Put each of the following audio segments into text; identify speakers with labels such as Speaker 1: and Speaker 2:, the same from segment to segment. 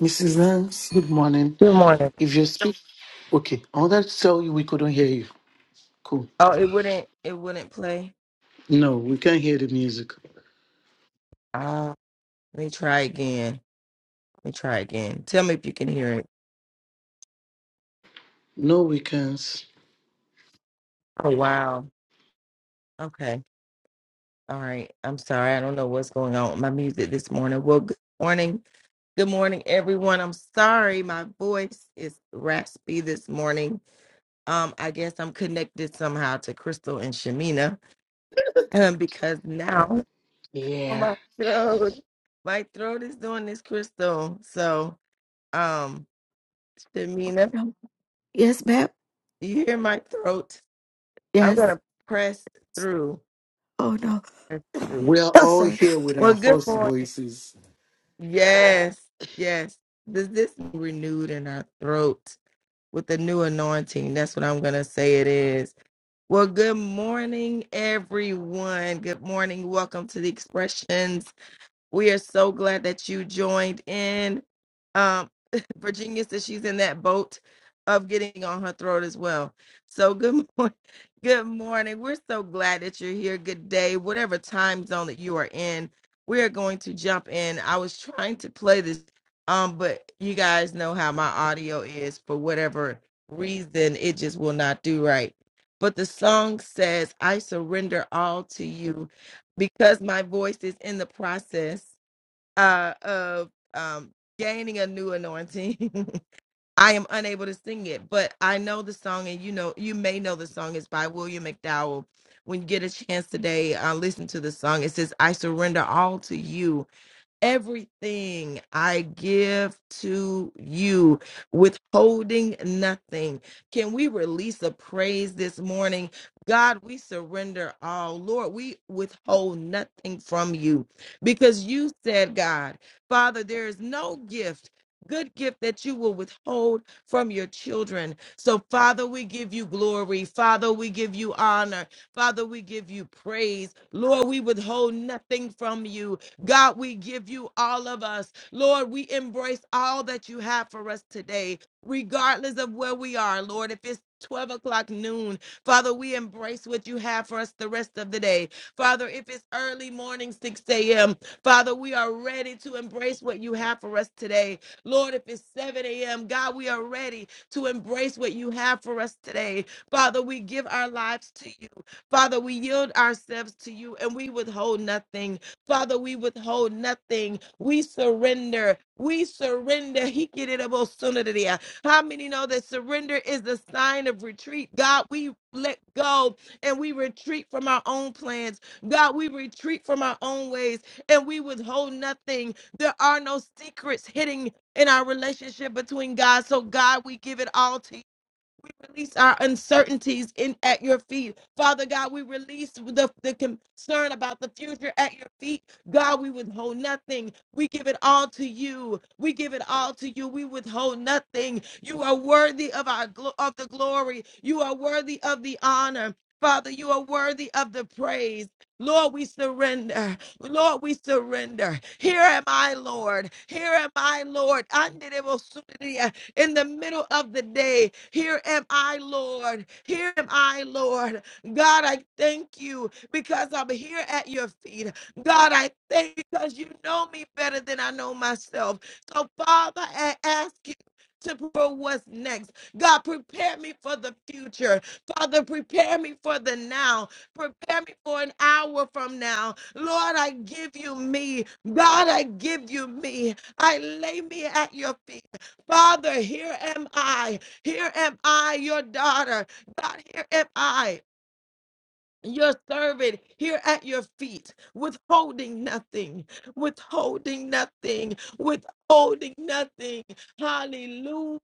Speaker 1: Mrs. Nance, good morning.
Speaker 2: Good morning.
Speaker 1: If you speak, okay, I wanted to tell you we couldn't hear you. Cool.
Speaker 2: Oh, it wouldn't it wouldn't play.
Speaker 1: No, we can't hear the music.
Speaker 2: Ah, let me try again. Let me try again. Tell me if you can hear it.
Speaker 1: No, we can't.
Speaker 2: Oh wow. Okay. All right. I'm sorry. I don't know what's going on with my music this morning. Well, good morning. Good morning, everyone. I'm sorry. My voice is raspy this morning. Um, I guess I'm connected somehow to Crystal and Shamina. Um, because now oh,
Speaker 1: Yeah.
Speaker 2: my throat. My throat is doing this, Crystal. So um
Speaker 3: Oh,
Speaker 2: Shamina.
Speaker 3: No. Yes, ma'am.
Speaker 2: Do you hear my throat? I'm
Speaker 3: Yes.
Speaker 2: gonna press through.
Speaker 3: Oh no.
Speaker 2: Press through.
Speaker 1: We are
Speaker 3: Oh,
Speaker 1: all
Speaker 3: sorry.
Speaker 1: here with
Speaker 2: Well,
Speaker 1: our
Speaker 2: good
Speaker 1: hoarse
Speaker 2: morning.
Speaker 1: voices.
Speaker 2: Yes, yes. Does this be renewed in our throat with the new anointing? That's what I'm gonna say it is. Well, good morning, everyone. Good morning. Welcome to the expressions. We are so glad that you joined in. Um, Virginia says she's in that boat of getting on her throat as well. So good morning. Good morning. We're so glad that you're here. Good day. Whatever time zone that you are in, we are going to jump in. I was trying to play this, um, but you guys know how my audio is for whatever reason, it just will not do right. But the song says, I surrender all to you because my voice is in the process uh, of um, gaining a new anointing. I am unable to sing it, but I know the song, and you know, you may know the song It's by William McDowell. When you get a chance today, uh, listen to the song. It says, "I surrender all to you." Everything I give to you, withholding nothing. Can we release a praise this morning? God, we surrender all. Lord, we withhold nothing from you because you said, God, Father, there is no gift, good gift that you will withhold from your children. So, Father, we give you glory. Father, we give you honor. Father, we give you praise. Lord, we withhold nothing from you. God, we give you all of us. Lord, we embrace all that you have for us today, regardless of where we are, Lord. If it's 12 o'clock noon, Father, we embrace what you have for us the rest of the day. Father, if it's early morning, 6 a.m., Father, we are ready to embrace what you have for us today. Lord, if it's 7 a.m., God, we are ready to embrace what you have for us today. Father, we give our lives to you. Father, we yield ourselves to you and we withhold nothing. Father, we withhold nothing. We surrender. We surrender. He get it about sooner than that. How many know that surrender is the sign of retreat? God, we let go and we retreat from our own plans. God, we retreat from our own ways and we withhold nothing. There are no secrets hidden in our relationship between God. So, God, we give it all to we release our uncertainties in at your feet. Father God, we release the, the concern about the future at your feet. God, we withhold nothing. We give it all to you. We give it all to you. We withhold nothing. You are worthy of our glo- of the glory. You are worthy of the honor. Father, you are worthy of the praise. Lord, we surrender. Lord, we surrender. Here am I, Lord. Here am I, Lord in the middle of the day. Here am I, Lord. Here am I, Lord. God, I thank you because I'm here at your feet. God, I thank you because you know me better than I know myself. So, Father, I ask you. To prepare what's next. God, prepare me for the future. Father, prepare me for the now. Prepare me for an hour from now. Lord, I give you me. God, I give you me. I lay me at your feet. Father, here am I. Here am I, your daughter. God, here am I. Your servant here at your feet, withholding nothing, withholding nothing, withholding nothing. Hallelujah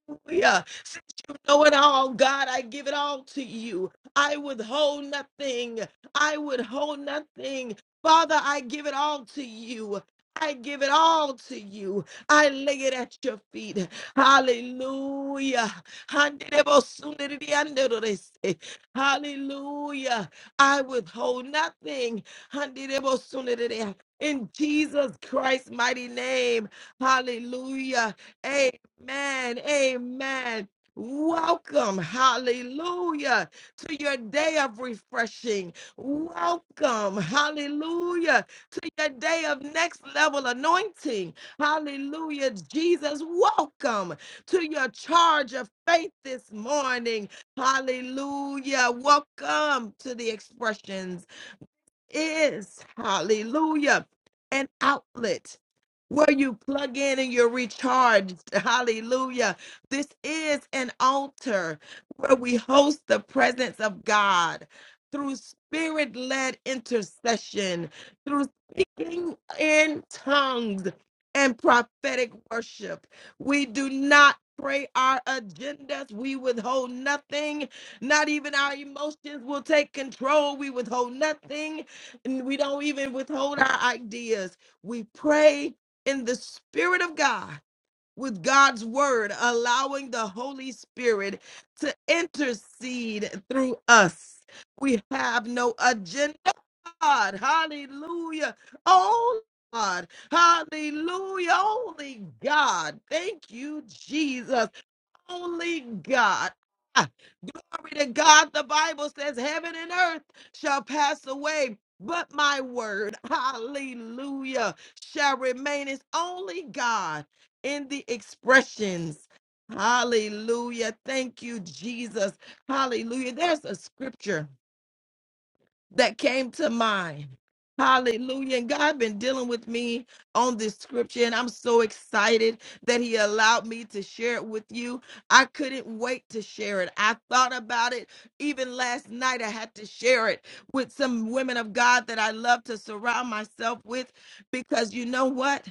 Speaker 2: know it all, God. I give it all to you. I withhold nothing. I withhold nothing. Father, I give it all to you. I give it all to you. I lay it at your feet. Hallelujah. Handelebosunderediandorese. Hallelujah. I withhold nothing. Handelebosunderedea. In Jesus Christ's mighty name. Hallelujah. Amen. Amen. Welcome, hallelujah, to your day of refreshing. Welcome, hallelujah, to your day of next level anointing. Hallelujah, Jesus. Welcome to your charge of faith this morning. Hallelujah. Welcome to the expressions is, hallelujah, an outlet where you plug in and you're recharged. Hallelujah. This is an altar where we host the presence of God through spirit led intercession, through speaking in tongues and prophetic worship. We do not pray our agendas. We withhold nothing. Not even our emotions will take control. We withhold nothing and we don't even withhold our ideas. We pray in the Spirit of God with God's word, allowing the Holy Spirit to intercede through us. We have no agenda. God, hallelujah. Oh, God, hallelujah. Only God. Thank you, Jesus. Only God. Ah, Glory to God. The Bible says, Heaven and earth shall pass away, but my word, hallelujah, shall remain. It's only God in the expressions. Hallelujah. Thank you, Jesus. Hallelujah. There's a scripture that came to mind. Hallelujah. And God been dealing with me on this scripture, and I'm so excited that He allowed me to share it with you. I couldn't wait to share it. I thought about it even last night. I had to share it with some women of God that I love to surround myself with because you know what?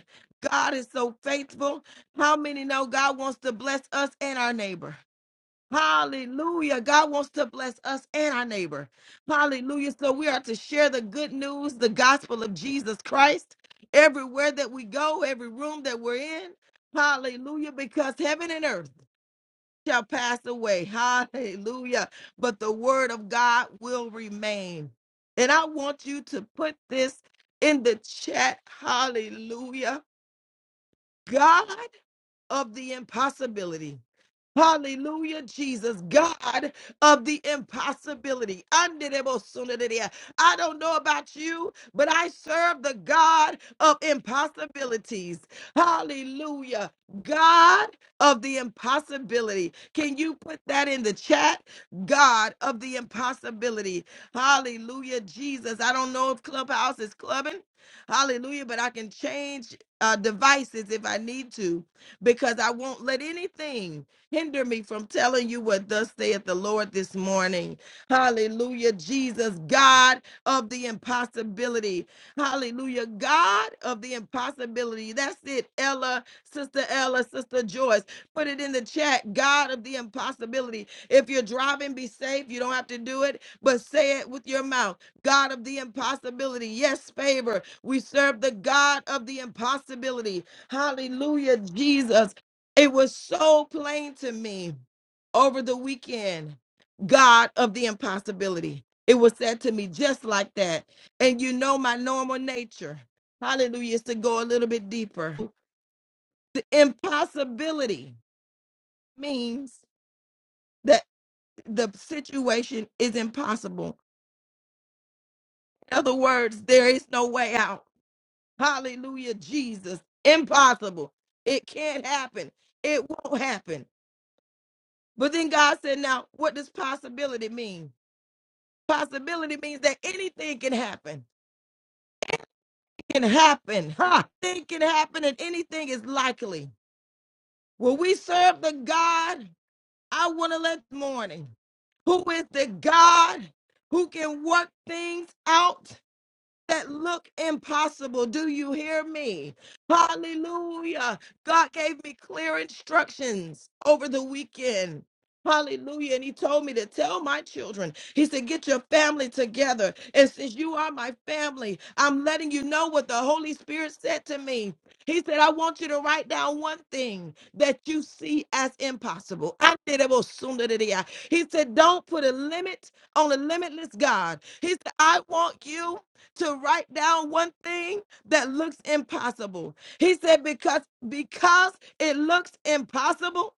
Speaker 2: God is so faithful. How many know God wants to bless us and our neighbor? Hallelujah. God wants to bless us and our neighbor. Hallelujah. So we are to share the good news, the gospel of Jesus Christ, everywhere that we go, every room that we're in. Hallelujah. Because heaven and earth shall pass away. Hallelujah. But the word of God will remain. And I want you to put this in the chat. Hallelujah. God of the impossibility. Hallelujah, Jesus, God of the impossibility. Anderebosonadea. I don't know about you, but I serve the God of impossibilities. Hallelujah, God of the impossibility. Can you put that in the chat? God of the impossibility. Hallelujah, Jesus. I don't know if Clubhouse is clubbing. Hallelujah, but I can change uh, devices if I need to because I won't let anything hinder me from telling you what thus saith the Lord this morning. Hallelujah. Jesus, God of the impossibility. Hallelujah. God of the impossibility. That's it, Ella, Sister Ella, Sister Joyce. Put it in the chat. God of the impossibility. If you're driving, be safe. You don't have to do it, but say it with your mouth. God of the impossibility. Yes, favor. We serve the God of the impossibility. Hallelujah, Jesus. It was so plain to me over the weekend. God of the impossibility. It was said to me just like that. And you know my normal nature. Hallelujah. Is to go a little bit deeper. The impossibility means that the situation is impossible. In other words, there is no way out. Hallelujah, Jesus. Impossible. It can't happen. It won't happen. But then God said, now, what does possibility mean? Possibility means that anything can happen. It can happen. Ha! Anything can happen and anything is likely. Will we serve the God I want to let morning? Who is the God who can work things out that look impossible. Do you hear me? Hallelujah. God gave me clear instructions over the weekend. Hallelujah. And he told me to tell my children, he said, get your family together. And since you are my family, I'm letting you know what the Holy Spirit said to me. He said, I want you to write down one thing that you see as impossible. He said, don't put a limit on a limitless God. He said, I want you to write down one thing that looks impossible. He said, because because it looks impossible,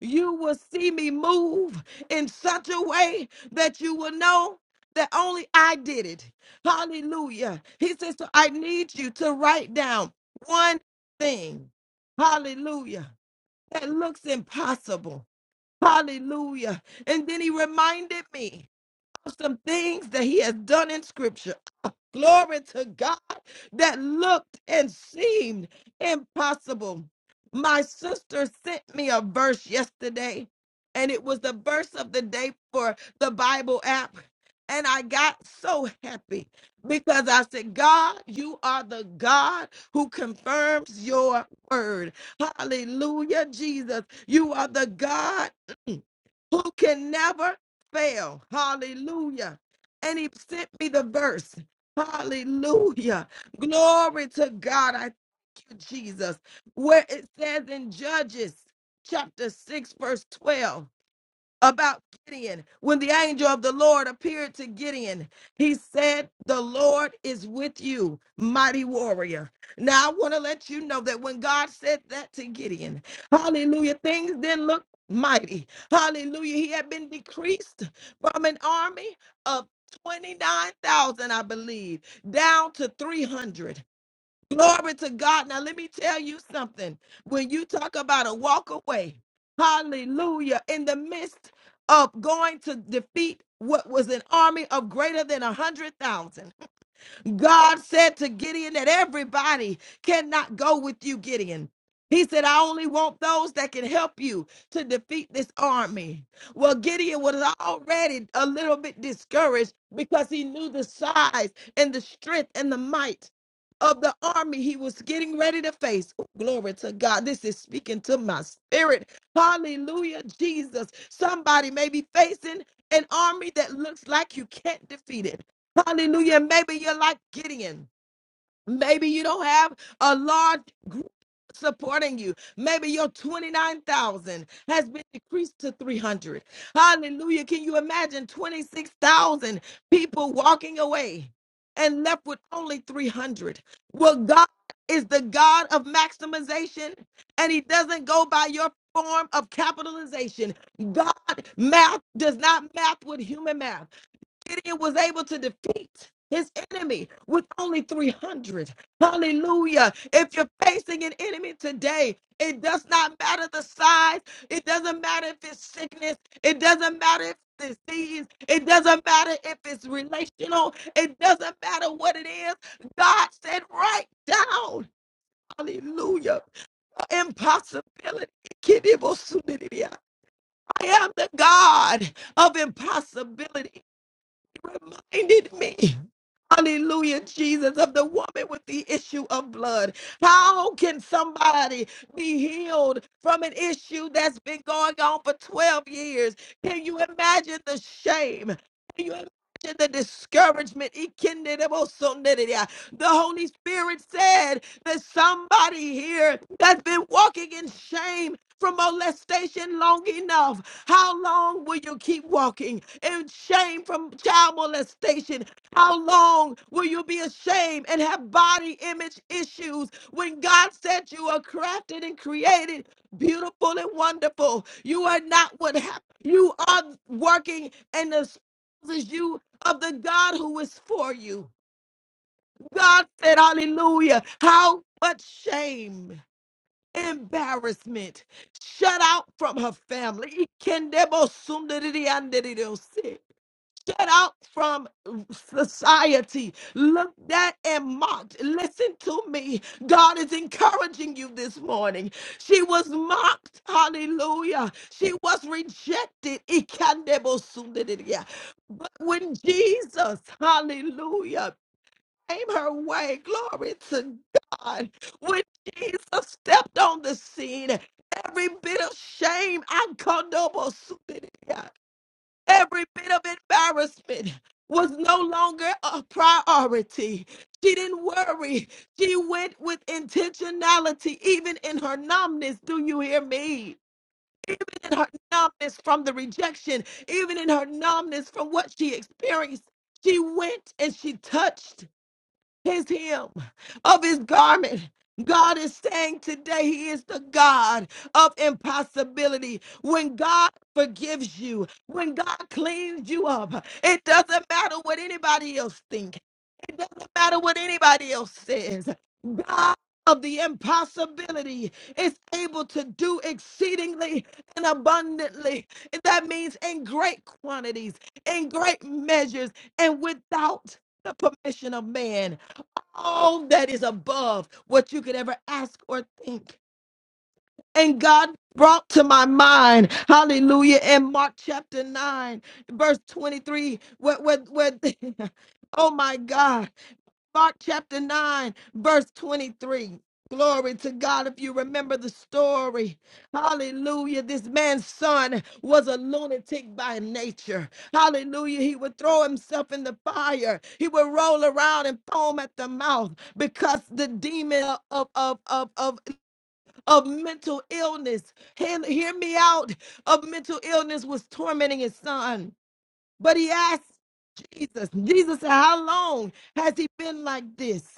Speaker 2: you will see me move in such a way that you will know that only I did it. Hallelujah. He says, so I need you to write down one thing. Hallelujah. That looks impossible. Hallelujah. And then he reminded me of some things that he has done in scripture. Glory to God that looked and seemed impossible. My sister sent me a verse yesterday, and it was the verse of the day for the Bible app. And I got so happy because I said, God, you are the God who confirms your word. Hallelujah, Jesus. You are the God who can never fail. Hallelujah. And he sent me the verse. Hallelujah. Glory to God. I thank you, Jesus. Where it says in Judges chapter 6, verse 12 about Gideon. When the angel of the Lord appeared to Gideon, he said, The Lord is with you, mighty warrior. Now, I want to let you know that when God said that to Gideon, hallelujah, things didn't look mighty. Hallelujah. He had been decreased from an army of 29,000, I believe, down to 300. Glory to God. Now, let me tell you something. When you talk about a walk away, hallelujah, in the midst of going to defeat what was an army of greater than a 100,000, God said to Gideon that everybody cannot go with you, Gideon. He said, I only want those that can help you to defeat this army. Well, Gideon was already a little bit discouraged because he knew the size and the strength and the might of the army he was getting ready to face. Oh, glory to God. This is speaking to my spirit. Hallelujah, Jesus. Somebody may be facing an army that looks like you can't defeat it. Hallelujah. Maybe you're like Gideon. Maybe you don't have a large group supporting you. Maybe your 29,000 has been decreased to 300. Hallelujah. Can you imagine 26,000 people walking away and left with only 300? Well, God is the God of maximization, and He doesn't go by your form of capitalization. God math does not math with human math. Gideon was able to defeat his enemy with only 300. Hallelujah. If you're facing an enemy today, it does not matter the size, it doesn't matter if it's sickness, it doesn't matter if it's disease, it doesn't matter if it's relational, it doesn't matter what it is. God said, write down. Hallelujah. Impossibility. I am the God of impossibility reminded me, hallelujah, Jesus, of the woman with the issue of blood. How can somebody be healed from an issue that's been going on for 12 years? Can you imagine the shame? Can you imagine? The discouragement, the Holy Spirit said that somebody here that's been walking in shame from molestation long enough. How long will you keep walking in shame from child molestation? How long will you be ashamed and have body image issues when God said you are crafted and created beautiful and wonderful? You are not what happened. You are working and espouses you of the God who is for you. God said, Hallelujah. How much shame? embarrassment, shut out from her family, Ikendebosundiridiandiridiose. shut out from society, looked at and mocked. Listen to me. God is encouraging you this morning. She was mocked. Hallelujah. She was rejected. Ikandebosundiridia. But when Jesus, hallelujah, came her way. Glory to God. When Jesus stepped on the scene, every bit of shame, I called noble Supidia, every bit of embarrassment was no longer a priority. She didn't worry. She went with intentionality, even in her numbness. Do you hear me? Even in her numbness from the rejection, even in her numbness from what she experienced, she went and she touched his hem of his garment. God is saying today he is the God of impossibility. When God forgives you, when God cleans you up, it doesn't matter what anybody else thinks. It doesn't matter what anybody else says. God of the impossibility is able to do exceedingly and abundantly. And that means in great quantities, in great measures, and without the permission of man all that is above what you could ever ask or think. And God brought to my mind, hallelujah, in Mark chapter 9, verse 23, where, where, where oh my God, Mark chapter 9, verse 23. Glory to God. If you remember the story, hallelujah. This man's son was a lunatic by nature. Hallelujah. He would throw himself in the fire, he would roll around and foam at the mouth because the demon of, of, of, of, of mental illness, hear hear me out, of mental illness was tormenting his son. But he asked Jesus, Jesus said, How long has he been like this?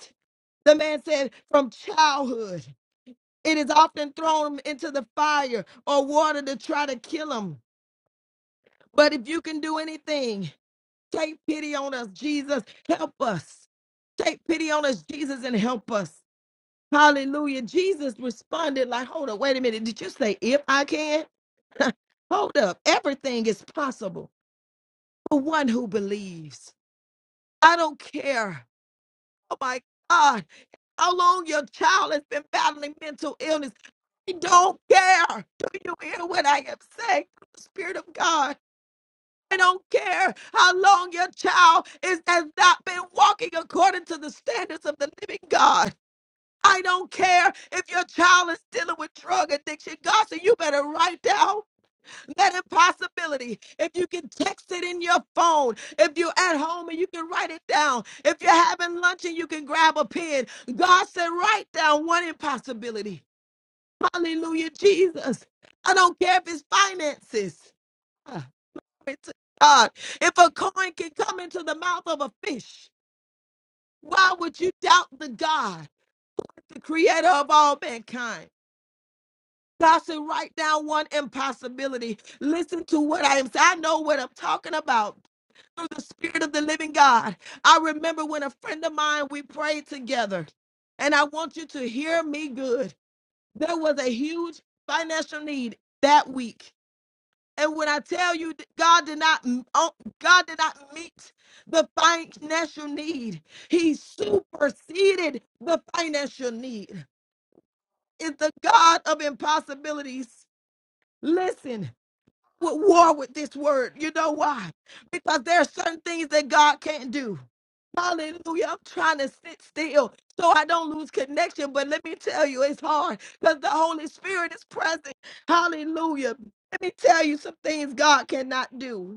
Speaker 2: The man said, from childhood, it is often thrown into the fire or water to try to kill them. But if you can do anything, take pity on us, Jesus. Help us. Take pity on us, Jesus, and help us. Hallelujah. Jesus responded, like, hold up, wait a minute. Did you say, if I can? hold up. Everything is possible for one who believes. I don't care. Oh my God. how long your child has been battling mental illness. I don't care. Do you hear what I am saying? The Spirit of God. I don't care how long your child is, has not been walking according to the standards of the living God. I don't care if your child is dealing with drug addiction. God said, you better write down that impossibility. If you can text it in your phone, if you're at home and you can write it down, if you're having lunch and you can grab a pen, God said, write down one impossibility. Hallelujah, Jesus. I don't care if it's finances. Ah, glory to God, if a coin can come into the mouth of a fish, why would you doubt the God, the creator of all mankind? God said, write down one impossibility. Listen to what I am saying. I know what I'm talking about through the Spirit of the living God. I remember when a friend of mine, we prayed together, and I want you to hear me good. There was a huge financial need that week. And when I tell you that God did not oh, God did not meet the financial need, He superseded the financial need. Is the God of impossibilities. Listen, with war with this word. You know why? Because there are certain things that God can't do. Hallelujah. I'm trying to sit still so I don't lose connection. But let me tell you, it's hard because the Holy Spirit is present. Hallelujah. Let me tell you some things God cannot do.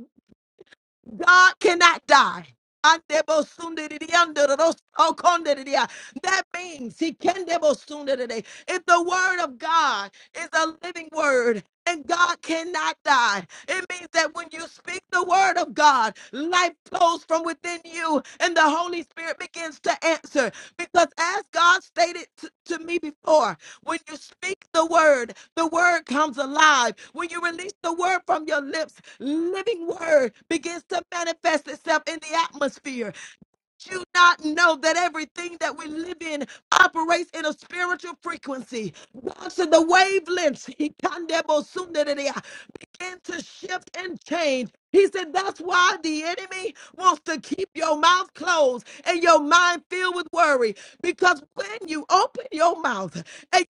Speaker 2: God cannot die. Andebosundiridiandorosokondiridia. That means he can debosundiridia. If the word of God is a living word and God cannot die, it means that when you speak the word of God, life flows from within you and the Holy Spirit begins to answer. Because as God stated t- to me before, when you speak the word, the word comes alive. When you release the word from your lips, living word begins to manifest itself in the atmosphere. Do you not know that everything that we live in operates in a spiritual frequency, walks in the wavelengths, He kandebosundedea, begin to shift and change. He said, That's why the enemy wants to keep your mouth closed and your mind filled with worry. Because when you open your mouth, and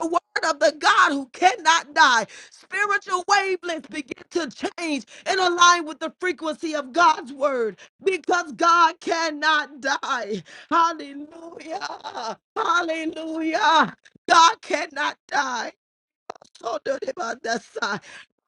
Speaker 2: the word of the God who cannot die. Spiritual wavelengths begin to change and align with the frequency of God's word because God cannot die. Hallelujah. Hallelujah. God cannot die. So do the man that side.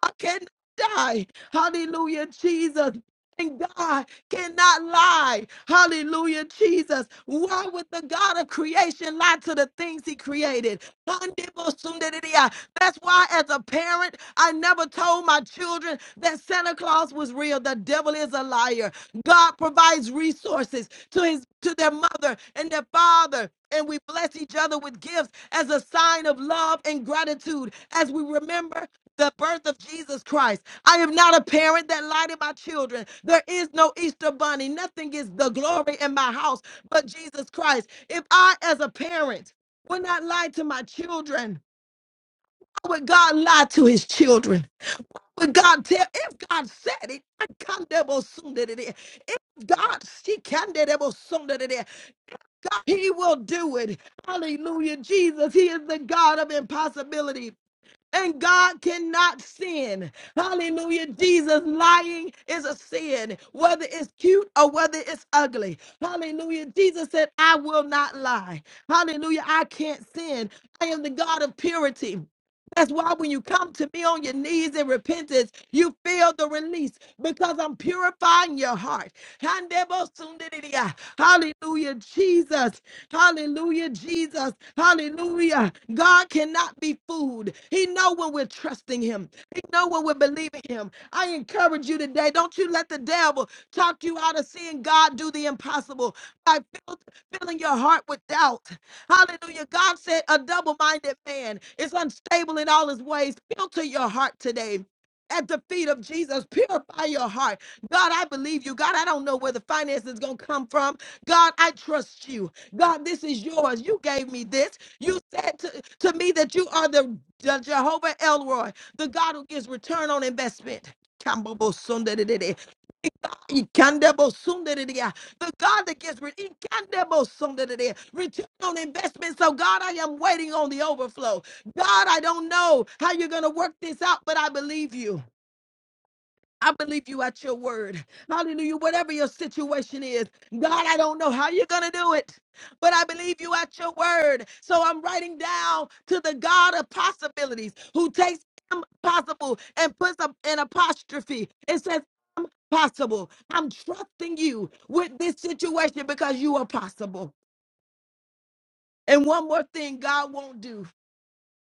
Speaker 2: I cannot die. Hallelujah, Jesus. And God cannot lie. Hallelujah, Jesus. Why would the God of creation lie to the things he created? That's why, as a parent, I never told my children that Santa Claus was real. The devil is a liar. God provides resources to his to their mother and their father. And we bless each other with gifts as a sign of love and gratitude as we remember the birth of Jesus Christ. I am not a parent that lied to my children. There is no Easter bunny. Nothing is the glory in my house but Jesus Christ. If I, as a parent, would not lie to my children, how would God lie to his children? Would God tell if God said it? I can't devil soon did it. If God she can devil soon did it. God, he will do it. Hallelujah. Jesus, he is the God of impossibility. And God cannot sin. Hallelujah. Jesus, lying is a sin, whether it's cute or whether it's ugly. Hallelujah. Jesus said, I will not lie. Hallelujah. I can't sin. I am the God of purity. That's why when you come to me on your knees in repentance, you feel the release because I'm purifying your heart. Hallelujah, Jesus. Hallelujah, Jesus. Hallelujah. God cannot be fooled. He know when we're trusting him. He know when we're believing him. I encourage you today, don't you let the devil talk you out of seeing God do the impossible by fill- filling your heart with doubt. Hallelujah. God said a double-minded man is unstable in all his ways. Filter your heart today. At the feet of Jesus, purify your heart. God, I believe you. God, I don't know where the finance is going to come from. God, I trust you. God, this is yours. You gave me this. You said to, to me that you are the, the Jehovah Elroy, the God who gives return on investment. Kambobosundadididi, ikandabosundadidia, The God that gives re- ikandabosundadidi, return on investment. So, God, I am waiting on the overflow. God, I don't know how you're going to work this out, but I believe you. I believe you at your word. Hallelujah. Whatever your situation is, God, I don't know how you're going to do it, but I believe you at your word. So I'm writing down to the God of possibilities who takes impossible and puts up an apostrophe. It says, "I'm possible. I'm trusting you with this situation because you are possible. And one more thing God won't do.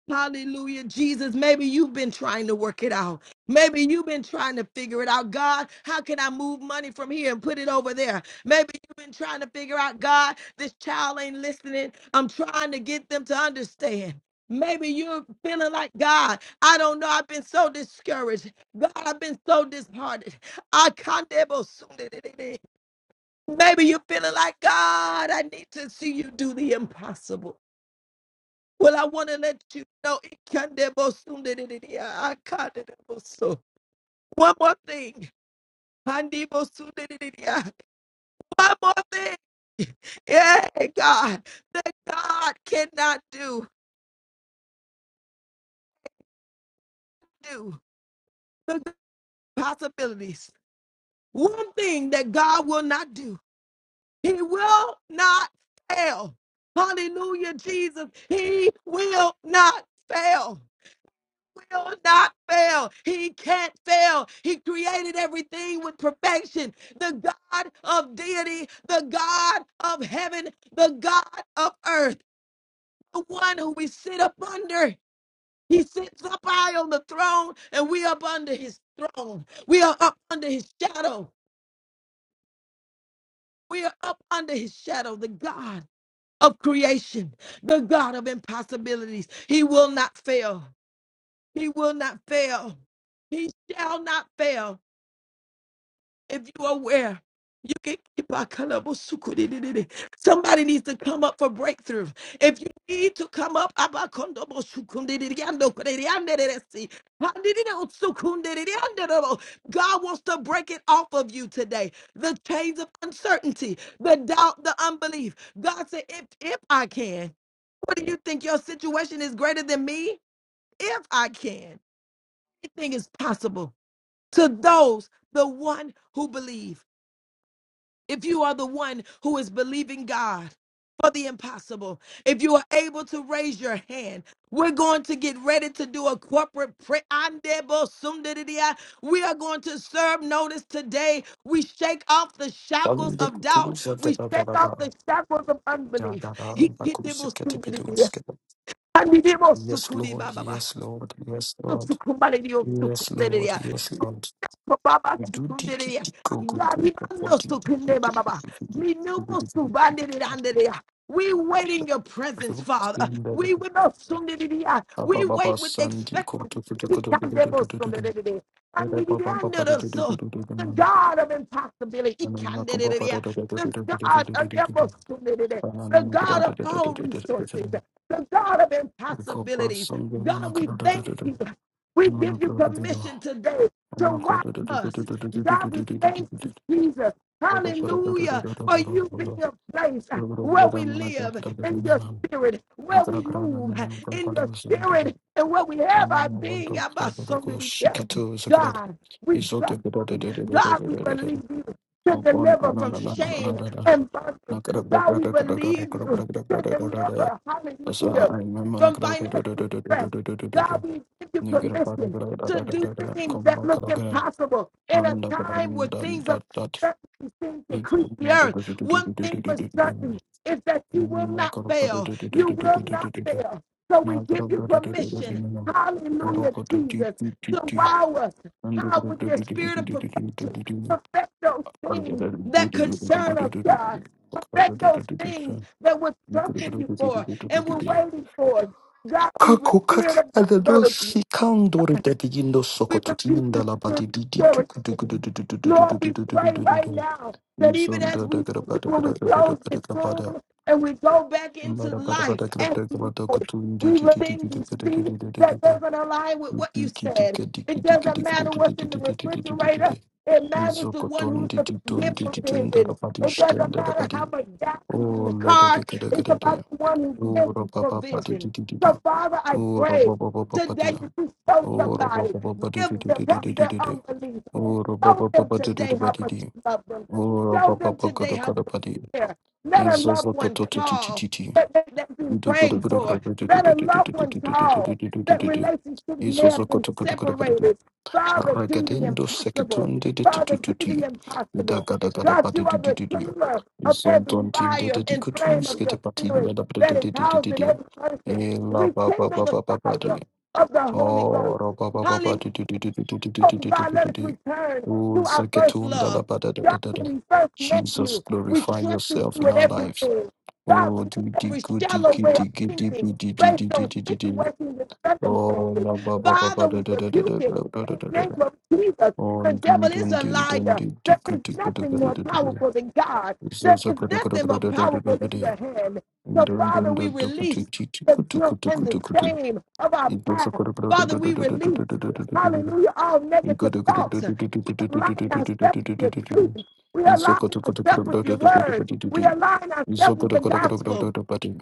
Speaker 2: Hallelujah. Jesus, maybe you've been trying to work it out. Maybe you've been trying to figure it out. God, how can I move money from here and put it over there? Maybe you've been trying to figure out, God, this child ain't listening. I'm trying to get them to understand. Maybe you're feeling like, God, I don't know. I've been so discouraged. God, I've been so disheartened. I can't ever soon Maybe you're feeling like, God, I need to see you do the impossible. Well, I want to let you know it can debo soon. de- de- de- de- I can't debo so. One more thing. Handebo soon, de- de- de- de- ah. One more thing. Yeah, God. That God cannot do. Do the possibilities. One thing that God will not do. He will not fail. Hallelujah, Jesus. He will not fail. will not fail. He can't fail. He created everything with perfection. The God of deity, the God of heaven, the God of earth, the one who we sit up under. He sits up high on the throne, and we up under his throne. We are up under his shadow. We are up under his shadow, the God of creation, the God of impossibilities. He will not fail. He will not fail. He shall not fail. If you are aware, you can keep our kalabosukudidididi. Somebody needs to come up for breakthrough. If you need to come up, abakondobosukundididiandokudidiyandididisi. Handididosukundididiyandidididi. God wants to break it off of you today. The chains of uncertainty, the doubt, the unbelief. God said, if, if I can, what do you think? Your situation is greater than me? If I can, anything is possible to those, the one who believes. If you are the one who is believing God for the impossible, if you are able to raise your hand, we're going to get ready to do a corporate prayer. We are going to serve notice today. We shake off the shackles
Speaker 4: Sunday
Speaker 2: of doubt.
Speaker 4: tools are da-
Speaker 2: We
Speaker 4: da- da-
Speaker 2: shake
Speaker 4: da-
Speaker 2: off
Speaker 4: da.
Speaker 2: the shackles of
Speaker 4: Da-
Speaker 2: unbelief.
Speaker 4: da- da. Bakusi ketipidus kete- Yes, Lord. Yes, Lord. Yes, Lord. Yes, Lord. Yes, Lord.
Speaker 2: Baba
Speaker 4: Do di- di-
Speaker 2: Sukunderia.
Speaker 4: di- go- go- go- go- go-
Speaker 2: Yaribando
Speaker 4: di- di- di-
Speaker 2: Sukunde
Speaker 4: di- di-
Speaker 2: Baba.
Speaker 4: di- di- di- di- di- di-
Speaker 2: Minumo
Speaker 4: di- di- di- di- di-
Speaker 2: Subandiranderia. We wait in your presence, Father.
Speaker 4: In the- the-
Speaker 2: We will not
Speaker 4: the-
Speaker 2: Sundiria.
Speaker 4: Ba-
Speaker 2: We
Speaker 4: ba- ba- ba-
Speaker 2: wait with
Speaker 4: Sunday go-
Speaker 2: expectancy.
Speaker 4: do- do- do- go- do- do- do- do-
Speaker 2: Ikandebo
Speaker 4: do- do- do- do.
Speaker 2: Sundiria.
Speaker 4: Ba- ba- ba- ba- ba- do-
Speaker 2: Andidiando
Speaker 4: do- do-
Speaker 2: So.
Speaker 4: do- do- do- do.
Speaker 2: The God of impossibility,
Speaker 4: Na- na- na- na- go- ba- ba-
Speaker 2: Ikandidiria.
Speaker 4: do- do- do- do- do-
Speaker 2: the
Speaker 4: do- do- do-
Speaker 2: God
Speaker 4: do- do-
Speaker 2: of
Speaker 4: do- do- do.
Speaker 2: impossibility,
Speaker 4: Ba- na-
Speaker 2: the
Speaker 4: na- na- go-
Speaker 2: God
Speaker 4: do-
Speaker 2: of
Speaker 4: do- do- do-
Speaker 2: all
Speaker 4: do- do- do- do-
Speaker 2: resources,
Speaker 4: do.
Speaker 2: the God of
Speaker 4: Upon
Speaker 2: impossibilities. God, we thank you. We give you permission today to wow us. God, we thank you, Jesus. Hallelujah. For you being a place where we live in your spirit, where we move in your spirit, and where we have our being. about somebody, yeah. God, we trust you. God, we believe you to deliver from shame and bondage. God, we believe you to deliver, hallelujah, from financial stress. God, we give you
Speaker 4: Thank
Speaker 2: permission to do things that look impossible in a time where things of uncertainty seem to creep the earth. One thing for certain is that you will not fail. You will not fail. So we give you permission, hallelujah, Jesus, to wow us how with your spirit of perfection. Perfect those things that concern us, God. Perfect those things that we're trusting you for and we're
Speaker 4: you.
Speaker 2: waiting for. God, we were
Speaker 4: Kako kaki
Speaker 2: spirit of
Speaker 4: adado
Speaker 2: discouragement.
Speaker 4: si kandori dedi gindo
Speaker 2: We
Speaker 4: soko
Speaker 2: refuse
Speaker 4: tutinda
Speaker 2: to
Speaker 4: la
Speaker 2: spirit of
Speaker 4: badi di di di
Speaker 2: discouragement.
Speaker 4: di di di di di
Speaker 2: Lord, we
Speaker 4: di di
Speaker 2: pray
Speaker 4: di di di di di
Speaker 2: right
Speaker 4: di.
Speaker 2: now that even as
Speaker 4: Yisonda da
Speaker 2: we
Speaker 4: gra ba
Speaker 2: when
Speaker 4: gra
Speaker 2: we
Speaker 4: da da da
Speaker 2: close
Speaker 4: ba
Speaker 2: this
Speaker 4: gra ba
Speaker 2: room and we go back into
Speaker 4: Mara ba da
Speaker 2: life
Speaker 4: gra ba
Speaker 2: as we
Speaker 4: gra ba
Speaker 2: know it,
Speaker 4: kutun di
Speaker 2: we
Speaker 4: di di di di
Speaker 2: think
Speaker 4: di
Speaker 2: we
Speaker 4: di
Speaker 2: see
Speaker 4: di di di di
Speaker 2: that
Speaker 4: di.
Speaker 2: doesn't align with what
Speaker 4: Di
Speaker 2: you
Speaker 4: ki di
Speaker 2: said.
Speaker 4: ka di
Speaker 2: It
Speaker 4: di
Speaker 2: doesn't
Speaker 4: di di di
Speaker 2: matter
Speaker 4: di
Speaker 2: what's in the
Speaker 4: di di di di di di di
Speaker 2: refrigerator. It matters the one
Speaker 4: ton
Speaker 2: who's
Speaker 4: di
Speaker 2: the
Speaker 4: di ton
Speaker 2: gift
Speaker 4: di di ton da la
Speaker 2: provision.
Speaker 4: badi
Speaker 2: It
Speaker 4: işten
Speaker 2: doesn't
Speaker 4: da la
Speaker 2: matter
Speaker 4: badi.
Speaker 2: how much gas is in
Speaker 4: Oh
Speaker 2: the
Speaker 4: la da da
Speaker 2: car.
Speaker 4: gra da
Speaker 2: It's
Speaker 4: gra
Speaker 2: about
Speaker 4: da.
Speaker 2: the one who gives
Speaker 4: Oh ra ba ba ba di
Speaker 2: provision.
Speaker 4: di di di di.
Speaker 2: So, Father, I
Speaker 4: Oh ra
Speaker 2: pray
Speaker 4: ba ba ba ba ba di.
Speaker 2: today that you show
Speaker 4: Ora ba
Speaker 2: somebody,
Speaker 4: ba di di
Speaker 2: give
Speaker 4: di di
Speaker 2: them
Speaker 4: di
Speaker 2: help
Speaker 4: di di
Speaker 2: their
Speaker 4: di di.
Speaker 2: unbelief
Speaker 4: Ora ba
Speaker 2: Show
Speaker 4: ba
Speaker 2: them
Speaker 4: di di
Speaker 2: today
Speaker 4: di ba
Speaker 2: how
Speaker 4: di
Speaker 2: much
Speaker 4: di.
Speaker 2: you love them.
Speaker 4: Ora
Speaker 2: Show
Speaker 4: ba ba
Speaker 2: them
Speaker 4: ba ga
Speaker 2: today how much
Speaker 4: ba di.
Speaker 2: you care. Let a
Speaker 4: Izo zo
Speaker 2: loved
Speaker 4: ko
Speaker 2: one
Speaker 4: ti ti ti
Speaker 2: call
Speaker 4: ti ti.
Speaker 2: that they, that be
Speaker 4: Ido go do
Speaker 2: praying
Speaker 4: go
Speaker 2: for.
Speaker 4: ba di di
Speaker 2: Let a
Speaker 4: di di di
Speaker 2: loved
Speaker 4: di
Speaker 2: one
Speaker 4: di di di
Speaker 2: call
Speaker 4: di di di di
Speaker 2: that
Speaker 4: di di.
Speaker 2: relationships
Speaker 4: Izo
Speaker 2: may
Speaker 4: zo
Speaker 2: have
Speaker 4: ko
Speaker 2: been
Speaker 4: to ko ba di di.
Speaker 2: separated. Father, do
Speaker 4: Ragade
Speaker 2: the
Speaker 4: indo
Speaker 2: impossible.
Speaker 4: sekiton di di ti
Speaker 2: Father,
Speaker 4: tu tu
Speaker 2: do
Speaker 4: ti.
Speaker 2: the
Speaker 4: Ida
Speaker 2: impossible.
Speaker 4: ga da
Speaker 2: God,
Speaker 4: ba di
Speaker 2: you
Speaker 4: di
Speaker 2: are
Speaker 4: di
Speaker 2: the
Speaker 4: di di.
Speaker 2: cleaner of
Speaker 4: Izon
Speaker 2: every
Speaker 4: ton ti indo
Speaker 2: fire
Speaker 4: di di
Speaker 2: and
Speaker 4: ko
Speaker 2: flame of
Speaker 4: skete
Speaker 2: your
Speaker 4: pa ti
Speaker 2: spirit
Speaker 4: inda da ba di
Speaker 2: that is
Speaker 4: di di di di
Speaker 2: housed in
Speaker 4: di.
Speaker 2: every person.
Speaker 4: E la ba ba
Speaker 2: Rekindle
Speaker 4: ba
Speaker 2: the
Speaker 4: ba ba ba di.
Speaker 2: fire of the Holy
Speaker 4: Oh,
Speaker 2: Ghost.
Speaker 4: roba ba ba
Speaker 2: Hallelujah.
Speaker 4: ba di di di di di di di di
Speaker 2: Oh
Speaker 4: di di
Speaker 2: God,
Speaker 4: di
Speaker 2: let
Speaker 4: di
Speaker 2: us
Speaker 4: di.
Speaker 2: return
Speaker 4: Oh,
Speaker 2: to our first
Speaker 4: Zakatun da la
Speaker 2: love.
Speaker 4: ba da da
Speaker 2: God,
Speaker 4: da da da.
Speaker 2: when we first met
Speaker 4: Jesus,
Speaker 2: you, we
Speaker 4: glorify
Speaker 2: trusted
Speaker 4: yourself
Speaker 2: you
Speaker 4: in
Speaker 2: in
Speaker 4: our lives.
Speaker 2: everything. God, we
Speaker 4: Oh,
Speaker 2: knew
Speaker 4: di di
Speaker 2: every
Speaker 4: gu di
Speaker 2: shallow
Speaker 4: gi
Speaker 2: way of
Speaker 4: di gi di
Speaker 2: thinking
Speaker 4: bu di di
Speaker 2: based
Speaker 4: di di
Speaker 2: on
Speaker 4: di di di.
Speaker 2: situations and
Speaker 4: Oh,
Speaker 2: circumstances.
Speaker 4: la ba ba ba ba
Speaker 2: Father, we
Speaker 4: da da da da
Speaker 2: rebuke
Speaker 4: da da
Speaker 2: him
Speaker 4: da da
Speaker 2: in
Speaker 4: da
Speaker 2: the
Speaker 4: da
Speaker 2: name
Speaker 4: da.
Speaker 2: of Jesus.
Speaker 4: Oh,
Speaker 2: The
Speaker 4: dun
Speaker 2: devil is
Speaker 4: dun
Speaker 2: a
Speaker 4: din dun
Speaker 2: liar.
Speaker 4: di di
Speaker 2: There
Speaker 4: gu
Speaker 2: is
Speaker 4: di gu da
Speaker 2: nothing
Speaker 4: da da
Speaker 2: more
Speaker 4: da da da da.
Speaker 2: powerful than God.
Speaker 4: So
Speaker 2: There
Speaker 4: so
Speaker 2: is
Speaker 4: gu da gu da gu
Speaker 2: nothing
Speaker 4: da
Speaker 2: more
Speaker 4: da da da da
Speaker 2: powerful
Speaker 4: da
Speaker 2: than
Speaker 4: da.
Speaker 2: your hand.
Speaker 4: Dun
Speaker 2: So, Father,
Speaker 4: dun
Speaker 2: we
Speaker 4: dun dun gu tu
Speaker 2: release
Speaker 4: ti ti
Speaker 2: the
Speaker 4: gu tu gu
Speaker 2: guilt
Speaker 4: tu
Speaker 2: and
Speaker 4: gu
Speaker 2: the
Speaker 4: tu gu tu.
Speaker 2: shame of our
Speaker 4: So so
Speaker 2: past.
Speaker 4: gu da gu da da
Speaker 2: Father,
Speaker 4: da
Speaker 2: we
Speaker 4: da da da da
Speaker 2: release.
Speaker 4: da da da da. da.
Speaker 2: Hallelujah. All negative thoughts. We align ourselves with your truth. We align ourselves with your word. We align ourselves with the gospel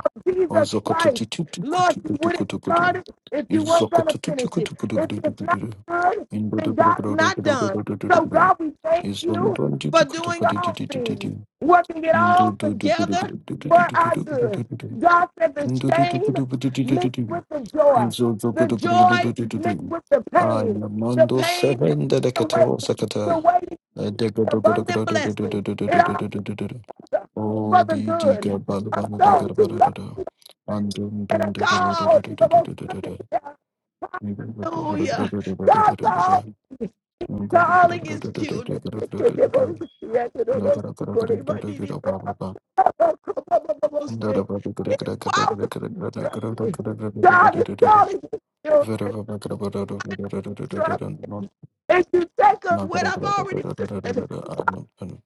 Speaker 2: of Jesus Christ. Lord, you wouldn't start it if you weren't going to finish it. If it's not good, then God's not done. So, God, we thank you for doing all things, working it all together for our good. God said the shame mixed
Speaker 4: Is
Speaker 2: with the joy. The joy mixed
Speaker 4: Ayamando
Speaker 2: with the pain. The pain mixed with
Speaker 4: seven
Speaker 2: the waiting.
Speaker 4: dedecato
Speaker 2: The
Speaker 4: secata.
Speaker 2: waiting is abundant blessing. It all
Speaker 4: Oh,
Speaker 2: for the
Speaker 4: the
Speaker 2: good.
Speaker 4: diga
Speaker 2: of
Speaker 4: balabana
Speaker 2: those
Speaker 4: dagar
Speaker 2: who love
Speaker 4: barada. And
Speaker 2: and
Speaker 4: dum
Speaker 2: are called. He's the most perfect. Hallelujah. God called. me. He's calling his children. His
Speaker 4: dum
Speaker 2: wife, trust me. God is calling his children. Trust. And you take of
Speaker 4: Sakura
Speaker 2: what I've already done.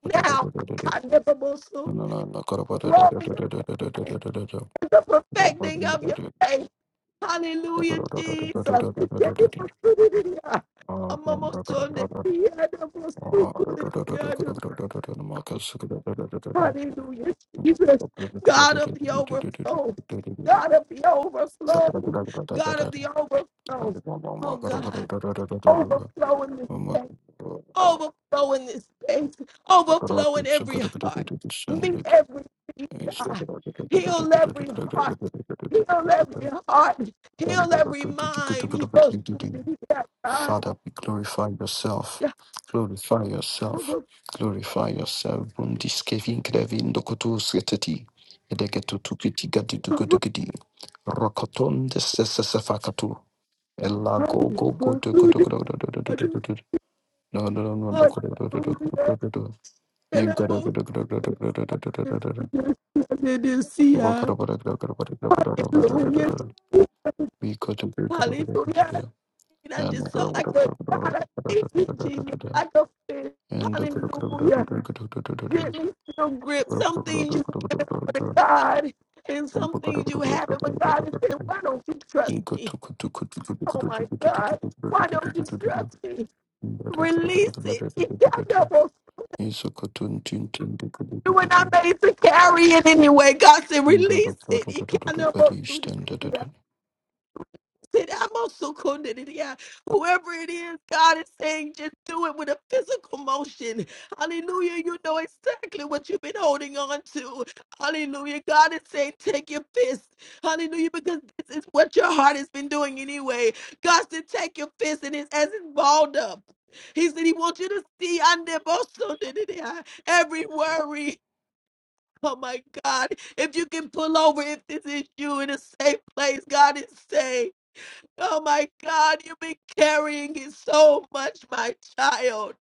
Speaker 2: Now, God, never more so. Glory to the perfecting of your faith. Hallelujah, Jesus. We give you the glory. Amamo sonde, yada mo sukule, yada. Hallelujah, Jesus. God of the overflow. God of the overflow. God of the overflow. Oh, God. Overflow in this day. overflow in this space, overflow in every heart. Meet every need, God.
Speaker 4: Father,
Speaker 2: Heal every heart. Heal every heart. Heal every mind. Heal every mind.
Speaker 4: we glorify yourself.
Speaker 2: Yeah.
Speaker 4: Glorify yourself.
Speaker 2: Overflow,
Speaker 4: Glorify yourself. Boom, this Kevin Krevin Dokotus Getati. Edegetu Tukiti Gadi
Speaker 2: overflow,
Speaker 4: Dugudigidi. Rokoton de Sesafakatu. Ella go go go do go
Speaker 2: overflow
Speaker 4: do
Speaker 2: this
Speaker 4: go do do do do do
Speaker 2: other
Speaker 4: do do. No no no no no
Speaker 2: heart.
Speaker 4: go do do do do
Speaker 2: Hallelujah.
Speaker 4: do do do do. No
Speaker 2: And I
Speaker 4: go do go
Speaker 2: won't
Speaker 4: do go do go do do do do do do.
Speaker 2: let this see
Speaker 4: We
Speaker 2: ya.
Speaker 4: could
Speaker 2: Hallelujah. Hallelujah. And I just felt like, "Well, God, I thank you, Jesus, like a fish. Hallelujah. Get me still grip. Some things you've given over to God, and some things you haven't. But God is saying, Why don't you trust me? Oh my God. Why don't you trust me? Release it. Ikanabosu. You were not made to carry it anyway. God said, Release it. That I'm also coded it, yeah. Whoever it is, God is saying, just do it with a physical motion. Hallelujah. You know exactly what you've been holding on to. Hallelujah. God is saying, take your fist. Hallelujah. Because this is what your heart has been doing anyway. God said, take your fist and it's as it's balled up. He said, He wants you to see under also did it, yeah, every worry. Oh my God. If you can pull over, if this is you in a safe place, God is saying. Oh my God, you've been carrying it so much, my child.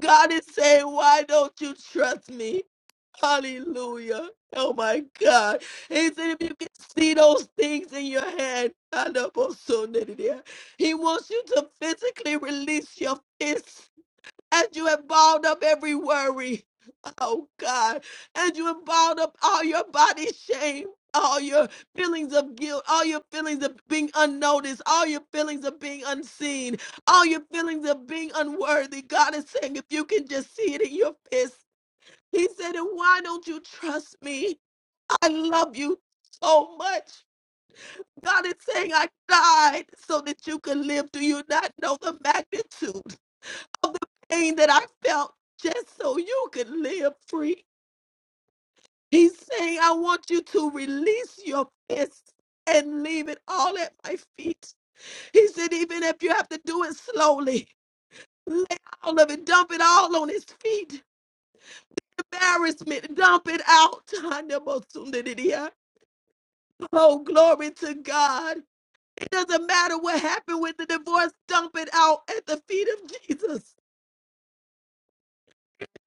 Speaker 2: God is saying, Why don't you trust me? Hallelujah. Oh my God. He said, If you can see those things in your hand, I know, but so did it, yeah. he wants you to physically release your fists as you have bound up every worry, oh God, as you have bound up all your body shame, all your feelings of guilt, all your feelings of being unnoticed, all your feelings of being unseen, all your feelings of being unworthy. God is saying, if you can just see it in your fist, He said, and why don't you trust me? I love you so much. God is saying, I died so that you could live. Do you not know the magnitude? of the pain that I felt just so you could live free. He's saying, I want you to release your fist and leave it all at my feet. He said, even if you have to do it slowly, lay all of it, dump it all on his feet. Embarrassment, dump it out. Oh, glory to God. It doesn't matter what happened with the divorce, dump it out at the feet of Jesus.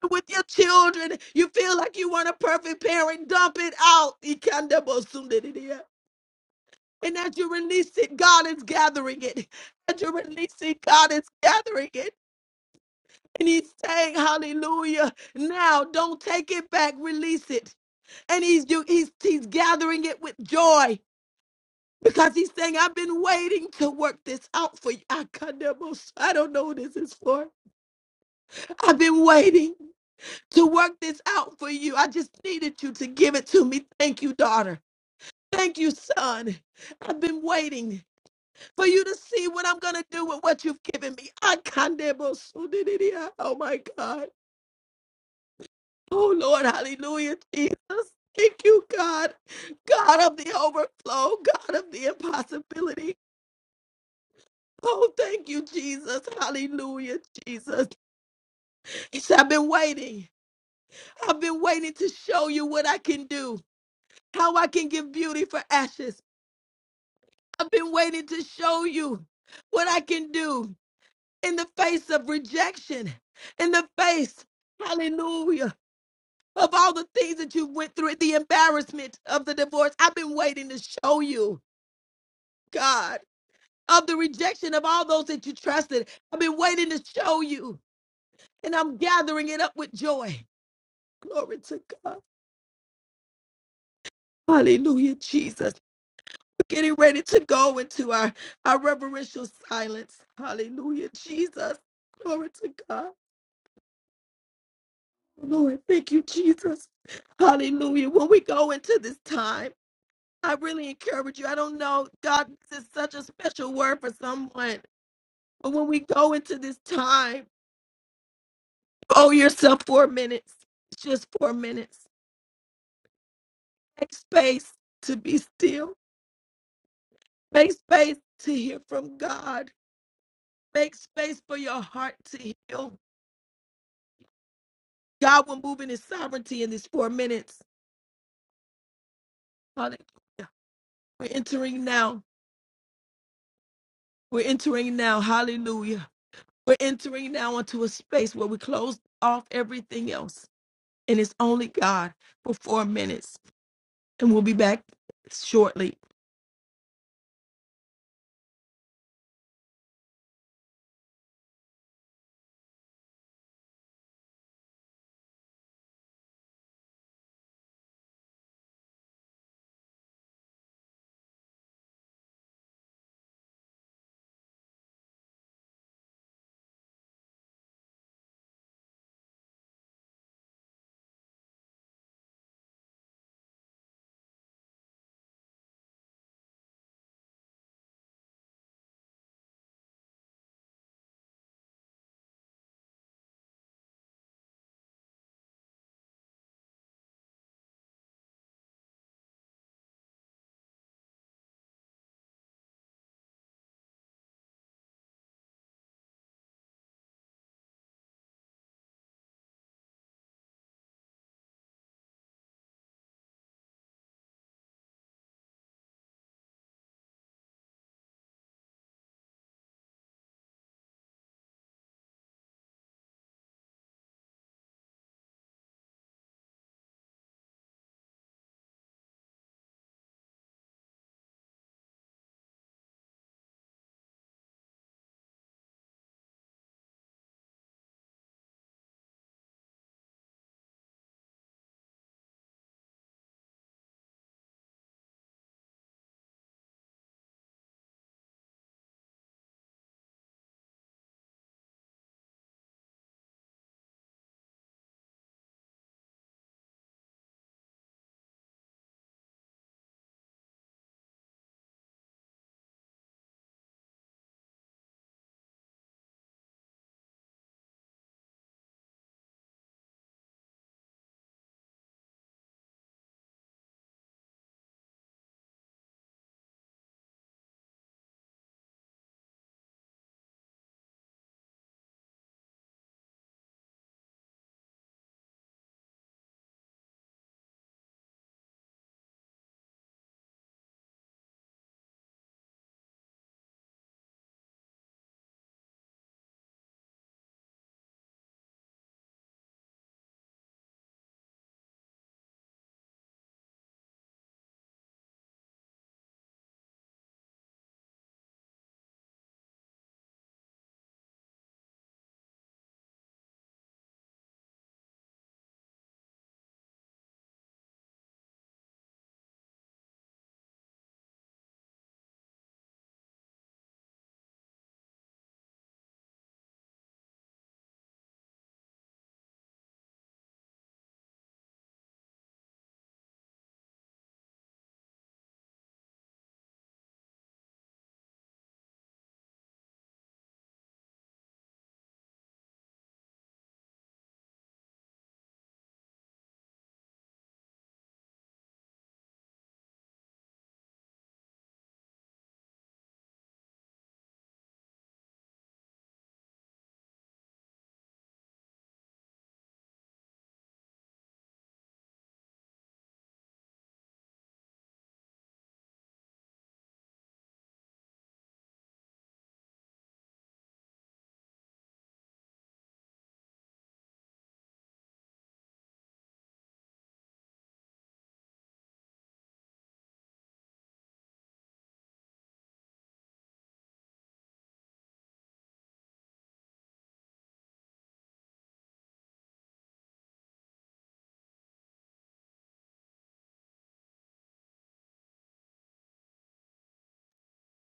Speaker 2: with your children. You feel like you weren't a perfect parent. Dump it out. Ikandabosundadidia. And as you release it, God is gathering it. As you release it, God is gathering it. And he's saying, Hallelujah. Now don't take it back, release it. And he's do he's he's gathering it with joy. Because he's saying, I've been waiting to work this out for you. I can't- I don't know who this is for. I've been waiting. to work this out for you. I just needed you to give it to me. Thank you, daughter. Thank you, son. I've been waiting for you to see what I'm going to do with what you've given me. I can't debo sudididia. Oh, my God. Oh, Lord. Hallelujah, Jesus. Thank you, God. God of the overflow, God of the impossibility. Oh, thank you, Jesus. Hallelujah, Jesus. He said, I've been waiting. I've been waiting to show you what I can do how I can give beauty for ashes, I've been waiting to show you what I can do in the face of rejection, in the face, hallelujah, of all the things that you went through, the embarrassment of the divorce. I've been waiting to show you, God, of the rejection of all those that you trusted. I've been waiting to show you, and I'm gathering it up with joy. Glory to God. Hallelujah, Jesus. We're getting ready to go into our, our reverential silence. Hallelujah, Jesus. Glory to God. Lord, thank you, Jesus. Hallelujah. When we go into this time, I really encourage you. I don't know, God, this is such a special word for someone. But when we go into this time, owe yourself four minutes, just four minutes. Make space to be still. Make space to hear from God. Make space for your heart to heal. God will move in his sovereignty in these four minutes. Hallelujah. We're entering now. We're entering now. Hallelujah. We're entering now into a space where we close off everything else, and it's only God for four minutes, and we'll be back shortly.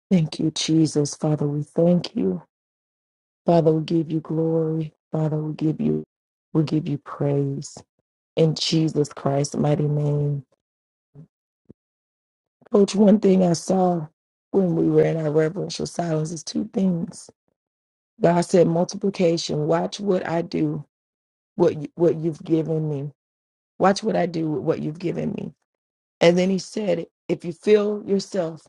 Speaker 2: Thank you, Jesus. Father, we thank you. Father, we give you glory. Father, we give you we give you praise. In Jesus Christ's mighty name. Coach, one thing I saw when we were in our reverential silence is two things. God said multiplication. Watch what I do, what you, what you've given me. Watch what I do with what you've given me. And then he said, if you feel yourself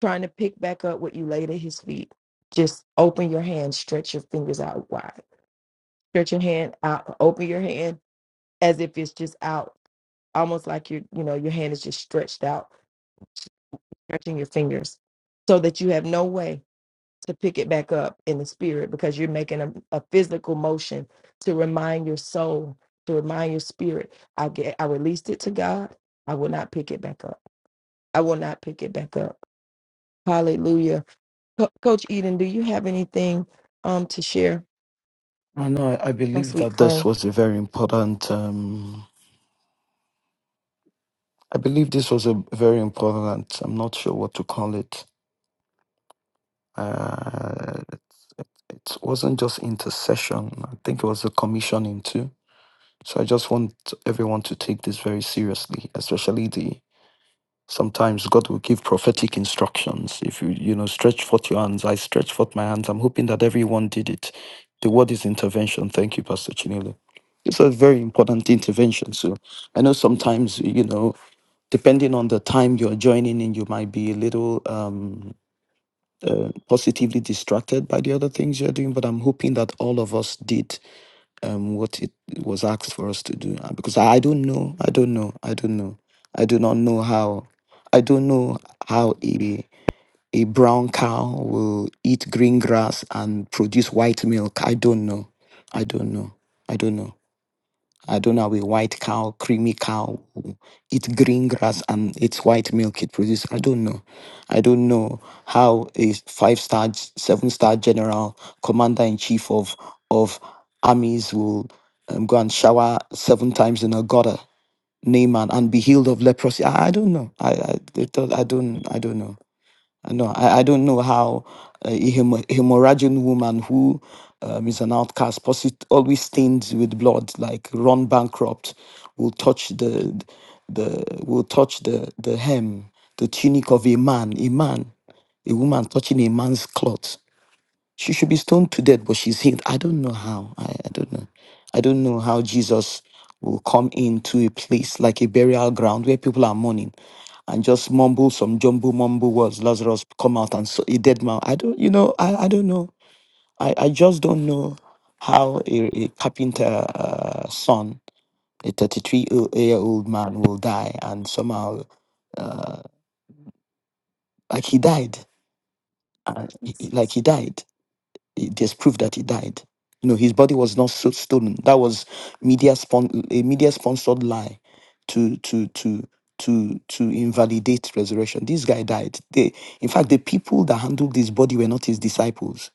Speaker 2: trying to pick back up what you laid at his feet, just open your hand, stretch your fingers out wide. Stretch your hand out, open your hand as if it's just out, almost like your, you know, your hand is just stretched out, stretching your fingers so that you have no way to pick it back up in the spirit because you're making a, a physical motion to remind your soul, to remind your spirit, I get I released it to God. I will not pick it back up. I will not pick it back up. Hallelujah. Co- Coach Eden, do you have anything um to share,
Speaker 4: I I
Speaker 2: my
Speaker 4: believe
Speaker 2: sweet
Speaker 4: that this
Speaker 2: friend?
Speaker 4: was a very important um, I believe this was a very important, I'm not sure what to call it. Uh, it, it, it wasn't just intercession, I think it was a commissioning too. So I just want everyone to take this very seriously, especially the sometimes God will give prophetic instructions. If you, you know, stretch forth your hands, I stretch forth my hands. I'm hoping that everyone did it. The word is intervention. Thank you, Pastor Chinelo. It's a very important intervention. So I know sometimes, you know, depending on the time you're joining in, you might be a little um, uh, positively distracted by the other things you're doing. But I'm hoping that all of us did um, what it was asked for us to do. Uh, Because I don't know, I don't know, I don't know, I do not know how, I don't know how a a brown cow will eat green grass and produce white milk. I don't know, I don't know, I don't know. I don't know, a white cow, creamy cow, who eat green grass and it's white milk it produces. I don't know. I don't know how a five star, seven star general, commander in chief of of armies will um, go and shower seven times in a gutter, Naaman, and be healed of leprosy. I, I don't know. I I, it, don't- I don't I don't know. I know I, I don't know how uh, a hemo- hemorrhaging woman who um, is an outcast, posi- always stained with blood, like run bankrupt, will touch the the will touch the the hem, the tunic of a man, a man, a woman touching a man's cloth. She should be stoned to death, but she's healed. I don't know how. I, I don't know. I don't know how Jesus will come into a place like a burial ground where people are mourning and just mumble some jumble mumble words. Lazarus come out and so he dead man. I don't, you know, I, I don't know. I, I just don't know how a, a carpenter uh, son, a 33 o- year old man will die and somehow, uh, like he died. Uh, he, he-
Speaker 2: Yes.
Speaker 4: like he died. It- There's proof that he died. You know, his body was not so stolen. That was media spon- a media sponsored lie to to to to to invalidate resurrection. This guy died. They, in fact, the people that handled his body were not his disciples.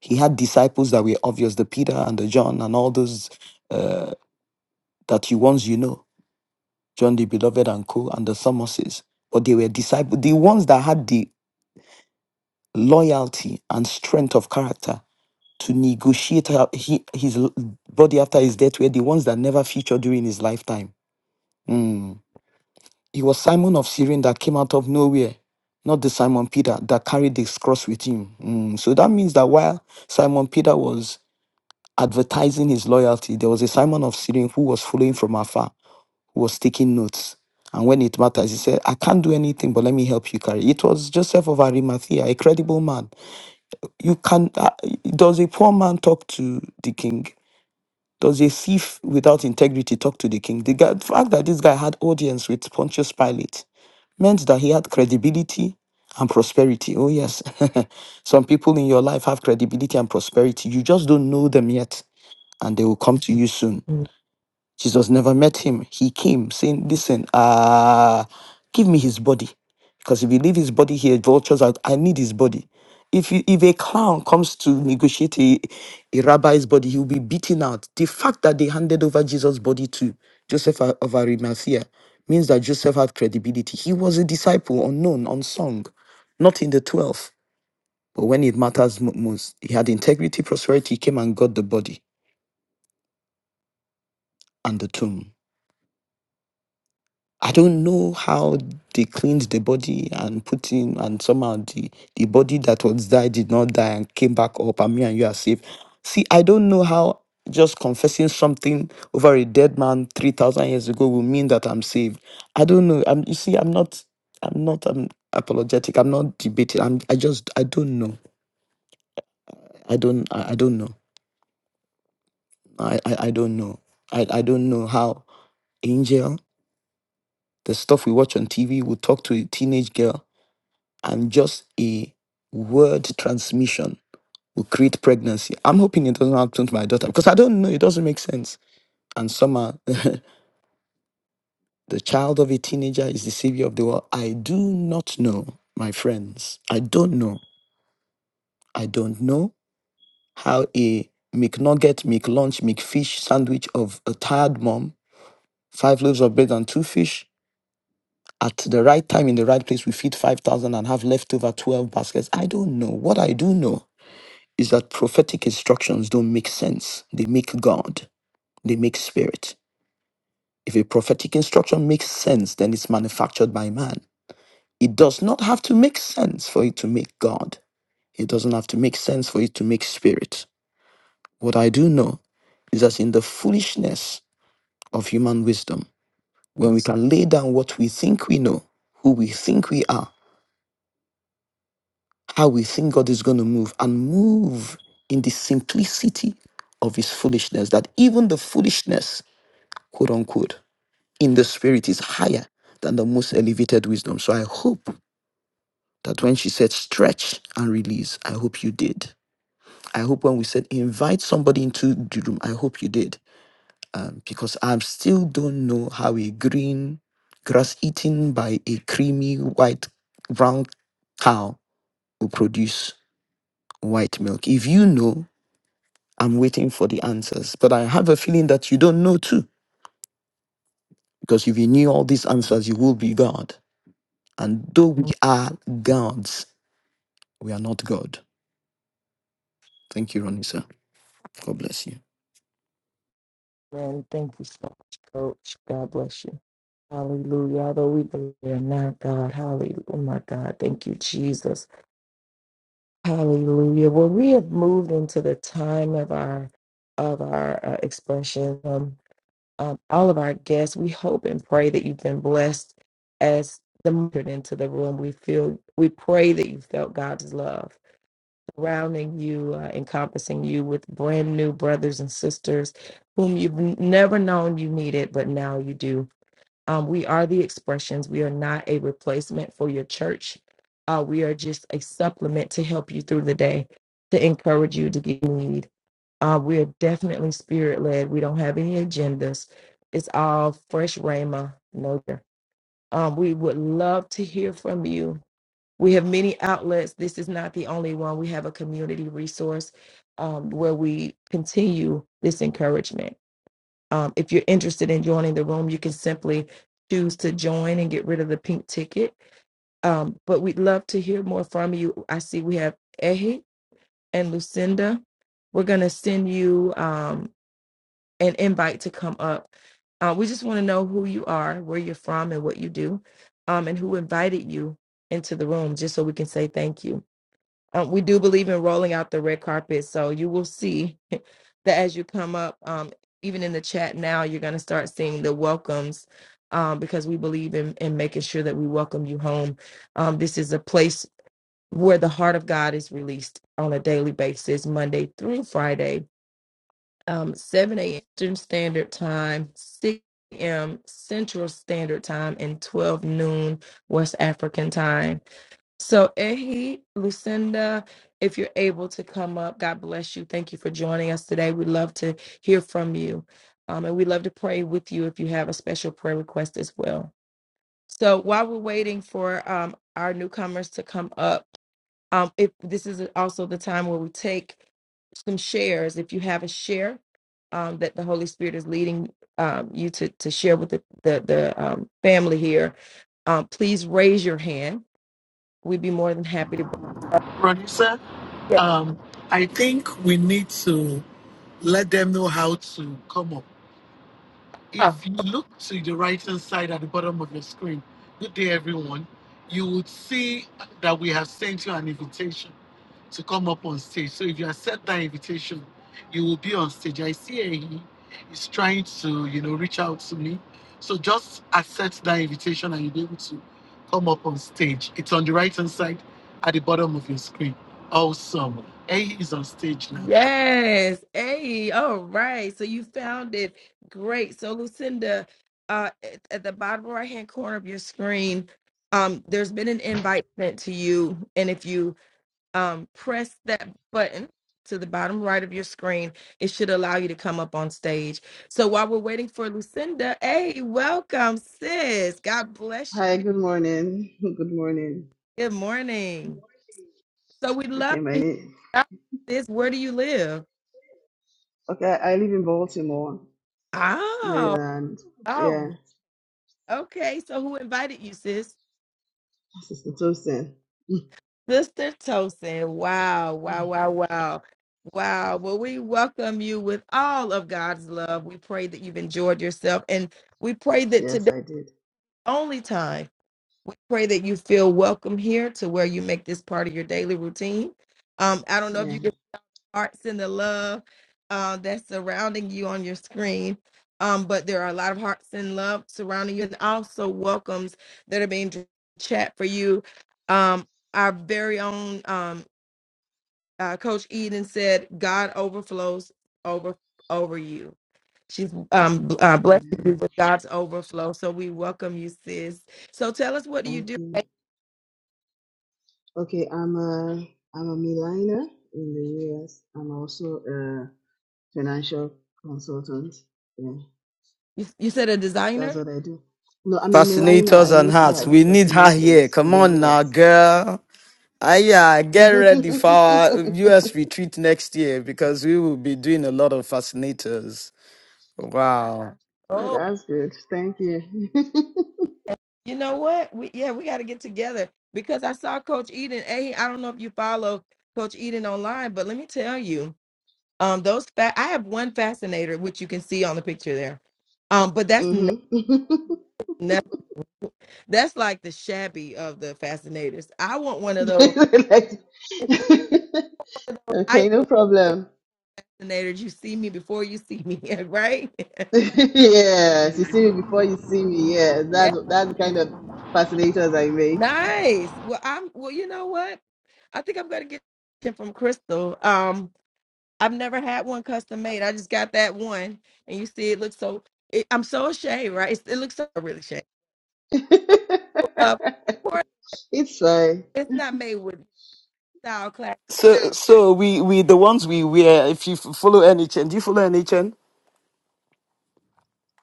Speaker 4: He had disciples that were obvious, the Peter and the John and all those uh, that you once you know, John the Beloved and co. and the Thomases. But they were disciples, the ones that had the loyalty and strength of character to negotiate her, he, his l- body after his death were the ones that never featured during his lifetime. Mm. It was Simon of Cyrene that came out of nowhere, not the Simon Peter that carried this cross with him. Mm. So that means that while Simon Peter was advertising his loyalty, there was a Simon of Cyrene who was following from afar, who was taking notes. And when it matters, he said, I can't do anything, but let me help you carry. It was Joseph of Arimathea, a credible man. You can, uh, does a poor man talk to the king? Does a thief without integrity talk to the king? The, guy, the fact that this guy had audience with Pontius Pilate meant that he had credibility and prosperity. Oh, yes. Some people in your life have credibility and prosperity. You just don't know them yet, and they will come to you soon.
Speaker 2: Amen.
Speaker 4: Jesus never met him. He came saying, Listen, uh, give me his body. Because if you leave his body here, vultures out. I need his body. If, you, if a clown comes to negotiate a, a rabbi's body, he'll be beaten out. The fact that they handed over Jesus' body to Joseph of of Arimathea means that Joseph had credibility. He was a disciple, unknown, unsung, not in the 12. But when it matters mo- most, he had integrity, prosperity, he came and got the body and the tomb. I don't know how they cleaned the body and put in, and somehow the, the body that was died did not die and came back up, and me and you are safe. See, I don't know how just confessing something over a dead man 3,000 years ago will mean that I'm saved. I don't know. I'm, you see, I'm not, I'm not I'm apologetic. I'm not debating. I'm, I just, I don't know. I don't, I, I don't know. I, I, I don't know. I, I don't know how angel, the stuff we watch on TV, will talk to a teenage girl and just a word transmission will create pregnancy. I'm hoping it doesn't happen to my daughter because I don't know. It doesn't make sense. And somehow, the child of a teenager is the savior of the world. I do not know, my friends. I don't know. I don't know how a McNugget, McLunch, McFish sandwich of a tired mom, five loaves of bread and two fish at the right time in the right place will feed 5,000 and have leftover 12 baskets. I don't know. What I do know is that prophetic instructions don't make sense. They make God, they make spirit. If a prophetic instruction makes sense, then it's manufactured by man. It does not have to make sense for it to make God. It doesn't have to make sense for it to make spirit. What I do know is that in the foolishness of human wisdom, when we can lay down what we think we know, who we think we are, how we think God is going to move, and move in the simplicity of his foolishness, that even the foolishness quote unquote, in the spirit is higher than the most elevated wisdom. So I hope that when she said stretch and release, I hope you did. I hope when we said invite somebody into the room, I hope you did. Um, because I still don't know how a green grass eaten by a creamy white brown cow will produce white milk. If you know, I'm waiting for the answers. But I have a feeling that you don't know too, because if you knew all these answers, you will be God. And though we are gods, we are not God. Thank you, Ronisa. God bless you.
Speaker 2: Thank you so much, Coach. God bless you. Hallelujah. Although we believe in not God. Hallelujah. Oh my God. Thank you, Jesus. Hallelujah. Well, we have moved into the time of our of our uh, expression. Um, um, all of our guests, we hope and pray that you've been blessed as the entered into the room. We feel we pray that you felt God's love surrounding you, uh, encompassing you with brand new brothers and sisters whom you've n- never known you needed, but now you do. Um, we are the expressions. We are not a replacement for your church. Uh, we are just a supplement to help you through the day, to encourage you to get you need. Uh, we are definitely spirit led. We don't have any agendas. It's all fresh Rhema. No, um, we would love to hear from you we have many outlets. This is not the only one. We have a community resource um, where we continue this encouragement. Um, if you're interested in joining the room, you can simply choose to join and get rid of the pink ticket. Um, but we'd love to hear more from you. I see we have Ehi and Lucinda. We're going to send you um, an invite to come up. Uh, we just want to know who you are, where you're from, and what you do, um, and who invited you into the room, just so we can say thank you. Um, we do believe in rolling out the red carpet, so you will see that as you come up, um, even in the chat now, you're going to start seeing the welcomes um, because we believe in, in making sure that we welcome you home. Um, this is a place where the heart of God is released on a daily basis, Monday through Friday, um, 7 a.m. Eastern Standard Time, 6 a.m. Central Standard Time, and 12 noon West African Time. So, Ehi, Lucinda, if you're able to come up, God bless you. Thank you for joining us today. We'd love to hear from you. Um, and we'd love to pray with you if you have a special prayer request as well. So, while we're waiting for um, our newcomers to come up, um, if this is also the time where we take some shares, if you have a share um, that the Holy Spirit is leading um, you to, to share with the, the, the um, family here, um, please raise your hand We'd be more than happy to. bring it up.
Speaker 1: Producer,
Speaker 2: Yeah.
Speaker 1: um, I think we need to let them know how to come up.
Speaker 2: Ah,
Speaker 1: If you look to the right hand side at the bottom of your screen, good day everyone, you would see that we have sent you an invitation to come up on stage. So if you accept that invitation, you will be on stage. I see he is trying to, you know, reach out to me. So just accept that invitation and you'll be able to come up on stage. It's on the right hand side at the bottom of your screen. Awesome. Ehi is on stage now.
Speaker 2: Yes. Hey, all right. So you found it. Great. So Lucinda, uh, at, at the bottom right hand corner of your screen, um, there's been an invite sent to you. And if you um, press that button to the bottom right of your screen, it should allow you to come up on stage. So while we're waiting for Lucinda, hey, welcome, sis. God bless
Speaker 5: Hi,
Speaker 2: you.
Speaker 5: good morning. Good morning.
Speaker 2: Good morning. So we'd
Speaker 5: Okay,
Speaker 2: love
Speaker 5: my
Speaker 2: to hear
Speaker 5: name.
Speaker 2: about this. Where do you live?
Speaker 5: Okay, I I live in Baltimore,
Speaker 2: Oh,
Speaker 5: Maryland.
Speaker 2: oh,
Speaker 5: Yeah,
Speaker 2: okay. So who invited you, sis?
Speaker 5: Sister Tosin.
Speaker 2: Sister Tosin. Wow, wow, wow, wow. Wow. Well, we welcome you with all of God's love. We pray that you've enjoyed yourself. And we pray that
Speaker 5: yes,
Speaker 2: today,
Speaker 5: I did.
Speaker 2: only time, we pray that you feel welcome here to where you make this part of your daily routine. Um, I don't know if
Speaker 5: Yeah.
Speaker 2: you hearts and the love uh, that's surrounding you on your screen. Um, but there are a lot of hearts and love surrounding you, and also welcomes that are being dr- chat for you. Um, our very own um, uh, Coach Eden said, "God overflows over over you." She's um, bl- uh, blessed
Speaker 5: Amen.
Speaker 2: you with God's overflow, so we welcome you, sis. So tell us, what do you
Speaker 5: Thank
Speaker 2: do?
Speaker 5: you. Okay, I'm a I'm a Miliner in the US. I'm also a financial consultant. Yeah,
Speaker 2: You, you said a
Speaker 5: that's
Speaker 2: designer.
Speaker 5: what I do. No, I'm a Miliner.
Speaker 4: Fascinators
Speaker 5: I
Speaker 4: and
Speaker 5: make
Speaker 4: hearts.
Speaker 5: hearts
Speaker 4: We
Speaker 5: for
Speaker 4: need her here.
Speaker 5: senators in
Speaker 4: Come
Speaker 5: the
Speaker 4: on now,
Speaker 5: US.
Speaker 4: girl. Ah yeah, get ready for our US retreat next year because we will be doing a lot of fascinators. Wow.
Speaker 5: Yeah,
Speaker 2: Oh.
Speaker 5: that's good. Thank you.
Speaker 2: You know what? We yeah, we got to get together because I saw Coach Eden. Hey, I I don't know if you follow Coach Eden online, but let me tell you, um, those fa- I have one fascinator which you can see on the picture there, um, but that's no,
Speaker 5: Mm-hmm.
Speaker 2: no- that's like the shabby of the fascinators. I want one of those
Speaker 5: Like-
Speaker 2: I
Speaker 5: okay, no problem.
Speaker 2: fascinators. You see me before you see me, right?
Speaker 5: yes, you see me before you see me. Yes,
Speaker 2: yeah,
Speaker 5: that's that's the kind of fascinators I make.
Speaker 2: nice. Well, I'm. Well, you know what? I think I'm gonna get it from Crystal. Um, I've never had one custom made. I just got that one, and you see, it looks so. It, I'm so ashamed, right? It's, it looks so really shame. Of course,
Speaker 5: it's fine.
Speaker 2: it's not made with style class.
Speaker 4: So, so we we the ones we wear. If you f- follow NHN, do you follow NHN?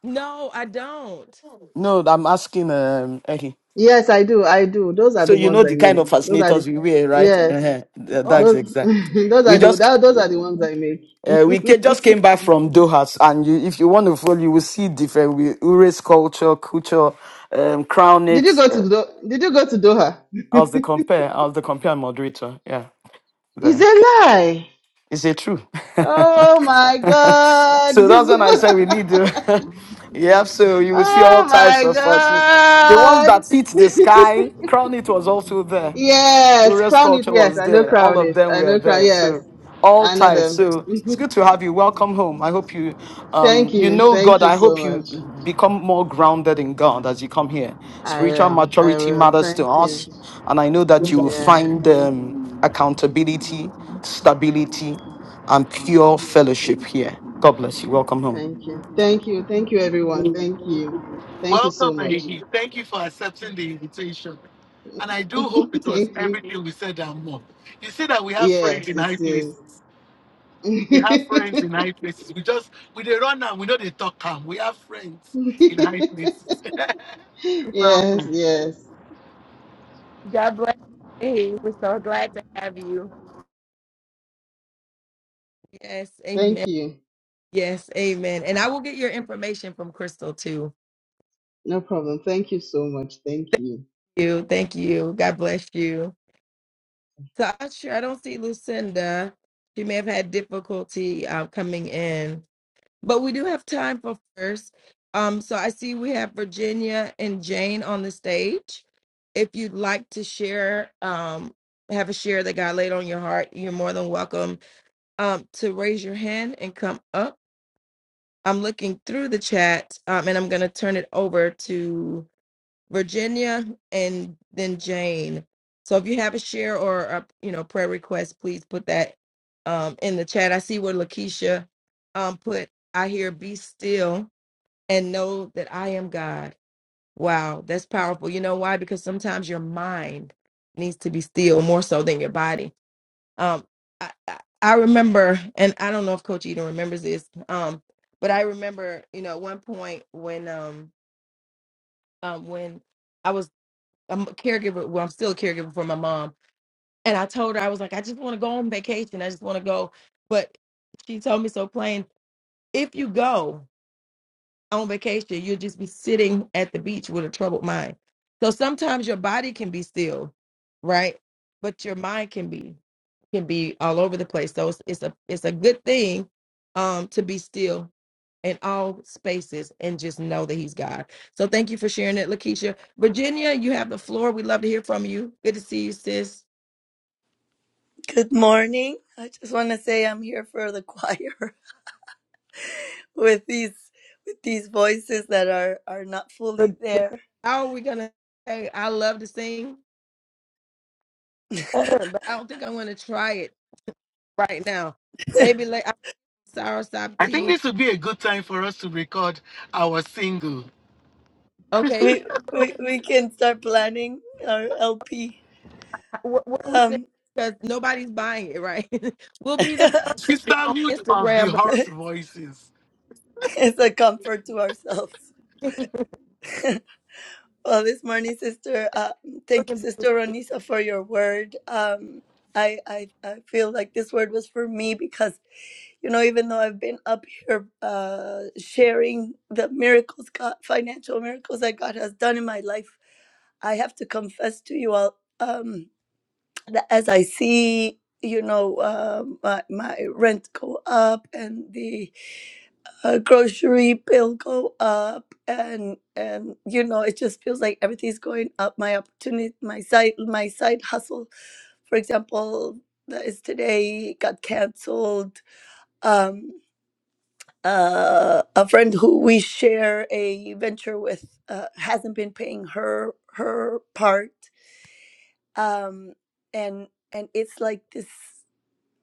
Speaker 2: No, I don't.
Speaker 4: No, I'm asking um Eddie.
Speaker 5: Yes, I do. I do. Those are
Speaker 4: So
Speaker 5: the
Speaker 4: you
Speaker 5: ones
Speaker 4: know the
Speaker 5: I
Speaker 4: kind of
Speaker 5: make. Those are the
Speaker 4: fascinators we wear, right?
Speaker 5: yes.
Speaker 4: Uh-huh. Th-
Speaker 2: Oh,
Speaker 4: That's
Speaker 5: Those
Speaker 4: exact.
Speaker 5: those are
Speaker 4: We
Speaker 5: the
Speaker 4: just
Speaker 5: that, those are the ones I make.
Speaker 4: Uh, we ca- just came back from Doha, and you, if you want to follow, you will see different with Ure's culture, culture, um, crown
Speaker 5: did
Speaker 4: it.
Speaker 5: you go
Speaker 4: Uh,
Speaker 5: to Do- Did you go to Doha?
Speaker 4: I was the compare, I was the compare moderator. Yeah,
Speaker 5: It's a
Speaker 4: there.
Speaker 5: lie.
Speaker 4: Is it true?
Speaker 5: Oh my God!
Speaker 4: so
Speaker 5: This.
Speaker 4: that's when I said we need
Speaker 5: is
Speaker 4: to. yeah, so you will see all
Speaker 5: Oh
Speaker 4: types
Speaker 5: my
Speaker 4: of uh, The ones
Speaker 5: God.
Speaker 4: that hit the sky, crown it was also there.
Speaker 5: Yes,
Speaker 4: Warriors
Speaker 5: crown it.
Speaker 4: culture
Speaker 5: Yes,
Speaker 4: was
Speaker 5: I know
Speaker 4: there. All
Speaker 5: crown
Speaker 4: of
Speaker 5: it.
Speaker 4: them
Speaker 5: I
Speaker 4: were
Speaker 5: know crown.
Speaker 4: there.
Speaker 5: Yes,
Speaker 4: So all
Speaker 5: I know
Speaker 4: types.
Speaker 5: them.
Speaker 4: So it's
Speaker 5: Mhm.
Speaker 4: good to have you. Welcome home. I hope you um
Speaker 5: thank
Speaker 4: you
Speaker 5: you.
Speaker 4: know
Speaker 5: Thank
Speaker 4: God.
Speaker 5: you
Speaker 4: I
Speaker 5: so
Speaker 4: hope you
Speaker 5: much.
Speaker 4: become more grounded in God as you come here.
Speaker 5: I
Speaker 4: Spiritual
Speaker 5: will. I
Speaker 4: maturity
Speaker 5: will.
Speaker 4: matters to
Speaker 5: Thank you.
Speaker 4: us, and I know that you will
Speaker 5: Yeah.
Speaker 4: find um, accountability, stability, and pure fellowship here. God bless you. Welcome home.
Speaker 5: Thank you. Thank you. Thank you, everyone. Thank you. Thank you so
Speaker 1: Welcome,
Speaker 5: much.
Speaker 1: Maggie. Thank you for accepting the invitation. And I do hope it was
Speaker 5: thank you.
Speaker 1: everything we said and more. You see that we have friends
Speaker 5: Yes,
Speaker 1: in
Speaker 5: it
Speaker 1: high places.
Speaker 5: is.
Speaker 1: We have friends in high places. We just, we they run and we know they talk calm. We have friends in high places.
Speaker 5: yes,
Speaker 1: Welcome.
Speaker 5: yes.
Speaker 2: God bless. you. Hey, we're so glad to have you. Yes,
Speaker 5: Thank
Speaker 2: amen.
Speaker 5: you.
Speaker 2: Yes, amen. And I will get your information from Crystal too.
Speaker 5: No problem. Thank you so much. Thank you.
Speaker 2: You, thank you. God bless you. So I'm sure I don't see Lucinda. She may have had difficulty uh, coming in. But we do have time for first. Um, so I see we have Virginia and Jane on the stage. If you'd like to share, um, have a share that God laid on your heart, you're more than welcome um, to raise your hand and come up. I'm looking through the chat um, and I'm going to turn it over to Virginia and then Jane. So if you have a share or a you know prayer request, please put that um, in the chat. I see where Lakeisha um, put, I hear be still and know that I am God. Wow, that's powerful. You know why? Because sometimes your mind needs to be still more so than your body. Um, I, I, I remember, and I don't know if Coach Eden remembers this, um, but I remember, you know, at one point when um, um when I was am a m- caregiver, well, I'm still a caregiver for my mom, and I told her I was like, I just want to go on vacation. I just want to go, but she told me so plain, if you go. on vacation, you'll just be sitting at the beach with a troubled mind. So sometimes your body can be still, right? But your mind can be can be all over the place. So it's, it's a it's a good thing um to be still in all spaces and just know that he's God. So thank you for sharing it, Lakeisha. Virginia, you have the floor. We'd love to hear from you. Good to see you, sis.
Speaker 6: Good morning. I just want to say I'm here for the choir with these with these voices that are are not fully
Speaker 2: Vir- Vir-
Speaker 6: there.
Speaker 2: How are we gonna say I love to sing? but I don't think I'm gonna try it right now. Maybe like I'm soursop
Speaker 1: I think
Speaker 2: tea.
Speaker 1: this would be a good time for us to record our single,
Speaker 2: Okay,
Speaker 6: We we we can start planning our LP.
Speaker 2: what, what are we saying?
Speaker 6: Um,
Speaker 2: Because nobody's buying it, right? we'll be the first
Speaker 6: it's
Speaker 2: on
Speaker 1: Sisterhood of the
Speaker 2: Instagram, but not
Speaker 1: Horse Voices.
Speaker 6: a comfort to ourselves.
Speaker 2: a
Speaker 6: well, this morning, sister. Uh, thank you,
Speaker 2: million.
Speaker 6: sister Ronisa, for your word. Um, I I I feel like this word was for me because. You know, even though I've been up here uh, sharing the miracles, God, financial miracles that God has done in my life, I have to confess to you all um, that as I see, you know, uh, my, my rent go up and the uh, grocery bill go up, and and you know, it just feels like everything's going up. My opportunity, my side, my side hustle, for example, that is today got canceled. Um, uh, a friend who we share a venture with uh, hasn't been paying her her part um, and and it's like this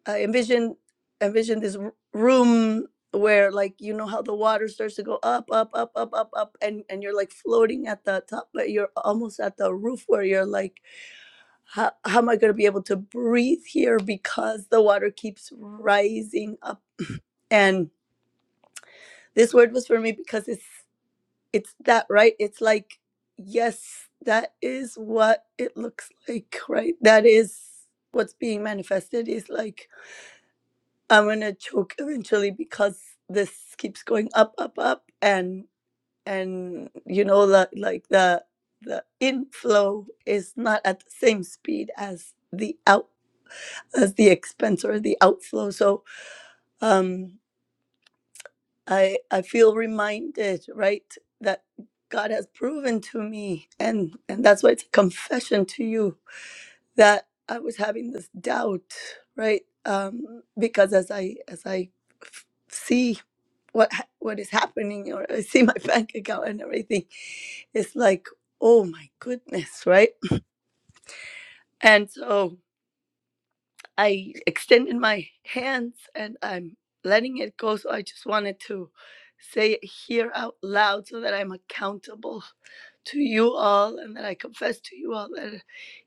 Speaker 6: I envision envision this r- room where like you know how the water starts to go up up up up up up and and you're like floating at the top but you're almost at the roof where you're like how, how am i going to be able to breathe here because the water keeps rising up and this word was for me because it's It's that, right? It's like, yes, that is what it looks like, right? That is what's being manifested is like, I'm gonna choke eventually because this keeps going up, up, up, and and you know the like the the inflow is not at the same speed as the out as the expense or the outflow. So um I I feel reminded, right, that God has proven to me, and and that's why it's a confession to you that I was having this doubt, right? Um, because as I as I f- see what ha- what is happening, or I see my bank account and everything, it's like, oh my goodness, right? And so. I extended my hands and I'm letting it go. So I just wanted to say it here out loud so that I'm accountable to you all and that I confess to you all that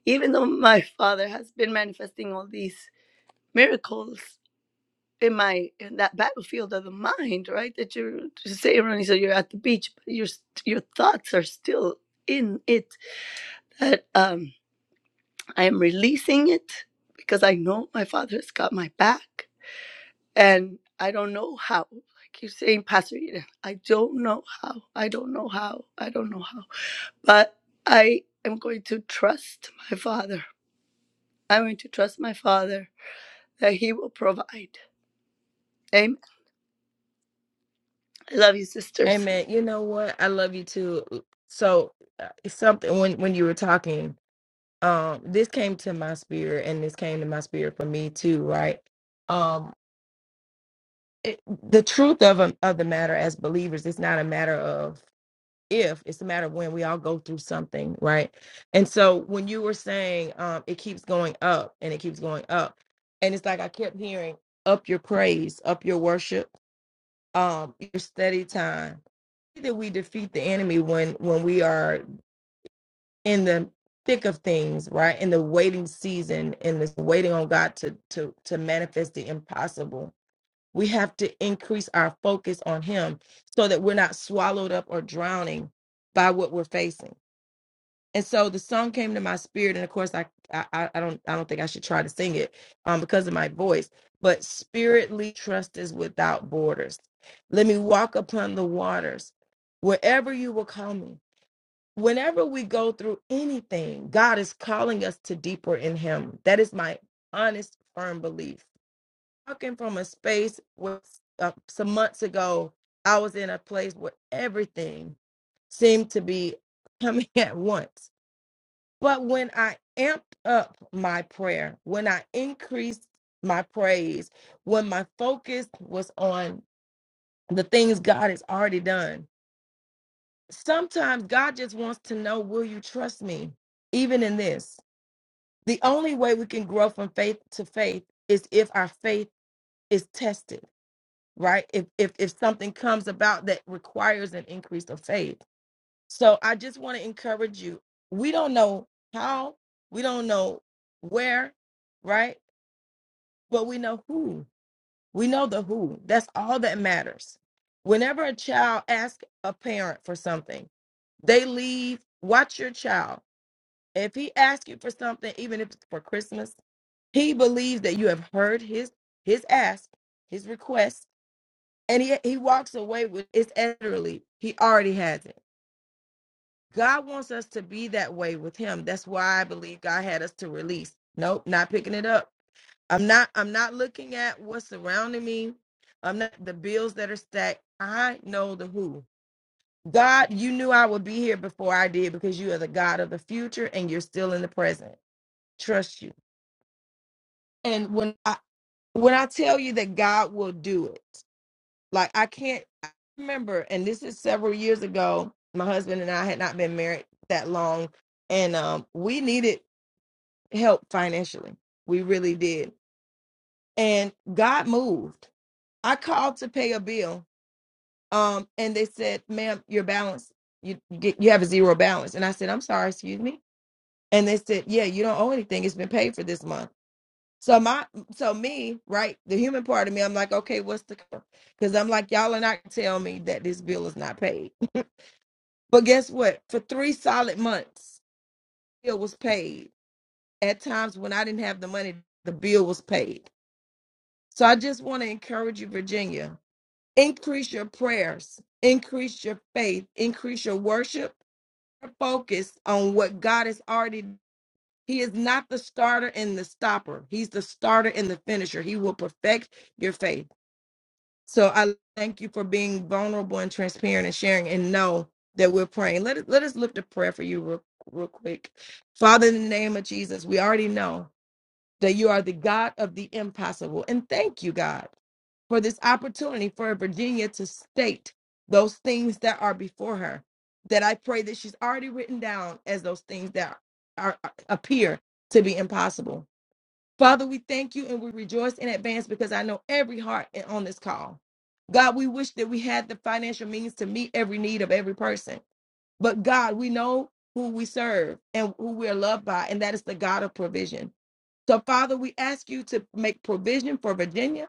Speaker 6: even though my father has been manifesting all these miracles in my in that battlefield of the mind, right? That you're just saying, Ronnie, so you're at the beach, but your your thoughts are still in it. That um I am releasing it because I know my father has got my back And I don't know how. I keep saying, Pastor Eden, I don't know how. I don't know how. I don't know how. But I am going to trust my Father. I'm going to trust my Father that He will provide. Amen. I love you, sisters.
Speaker 2: Amen. You know what? I love you too. So uh, it's something when when you were talking, um, this came to my spirit, and this came to my spirit for me too, right? Um, it, the truth of a, of the matter as believers, it's not a matter of if it's a matter of when we all go through something right and so when you were saying um it keeps going up and it keeps going up and it's like i kept hearing up your praise up your worship um your steady time that we defeat the enemy when when we are in the thick of things right in the waiting season in this waiting on god to to to manifest the impossible we have to increase our focus on him so that we're not swallowed up or drowning by what we're facing and so the song came to my spirit and of course i i, I don't i don't think i should try to sing it um because of my voice but spiritually, trust is without borders let me walk upon the waters wherever you will call me whenever we go through anything god is calling us to deeper in him that is my honest firm belief talking from a space where uh, some months ago i was in a place where everything seemed to be coming at once but when I amped up my prayer, when I increased my praise, when my focus was on the things God has already done, sometimes God just wants to know, will you trust me? Even in this, the only way we can grow from faith to faith is if our faith is tested, right? If if, if something comes about that requires an increase of faith. So I just want to encourage you. We don't know how, we don't know where, right? But we know who. We know the who. That's all that matters. Whenever a child asks a parent for something, they leave. Watch your child. If he asks you for something, even if it's for Christmas, he believes that you have heard his his ask, his request, and he he walks away with it's literally he already has it. God wants us to be that way with him. That's why I believe God had us to release. Nope, not picking it up. I'm not I'm not looking at what's surrounding me. I'm not the bills that are stacked. I know the who. God, you knew I would be here before I did because you are the God of the future and you're still in the present. Trust you. And when I when I tell you that God will do it, like I can't I remember, and this is several years ago, my husband and I had not been married that long and um, we needed help financially. We really did. And God moved. I called to pay a bill. Um, and they said, ma'am, your balance, you you get you have a zero balance. And I said, I'm sorry, excuse me. And they said, Yeah, you don't owe anything. It's been paid for this month. So my so me, right, the human part of me, I'm like, okay, what's the cover? because I'm like, y'all are not tell me that this bill is not paid. But guess what? For three solid months, bill was paid. At times when I didn't have the money, the bill was paid So I just want to encourage you, Virginia, increase your prayers, increase your faith, increase your worship, focus on what God has already. He is not the starter and the stopper. He's the starter and the finisher. He will perfect your faith. So I thank you for being vulnerable and transparent and sharing and know that we're praying. Let us let us lift a prayer for you real, real quick. Father, in the name of Jesus, we already know that you are the God of the impossible. And thank you, God for this opportunity for Virginia to state those things that are before her. That I pray that she's already written down as those things that are uh, appear to be impossible. Father, we thank you and we rejoice in advance because I know every heart on this call. God, we wish that we had the financial means to meet every need of every person. But God, we know who we serve and who we are loved by, and that is the God of provision. So, Father, we ask you to make provision for Virginia.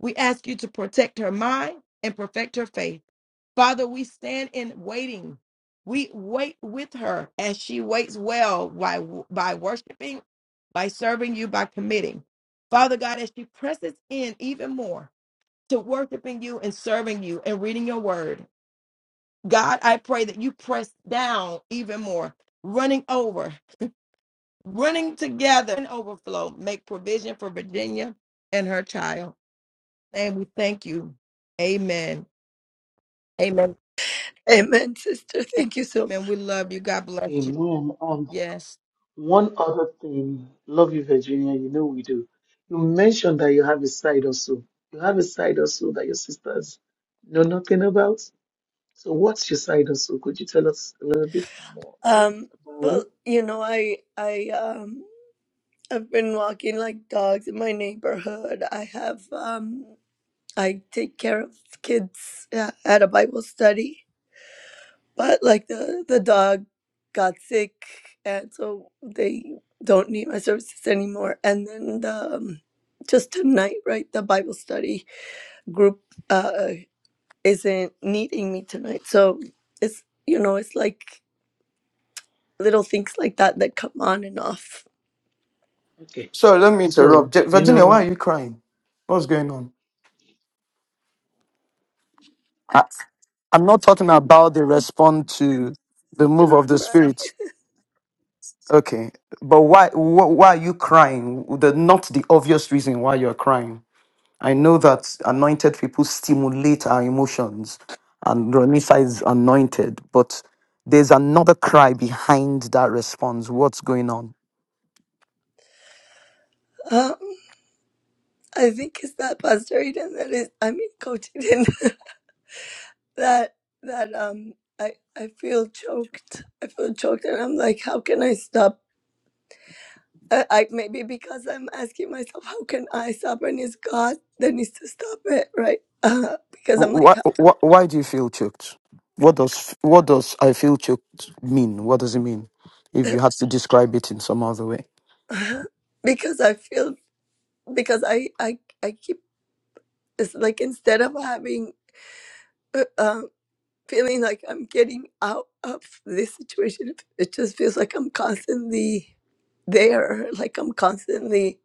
Speaker 2: We ask you to protect her mind and perfect her faith. Father, we stand in waiting. We wait with her as she waits well by, by worshiping, by serving you, by committing. Father God, as she presses in even more to worshiping you and serving you and reading your word, God, I pray that you press down even more, running over running together and overflow, make provision for Virginia and her child. And we thank you. Amen. Amen.
Speaker 6: Amen, sister. Thank you so much.
Speaker 2: Amen. We love you. God bless you.
Speaker 1: Amen.
Speaker 2: Yes.
Speaker 1: One other thing, love you, Virginia, you know we do. You mentioned that you have a side hustle. You have a side hustle that your sisters know nothing about. So, what's your side hustle? Could you tell us a little bit more
Speaker 6: Um,
Speaker 1: about it?
Speaker 6: well, you know, I I um I've been walking like dogs in my neighborhood. I have um I take care of kids uh, at a Bible study but like the the dog got sick and so they don't need my services anymore and then the um, just tonight right the bible study group uh isn't needing me tonight so it's you know it's like little things like that that come on and off
Speaker 1: Okay.
Speaker 4: So let me
Speaker 1: So,
Speaker 4: interrupt. Je-
Speaker 1: you
Speaker 4: Virginia,
Speaker 1: know,
Speaker 4: why are you crying? What's going on? I, I'm not talking about the response to the move of the
Speaker 6: right
Speaker 4: spirit. Okay, but why wh- why are you crying? The not the obvious reason why you're crying. I know that anointed people stimulate our emotions, and Ronisa is anointed, but there's another cry behind that response. What's going on?
Speaker 6: um i think it's that pastor eden that is i mean coach eden that that um I I feel choked. I feel choked, and I'm like, how can I stop I, I maybe because I'm asking myself, how can I stop? And it's God that needs to stop it, right? Uh, because I'm like,
Speaker 4: Why, why, why do you feel choked? What does what does I feel choked mean? What does it mean? If you
Speaker 6: how-
Speaker 4: had to describe it in some other way.
Speaker 6: because I feel because I I I keep it's like instead of having uh, um, feeling like I'm getting out of this situation, it just feels like I'm constantly there, like I'm constantly.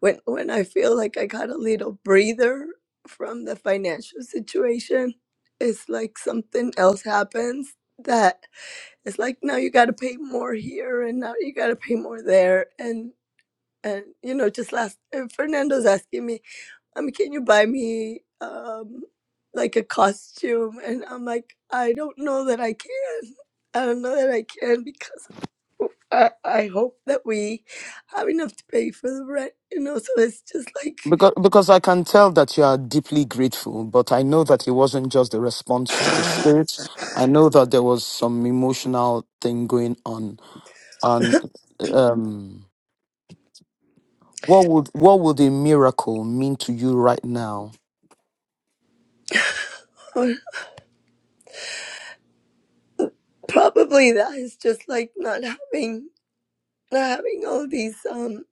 Speaker 6: when when I feel like I got a little breather from the financial situation, it's like something else happens that it's like now you got to pay more here and now you got to pay more there and and you know just last uh, Fernando's asking me, I mean, can you buy me um like a costume? And I'm like, I don't know that I can. I don't know that I can because I, I hope that we have enough to pay for the rent, you know. So it's just like
Speaker 4: Because, because I can tell that you are deeply grateful, but I know that it wasn't just a response to the spirit. I know that there was some emotional thing going on. And um, what would what would a miracle mean to you right now,
Speaker 6: or probably that is just like not having not having all these um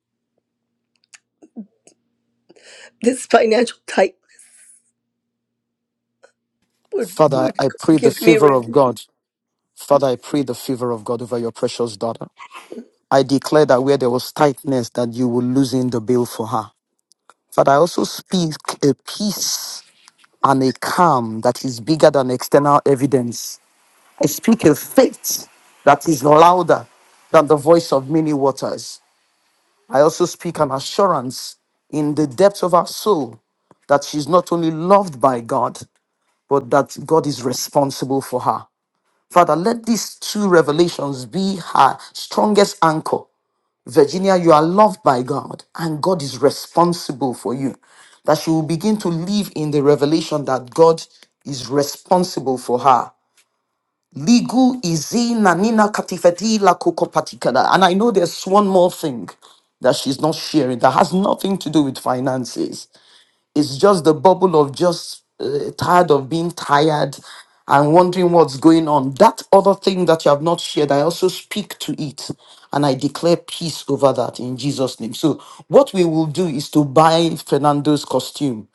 Speaker 6: this financial type would
Speaker 4: Father?
Speaker 6: would
Speaker 4: I pray the
Speaker 6: give me
Speaker 4: favor of
Speaker 6: relief.
Speaker 4: God. Father, I pray the favor of God over your precious daughter. I declare that where there was tightness, that you will loosen the bill for her. Father, I also speak a peace and a calm that is bigger than external evidence I speak a faith that is louder than the voice of many waters. I also speak an assurance in the depth of our soul that she's not only loved by God, but that God is responsible for her. Father, let these two revelations be her strongest anchor. Virginia, you are loved by God, and God is responsible for you. That she will begin to live in the revelation that God is responsible for her Ligu izi nanina katifedi la kukopatikada. And I know there's one more thing that she's not sharing that has nothing to do with finances. It's just the bubble of just uh, tired of being tired and wondering what's going on. That other thing that you have not shared, I also speak to it and I declare peace over that in Jesus' name. So, what we will do is to buy Fernando's costume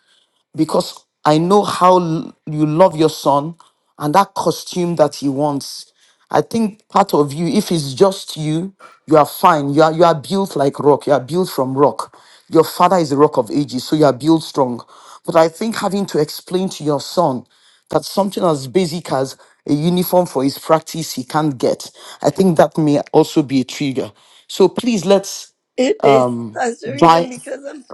Speaker 4: because I know how l- you love your son and that costume that he wants. I think part of you, if it's just you, you are fine. You are, you are built like rock. You are built from rock. Your father is the rock of ages, so you are built strong. But I think having to explain to your son that something as basic as a uniform for his practice he can't get, I think that may also be a trigger. So please let's
Speaker 6: It is
Speaker 4: um
Speaker 6: Pastor Eden
Speaker 4: buy.
Speaker 6: because I'm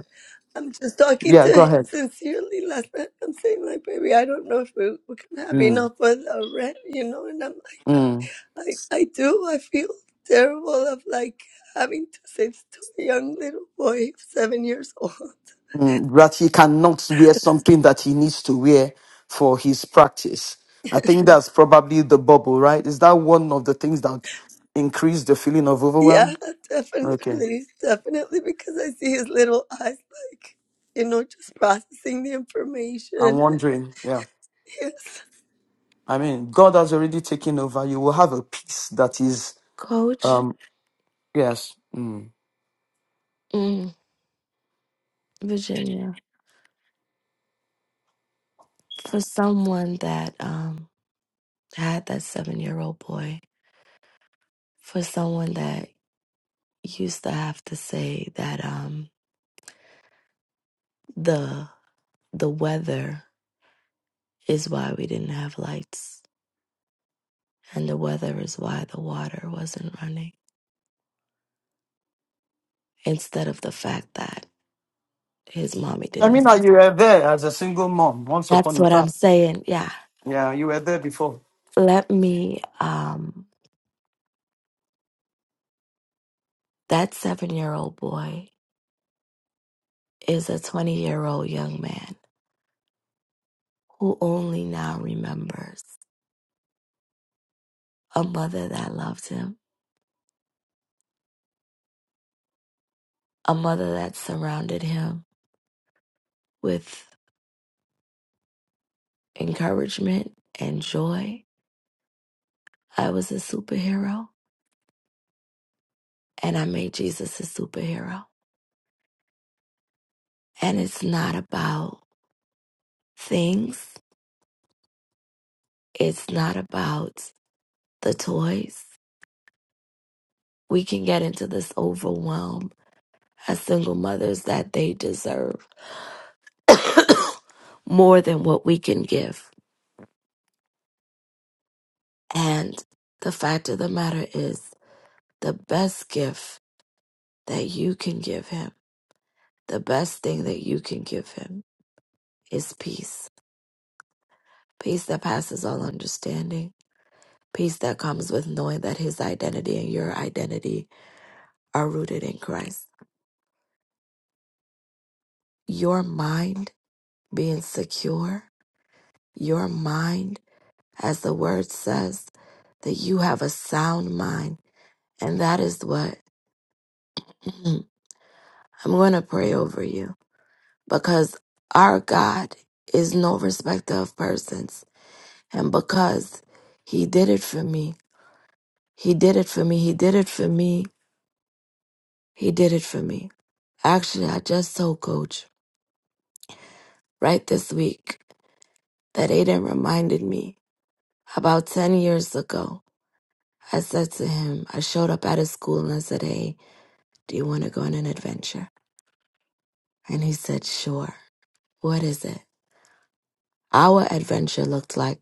Speaker 6: I'm just talking
Speaker 4: Yeah,
Speaker 6: to
Speaker 4: go
Speaker 6: him
Speaker 4: ahead.
Speaker 6: sincerely last night. I'm saying like, baby, I don't know if we, we can have
Speaker 4: Mm,
Speaker 6: enough for the rent, you know. And I'm
Speaker 4: mm.
Speaker 6: I I do I feel terrible of like having to save to a young little boy seven years old.
Speaker 4: Mm, that he cannot wear something that he needs to wear for his practice. I think that's probably the bubble, right? Is that one of the things that increase the feeling of overwhelm?
Speaker 6: Yeah,
Speaker 4: Okay.
Speaker 6: definitely, definitely, because I see his little eyes, like, you know, just processing the
Speaker 4: I'm
Speaker 6: information.
Speaker 4: wondering. Yeah.
Speaker 6: Yes.
Speaker 4: I mean, God has already taken over. You will have a peace that is,
Speaker 3: Coach
Speaker 4: um, yes. Mm.
Speaker 3: mm, Virginia, for someone that um had that seven year old boy, for someone that used to have to say that um the the weather is why we didn't have lights and the weather is why the water wasn't running instead of the fact that his mommy
Speaker 4: I
Speaker 3: didn't
Speaker 4: mean, uh,
Speaker 3: have.
Speaker 4: you were there as a single mom once
Speaker 3: That's
Speaker 4: upon a
Speaker 3: what I'm
Speaker 4: time.
Speaker 3: saying. Yeah.
Speaker 4: Yeah, you were there before.
Speaker 3: Let me um That seven year old boy is a 20 year old young man who only now remembers a mother that loved him, a mother that surrounded him with encouragement and joy. I was a superhero and I made Jesus a superhero. And it's not about things, it's not about the toys. We can get into this overwhelm as single mothers that they deserve more than what we can give. And the fact of the matter is, the best gift that you can give him, the best thing that you can give him is peace. Peace that passes all understanding. Peace that comes with knowing that his identity and your identity are rooted in Christ. Your mind being secure, your mind, as the word says, that you have a sound mind. And that is what I'm going to pray over you because our God is no respecter of persons. And because He did it for me, He did it for me, He did it for me, He did it for me. Actually, I just told Coach right this week that Aiden reminded me about 10 years ago. I said to him, I showed up at his school and I said, Hey, do you want to go on an adventure? And he said, Sure. What is it? Our adventure looked like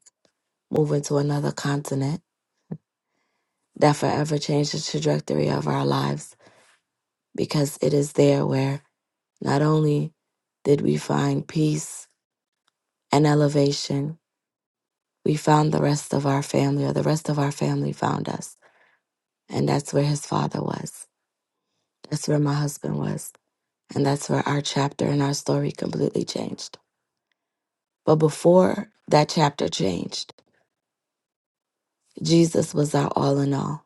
Speaker 3: moving to another continent that forever changed the trajectory of our lives because it is there where not only did we find peace and elevation, we found the rest of our family, or the rest of our family found us. And that's where his father was. That's where my husband was. And that's where our chapter and our story completely changed. But before that chapter changed, Jesus was our all in all.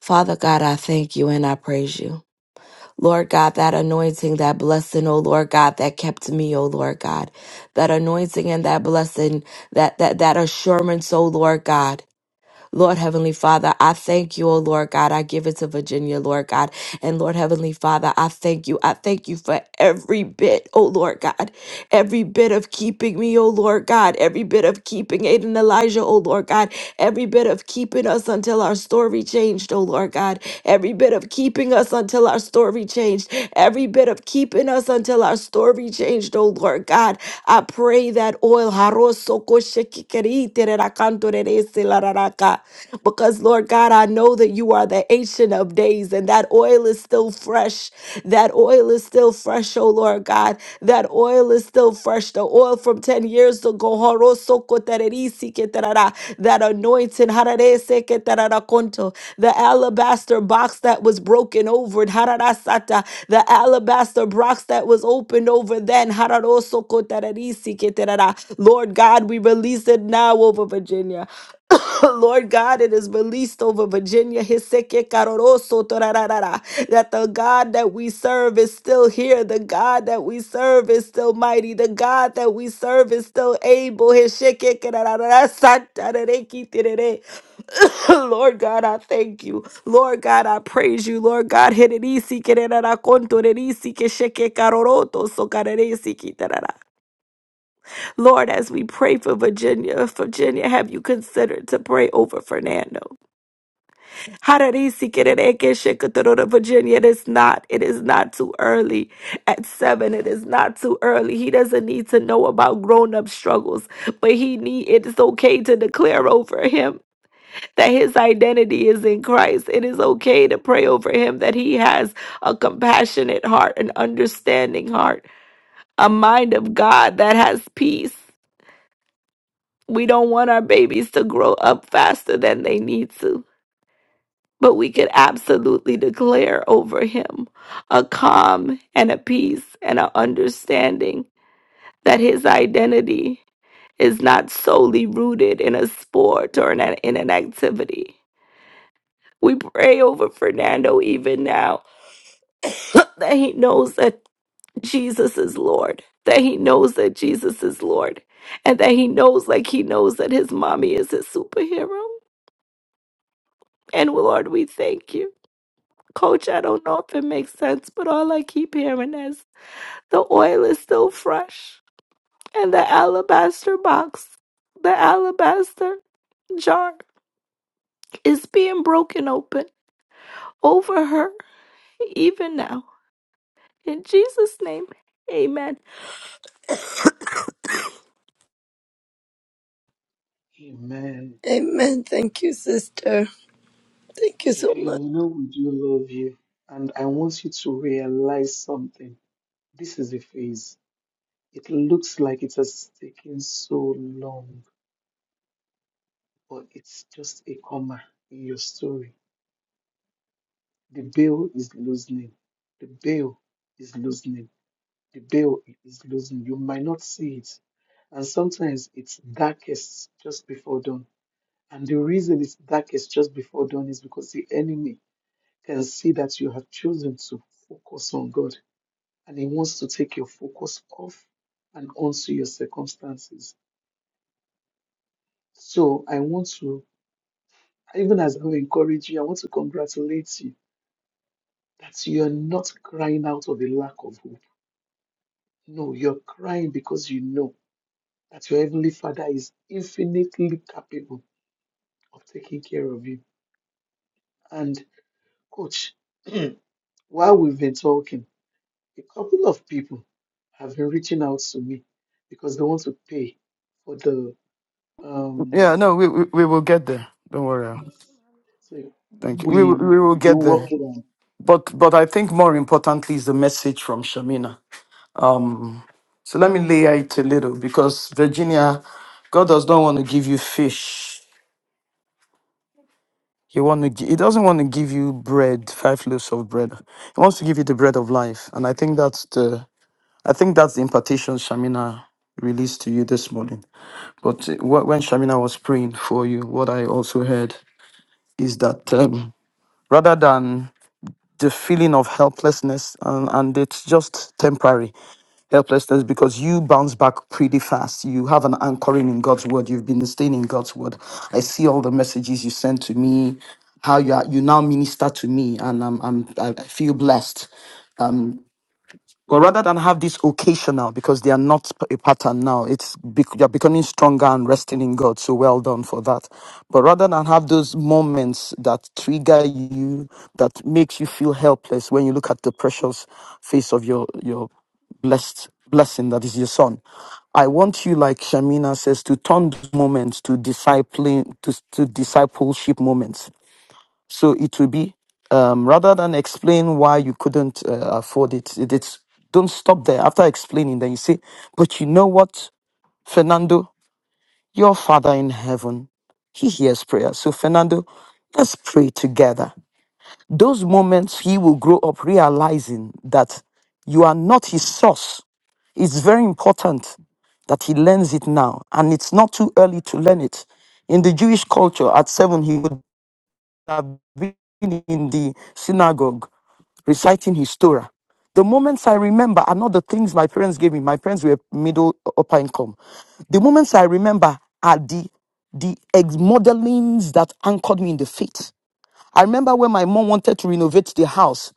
Speaker 3: Father God, I thank you and I praise you. Lord God, that anointing, that blessing, oh Lord God, that kept me, oh Lord God. That anointing and that blessing, that that that assurance, oh Lord God. Lord Heavenly Father, I thank you, oh Lord God. I give it to Virginia, Lord God. And Lord Heavenly Father, I thank you. I thank you for every bit, oh Lord God every bit of keeping me, O Lord God, every bit of keeping Aiden Elijah, O Lord God, every bit of keeping us until our story changed, O Lord God, every bit of keeping us until our story changed, every bit of keeping us until our story changed, O Lord God. I pray that oil, because Lord God, I know that you are the ancient of days, and that oil oil is still fresh. That oil is still fresh, oh Lord God. That oil is still fresh. The oil from 10 years ago. That anointing. The alabaster box that was broken over. The alabaster box that was opened over then. Lord God, we release it now over Virginia. Lord God, it is released over Virginia. Hiseke karoroso torararara. That the God that we serve is still here. The God that we serve is still mighty. The God that we serve is still able. Hisheke karararara, santarereki terere. Lord God, I thank you. Lord God, I praise you. Lord God, hererisi kererara kontorerisi kesheke karoroto sokareresi kitarara. Lord, as we pray for Virginia, Virginia, have you considered to pray over Fernando? Virginia, it is not, it is not too early. At seven, it is not too early. He doesn't need to know about grown-up struggles, but he need it is okay to declare over him that his identity is in Christ. It is okay to pray over him that he has a compassionate heart, an understanding heart, a mind of God that has peace. We don't want our babies to grow up faster than they need to, but we could absolutely declare over him a calm and a peace and an understanding that his identity is not solely rooted in a sport or in an, in an activity. We pray over Fernando even now that he knows that Jesus is Lord, that he knows that Jesus is Lord, and that he knows, like he knows, that his mommy is his superhero And Lord, we thank you. Coach, I don't know if it makes sense, but all I keep hearing is the oil is still fresh and the alabaster box, the alabaster jar is being broken open over her even now. In Jesus' name, amen.
Speaker 1: amen.
Speaker 6: Amen. Thank you, sister. Thank you so
Speaker 1: Virginia,
Speaker 6: much.
Speaker 1: you know we do love you. And I want you to realize something. This is a phase. It looks like it has taken so long, but it's just a comma in your story The veil is loosening. The veil is loosening. The veil is loosening. You might not see it. And sometimes it's darkest just before dawn. And the reason it's darkest just before dawn is because the enemy can see that you have chosen to focus on God. And he wants to take your focus off and onto your circumstances. So I want to, even as I encourage you, I want to congratulate you that you're not crying out of a lack of hope No, you're crying because you know that your Heavenly Father is infinitely capable of taking care of you. And, Coach, while we've been talking, a couple of people have been reaching out to me because they want to pay for the. Um,
Speaker 4: Yeah, no, we, we, we will get there. Don't worry.
Speaker 1: yes. So
Speaker 4: Thank you. We, will-
Speaker 1: we
Speaker 4: we will get
Speaker 1: will
Speaker 4: there.
Speaker 1: work it out.
Speaker 4: But but I think more importantly is the message from Shamina. So let me layer it a little because Virginia, God does not want to give you fish. He want to gi- he doesn't want to give you bread, five loaves of bread. He wants to give you the bread of life. And I think that's the I think that's the impartation Shamina released to you this morning. But uh, wh- when Shamina was praying for you, what I also heard is that um, rather than the feeling of helplessness and, and it's just temporary helplessness because you bounce back pretty fast you have an anchoring in god's word you've been staying in god's word i see all the messages you send to me how you are, you now minister to me and i'm, I'm i I feel blessed but rather than have this occasional, because they are not a pattern now, it's bec- you're becoming stronger and resting in God. So well done for that. But rather than have those moments that trigger you, that makes you feel helpless when you look at the precious face of your your blessed blessing that is your son. I want you, like Shamina says, to turn those moments to discipling to, to discipleship moments so it will be um, rather than explain why you couldn't uh, afford it, it- it's don't stop there. After explaining, then you say, "But you know what, Fernando, your Father in heaven, He hears prayer." So Fernando, let's pray together. Those moments he will grow up realizing that you are not his source. It's very important that he learns it now, and it's not too early to learn it. In the Jewish culture, at seven, he would have been in the synagogue reciting his Torah. The moments I remember are not the things my parents gave me. My parents were middle upper income. The moments I remember are the the ex modelings that anchored me in the faith. I remember when my mom wanted to renovate the house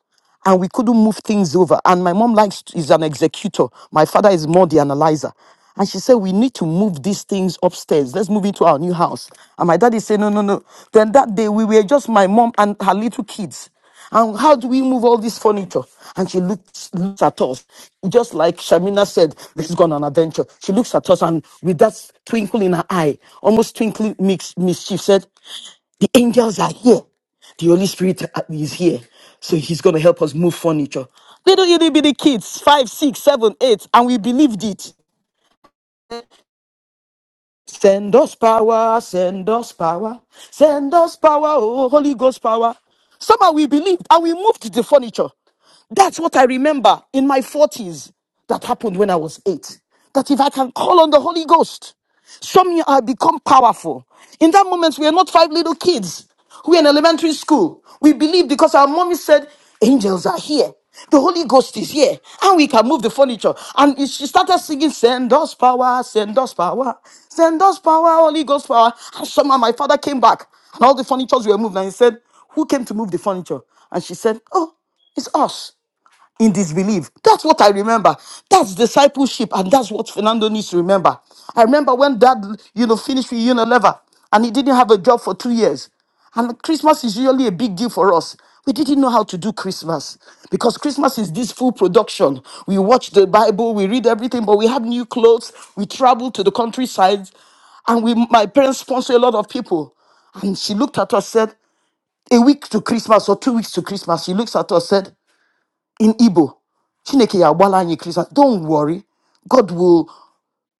Speaker 4: and we couldn't move things over. And my mom likes is an executor. My father is more the analyzer. And she said, We need to move these things upstairs. Let's move into our new house. And my daddy said, No, no, no. Then that day we were just my mom and her little kids. And how do we move all this furniture? And she looks, looks at us, just like Shamina said, let's go on an adventure. She looks at us and with that twinkle in her eye, almost twinkling mix, mischief, said, the angels are here. The Holy Spirit uh, is here, so He's going to help us move furniture. Little itty bitty kids, five, six, seven, eight, and we believed it. Send us power, send us power, send us power, oh, Holy Ghost power. Somehow we believed and we moved the furniture. That's what I remember in my 40s that happened when I was eight. That if I can call on the Holy Ghost, some I become powerful. In that moment, we are not five little kids. We're in elementary school. We believe because our mommy said angels are here. The Holy Ghost is here. And we can move the furniture. And it- she started singing, Send us power, send us power, send us power, Holy Ghost power. And somehow my father came back and all the furnitures were moved. And he said, Who came to move the furniture? And she said, Oh, it's us in disbelief. That's what I remember. That's discipleship, and that's what Fernando needs to remember. I remember when Dad, you know, finished with Unilever, and he didn't have a job for two years. And Christmas is usually a big deal for us. We didn't know how to do Christmas because Christmas is this full production. We watch the Bible, we read everything, but we have new clothes. We travel to the countryside, and we, my parents sponsor a lot of people. And she looked at us, said, a week to Christmas or two weeks to Christmas. She looks at us, said, in Igbo. Chineke ya agbala anyị Christmas. Don't worry. God will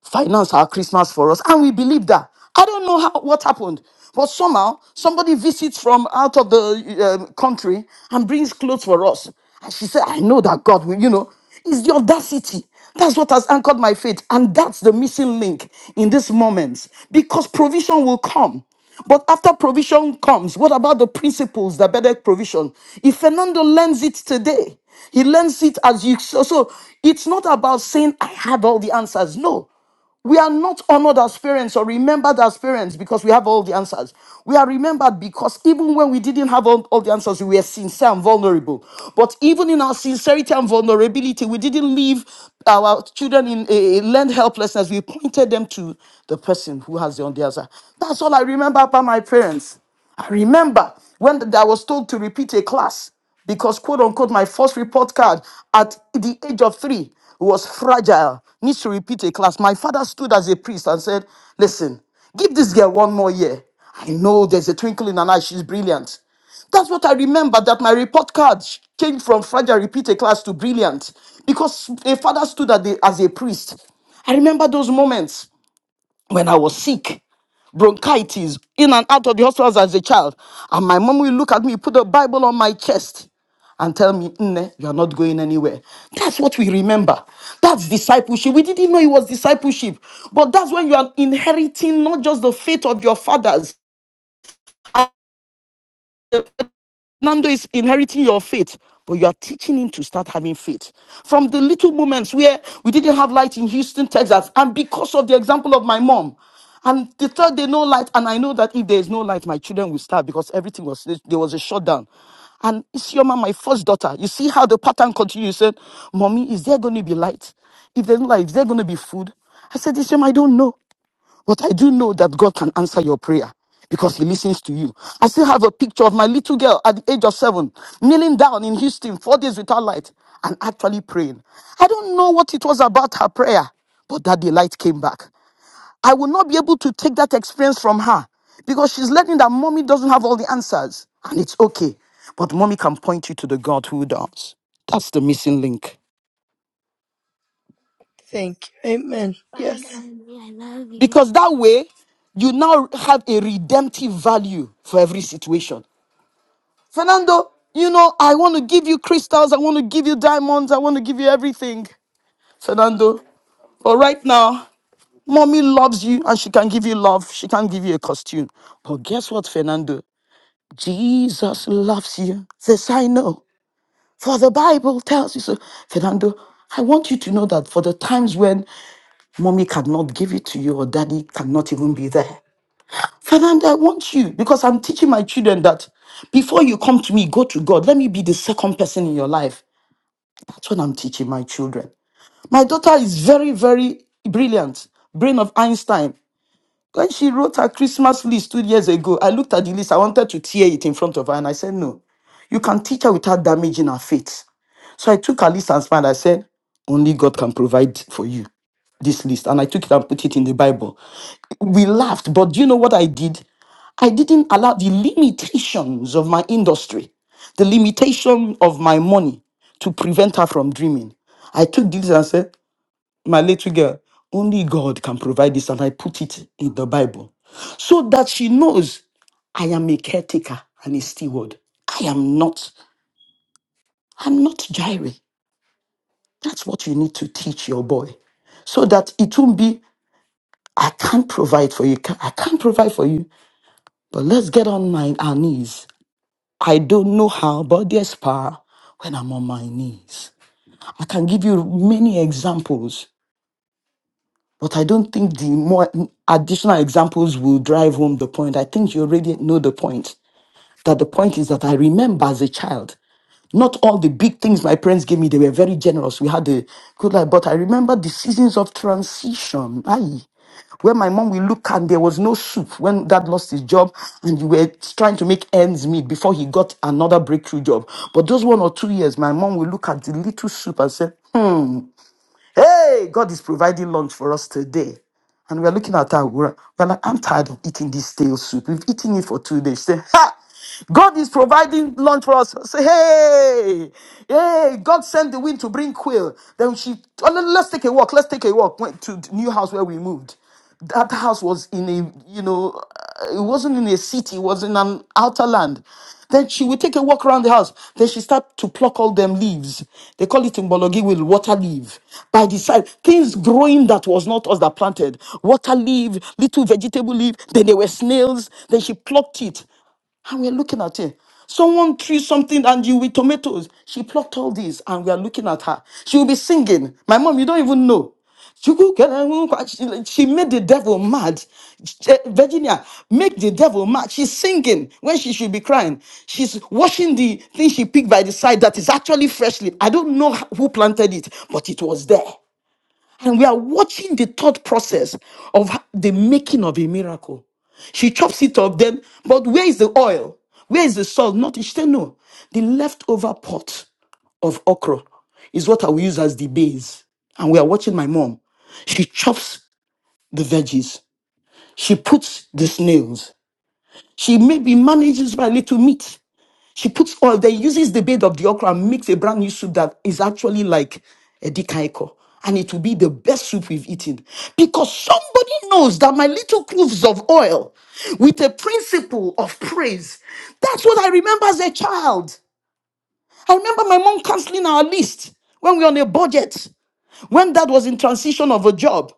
Speaker 4: finance our Christmas for us. And we believe that. I don't know how, what happened, but somehow somebody visits from out of the um, country and brings clothes for us. And she said, I know that God will, you know, it's the audacity. That's what has anchored my faith. And that's the missing link in this moment because provision will come. But after provision comes, what about the principles that better provision? If Fernando learns it today, he learns it as you. So, so it's not about saying, I have all the answers. No. We are not honored as parents or remembered as parents because we have all the answers. We are remembered because even when we didn't have all, all the answers, we were sincere and vulnerable. But even in our sincerity and vulnerability, we didn't leave our children in a, a learned helplessness. We pointed them to the person who has the on the answer. That's all I remember about my parents. I remember when th- I was told to repeat a class because quote unquote my first report card at the age of three was fragile needs to repeat a class my father stood as a priest and said listen give this girl one more year i know there's a twinkle in her eye she's brilliant that's what i remember that my report card sh- changed from fragile repeat a class to brilliant because a father stood at the, as a priest i remember those moments when I was sick, bronchitis, in and out of the hospitals as a child. And my mom will look at me, put a Bible on my chest, and tell me, Nne, you're not going anywhere. That's what we remember. That's discipleship. We didn't know it was discipleship. But that's when you are inheriting not just the faith of your fathers. Nando is inheriting your faith, but you are teaching him to start having faith. From the little moments where we didn't have light in Houston, Texas, and because of the example of my mom, and the third day, no light, and I know that if there is no light, my children will starve because everything was there was a shutdown. And Isioma, my first daughter, you see how the pattern continues. She Said, "Mommy, is there going to be light? If there's no light, is there going to be food?" I said, "Isioma, I don't know." But I do know that God can answer your prayer because He listens to you. I still have a picture of my little girl at the age of seven, kneeling down in Houston, four days without light, and actually praying. I don't know what it was about her prayer, but that the light came back. I will not be able to take that experience from her because she's learning that mommy doesn't have all the answers, and it's okay. But mommy can point you to the God who does. That's the missing link.
Speaker 6: Thank you. Amen.
Speaker 4: Bye,
Speaker 6: Yes.
Speaker 4: mommy. I love you. Because that way, you now have a redemptive value for every situation. Fernando, you know, I want to give you crystals, I want to give you diamonds, I want to give you everything. Fernando, but right now, mommy loves you and she can give you love, she can give you a costume. But guess what, Fernando? Jesus loves you. This I know. For the Bible tells you so. Fernando, I want you to know that for the times when Mommy cannot give it to you, or daddy cannot even be there. Fernanda, I want you because I'm teaching my children that before you come to me, go to God. Let me be the second person in your life. That's what I'm teaching my children. My daughter is very, very brilliant, brain of Einstein. When she wrote her Christmas list two years ago, I looked at the list. I wanted to tear it in front of her, and I said, No, you can teach her without damaging her faith. So I took her list and smiled. I said, Only God can provide for you this list. And I took it and put it in the Bible. We laughed, but do you know what I did? I didn't allow the limitations of my industry, the limitation of my money to prevent her from dreaming. I took this and said, my little girl, only God can provide this. And I put it in the Bible so that she knows I am a caretaker and a steward. I am not, I'm not Jireh. That's what you need to teach your boy so that it won't be, I can't provide for you. ca- I can't provide for you, but let's get on my, our knees. I don't know how, but there's power when I'm on my knees. I can give you many examples But I don't think the more additional examples will drive home the point. I think you already know the point. That the point is that I remember as a child, not all the big things my parents gave me, they were very generous. We had a good life, but I remember the seasons of transition. Aye. Where my mom will look and there was no soup when dad lost his job and you were trying to make ends meet before he got another breakthrough job. But those one or two years, my mom will look at the little soup and say, "Hmm, Hey, God is providing lunch for us today. And we're looking at her, we're, we're like, I'm tired of eating this stale soup. We've eaten it for two days. Say, ha! God is providing lunch for us. Say, hey, hey, God sent the wind to bring quail. Then she, oh, let- let's take a walk. Let's take a walk. Went to the new house where we moved. That house was in a, you know, uh, it wasn't in a city, it was in an outer land. Then she would take a walk around the house. Then she started to pluck all them leaves. They call it in Bologi will water leaf. By the side, things growing that was not us that planted. Water leaf, little vegetable leaf. Then there were snails. Then she plucked it. And we're looking at her. Someone threw something and you with tomatoes. She plucked all these and we are looking at her. She will be singing. My mom, you don't even know. She she made the devil mad. Eh, Virginia, make the devil mad. She's singing when she should be crying. She's washing the thing she picked by the side that is actually freshly. I don't know who planted it, but it was there. And we are watching the thought process of h- the making of a miracle. She chops it up, then, but where is the oil? Where is the salt? Nothing. She said, no. The leftover pot of okra is what I will use as the base. And we are watching my mom. She chops the veggies. She puts the snails. She maybe manages by little meat. She puts oil, then uses the bed of the okra and makes a brand new soup that is actually like a dikaiko. And it will be the best soup we've eaten. Because somebody knows that my little cloves of oil with a principle of praise. That's what I remember as a child. I remember my mom canceling our list when we were on a budget, when dad was in transition of a job.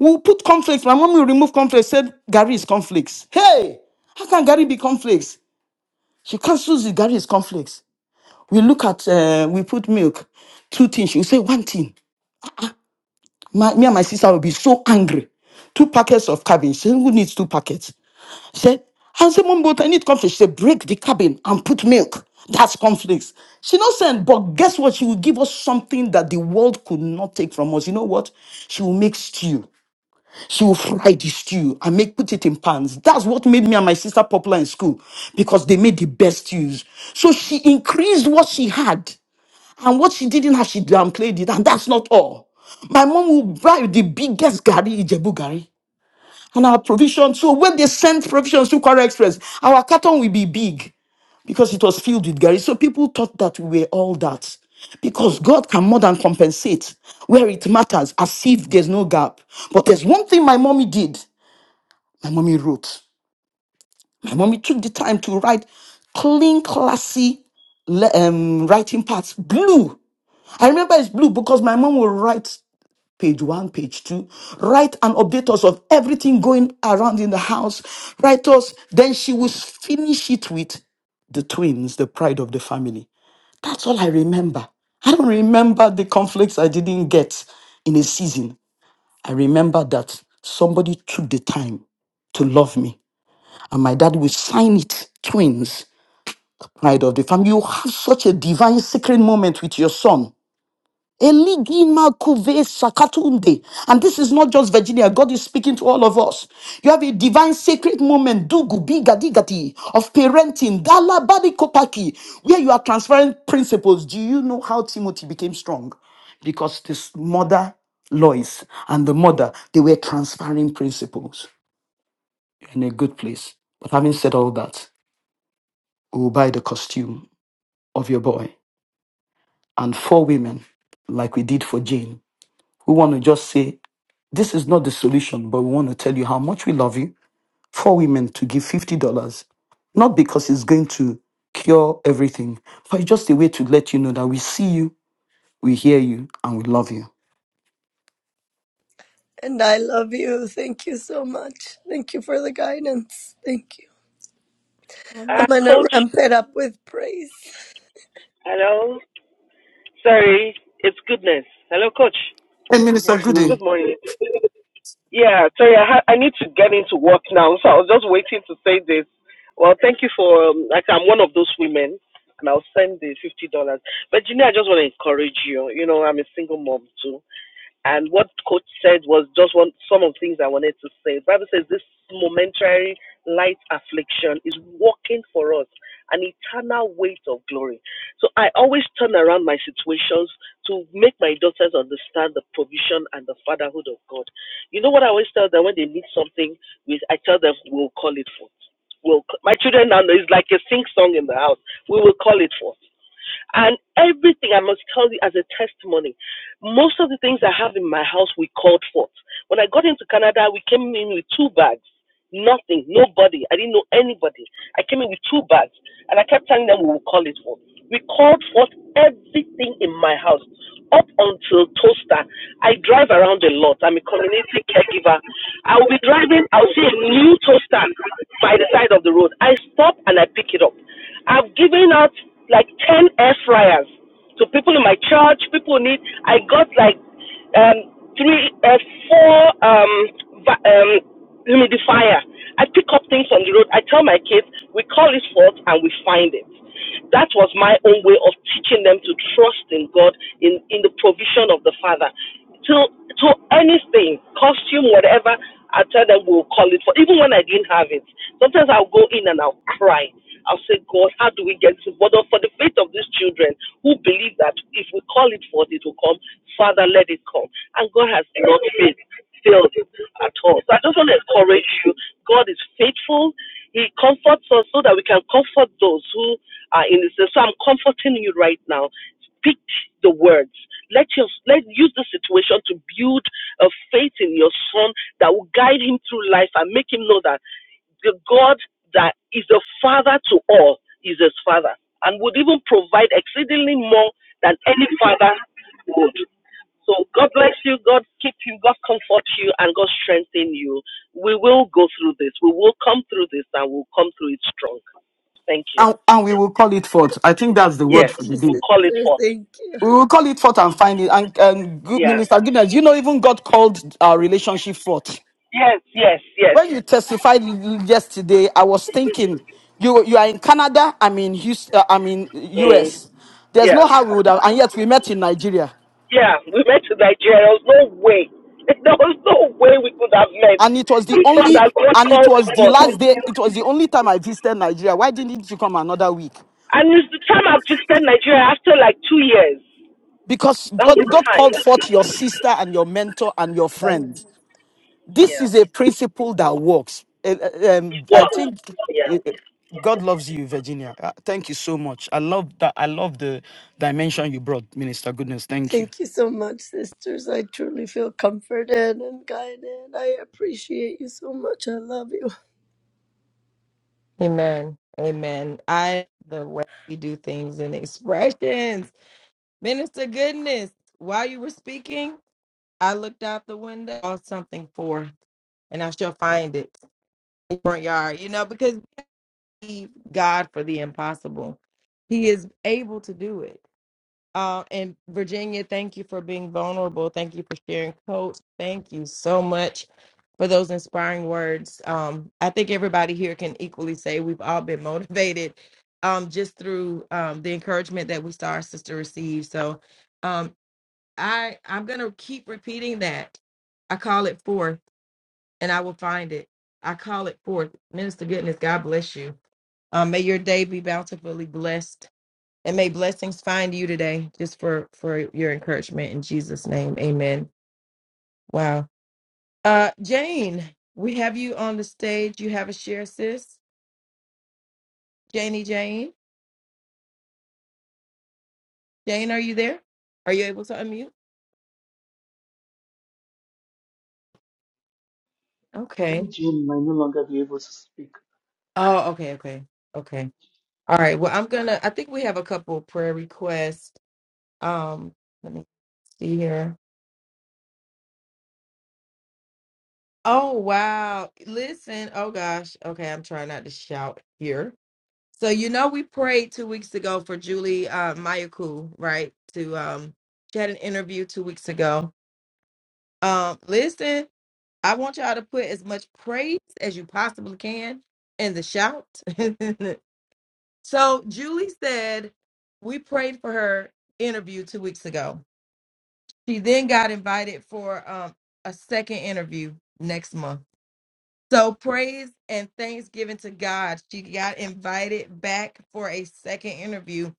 Speaker 4: We'll put conflicts. My mom will remove conflicts, said Gary is conflicts. Hey, how can Gary be conflicts? She cancels it, Gary is conflicts we look at uh, we put milk two things she will say one thing my, me and my sister will be so angry two packets of cabbage she said who needs two packets she said i said mom but i need conflict she said break the cabin and put milk that's conflicts she not send but guess what she will give us something that the world could not take from us you know what she will make stew she will fry the stew and make put it in pans that's what made me and my sister popular in school because they made the best stews so she increased what she had and what she didn't have, she downplayed it. And that's not all. My mom will buy the biggest gari, Ijebu gari, and our provision. So when they sent provisions to Kwara Express, our carton will be big because it was filled with gari. So people thought that we were all that. Because God can more than compensate where it matters as if there's no gap. But there's one thing my mommy did. My mommy wrote. My mommy took the time to write clean, classy le- um, writing parts, blue I remember it's blue because my mom will write page one, page two, write and update us of everything going around in the house, write us. Then she will finish it with the twins, the pride of the family. That's all I remember. I don't remember the conflicts I didn't get in a season. I remember that somebody took the time to love me. And my dad will sign it, twins, pride of the family. You have such a divine sacred moment with your son Eligima kuve sakatunde. And this is not just Virginia. God is speaking to all of us. You have a divine sacred moment, dugu bigadigati, of parenting, dalabadi kopaki, where you are transferring principles. Do you know how Timothy became strong? Because this mother, Lois, and the mother, they were transferring principles You're in a good place. But having said all that, we will buy the costume of your boy and four women, like we did for Jane, who want to just say This is not the solution, but we want to tell you how much we love you. For women to give $50. Not because it's going to cure everything, but it's just a way to let you know that we see you, we hear you, and we love you.
Speaker 6: And I love you. Thank you so much. Thank you for the guidance. Thank you. I'm
Speaker 7: Uh,
Speaker 6: going to
Speaker 7: coach,
Speaker 6: ramp it up with praise.
Speaker 7: hello. Sorry, it's goodness. Hello, coach.
Speaker 4: Hey, Minister
Speaker 1: Yes, ma'am.
Speaker 7: Good
Speaker 4: Goody,
Speaker 7: morning. Yeah, sorry, I, ha- I need to get into work now, so I was just waiting to say this. Well, thank you for, um, like, I'm one of those women, and I'll send the $50. But, you know, I just want to encourage you. You know, I'm a single mom, too. And what coach said was just one some of the things I wanted to say. The Bible says this momentary light affliction is working for us an eternal weight of glory. So I always turn around my situations to make my daughters understand the provision and the fatherhood of God. You know what I always tell them when they need something, I tell them we'll call it forth. We'll, my children now know it's like a sing song in the house. We will call it forth. And everything I must tell you as a testimony, most of the things I have in my house we called forth. When I got into Canada, we came in with two bags. Nothing, nobody. I didn't know anybody. I came in with two bags, and I kept telling them we will call it forth. We called forth everything in my house up until toaster. I drive around a lot. I'm a community caregiver. I will be driving, I'll see a new toaster by the side of the road. I stop and I pick it up. I've given out like 10 air fryers to people in my church, people need. I got like um, three, uh, four um, va- um, humidifier. I pick up things on the road. I tell my kids, we call it forth and we find it. That was my own way of teaching them to trust in God in, in the provision of the Father to to anything, costume, whatever. I tell them we'll call it for. Even when I didn't have it, sometimes I'll go in and I'll cry. I'll say, God, how do we get to? it? But for the faith of these children who believe that if we call it forth, it will come. Father, let it come. And God has not failed, failed at all. So I just want to encourage you. God is faithful. He comforts us so that we can comfort those who are in the same. So I'm comforting you right now pick the words. Let your let use the situation to build a faith in your son that will guide him through life and make him know that the God that is a father to all is his father and would even provide exceedingly more than any father would. So God bless you, God keep you, God comfort you, and God strengthen you. We will go through this. We will come through this and we'll come through it strong. Thank you.
Speaker 4: and, and we will call it forth. I think that's the word
Speaker 6: Thank
Speaker 7: Yes.
Speaker 4: for the
Speaker 6: you,
Speaker 7: We'll
Speaker 4: day.
Speaker 6: sister.
Speaker 7: call it forth.
Speaker 6: Thank
Speaker 4: We will call it forth and find it. And, and good
Speaker 7: Yeah.
Speaker 4: Minister Goodness, you know, even God called our relationship forth.
Speaker 7: Yes, yes, yes.
Speaker 4: When you testified yesterday, I was thinking you you are in Canada. I'm in Houston, uh, I'm in
Speaker 7: Mm.
Speaker 4: US. There's
Speaker 7: Yeah.
Speaker 4: no how we would have, and yet we met in Nigeria.
Speaker 7: Yeah. We met in Nigeria. There was no way. There was no way we could have met.
Speaker 4: And it was the
Speaker 7: It's not
Speaker 4: only,
Speaker 7: that God
Speaker 4: and it
Speaker 7: called it
Speaker 4: was the
Speaker 7: for.
Speaker 4: last day. It was the only time I visited Nigeria. Why didn't you come another week?
Speaker 7: And it's the time I've just spent in Nigeria after like two years.
Speaker 4: Because
Speaker 7: That was
Speaker 4: God,
Speaker 7: the
Speaker 4: God
Speaker 7: time.
Speaker 4: called forth your sister and your mentor and your
Speaker 6: you.
Speaker 4: friend. This
Speaker 7: Yeah.
Speaker 4: is a principle that works. Eh, eh, Um, I
Speaker 7: What?
Speaker 4: think
Speaker 7: Yeah.
Speaker 4: eh, eh, God loves you, Virginia. Uh, Thank you so much. I love that. I love the dimension you brought, Minister Goodness. Thank you.
Speaker 6: Thank you so much, sisters. I truly feel comforted and guided. I appreciate you so much. I love you.
Speaker 2: Amen. Amen. I the way we do things and expressions. Minister goodness. While you were speaking, I looked out the window, saw something for, and I shall find it in front yard. You know, because we believe God for the impossible. He is able to do it Uh, and Virginia, thank you for being vulnerable. Thank you for sharing, Coach. Thank you so much for those inspiring words. Um, I think everybody here can equally say we've all been motivated um, just through um, the encouragement that we saw our sister receive. So um, I I'm gonna keep repeating that. I call it forth, and I will find it. I call it forth. Minister Goodness, God bless you. Um, may your day be bountifully blessed and may blessings find you today just for for your encouragement in jesus name amen wow uh jane we have you on the stage you have a share sis janie jane jane are you there are you able to unmute
Speaker 1: I think
Speaker 2: okay
Speaker 1: Jim might no longer be able to speak.
Speaker 2: oh okay okay okay all right well i'm gonna i think we have a couple of prayer requests um let me see here oh wow listen oh gosh okay i'm trying not to shout here So you know we prayed two weeks ago for Julie uh, Mayaku, right? To um, she had an interview two weeks ago. Um, listen, I want y'all to put as much praise as you possibly can in the shout. so Julie said we prayed for her interview two weeks ago. She then got invited for um, a second interview next month. So praise and thanksgiving to God. She got invited back for a second interview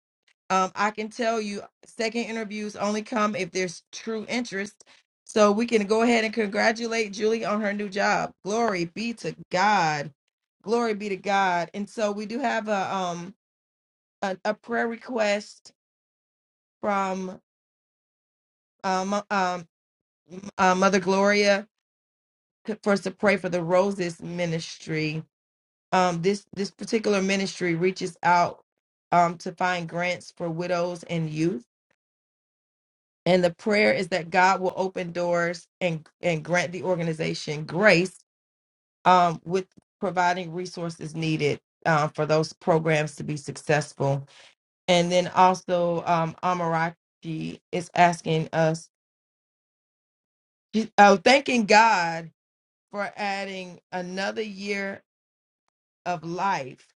Speaker 2: Um, I can tell you, second interviews only come if there's true interest. So we can go ahead and congratulate Julie on her new job. Glory be to God. Glory be to God. And so we do have a um a, a prayer request from um um uh, Mother Gloria to- for us to pray for the Roses Ministry. Um, this this particular ministry reaches out um to find grants for widows and youth And the prayer is that God will open doors and and grant the organization grace um, with providing resources needed uh, for those programs to be successful. And then also, um, Amarachi is asking us, she- oh, thanking God for adding another year of life.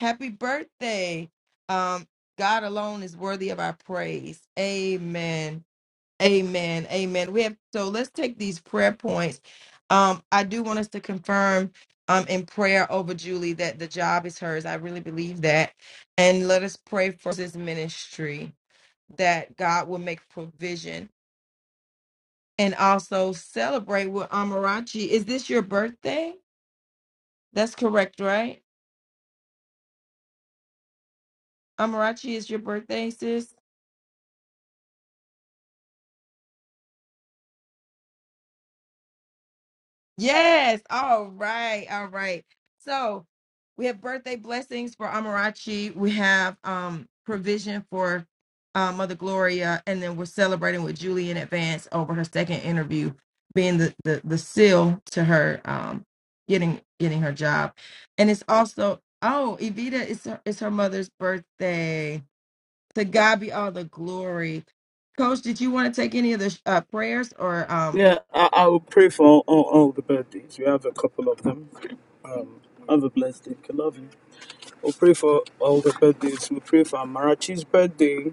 Speaker 2: Happy birthday. Um, God alone is worthy of our praise. Amen. Amen. Amen. We have so let's take these prayer points. Um, I do want us to confirm um in prayer over Julie that the job is hers. I really believe that. And let us pray for this ministry that God will make provision and also celebrate with Amarachi. Is this your birthday? That's correct, right? Amarachi is your birthday, sis? Yes. All right. All right. So we have birthday blessings for Amarachi. We have um provision for uh, Mother Gloria, and then we're celebrating with Julie in advance over her second interview, being the the, the seal to her um getting getting her job, and it's also oh Evita is her, is her mother's birthday. To God be all the glory. Coach, did you want to take any of the uh, prayers or um
Speaker 4: Yeah, I, I will pray for all, all, all the birthdays. We have a couple of them. Have a blessed day. I love you. We'll pray for all the birthdays. We'll pray for Amarachi's birthday.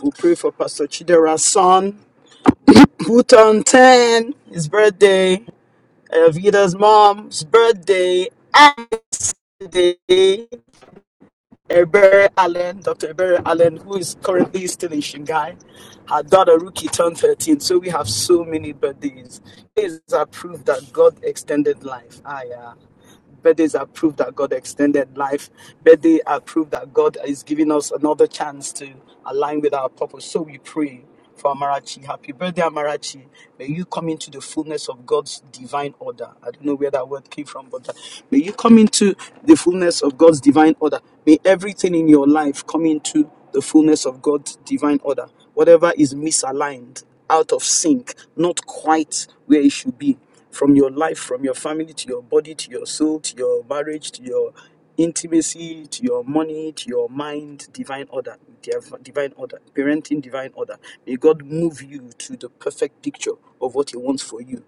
Speaker 4: We'll pray for Pastor Chidera's son, who turned 10, his birthday. Evita's mom's birthday. And birthday. Ebere Allen, Dr. Ebere Allen, who is currently still in Shanghai. Her daughter Ruki turned 13, so we have so many birthdays. It is a proof that God extended life. Ah, yeah. Birthdays are proof that God extended life. Birthday are proof that God is giving us another chance to align with our purpose. So we pray for Amarachi. Happy birthday, Amarachi. May you come into the fullness of God's divine order. I don't know where that word came from, but uh, may you come into the fullness of God's divine order. May everything in your life come into the fullness of God's divine order. Whatever is misaligned, out of sync, not quite where it should be from your life, from your family to your body to your soul to your marriage to your intimacy to your money to your mind, divine order, div- divine order, parenting, divine order. May God move you to the perfect picture of what He wants for you.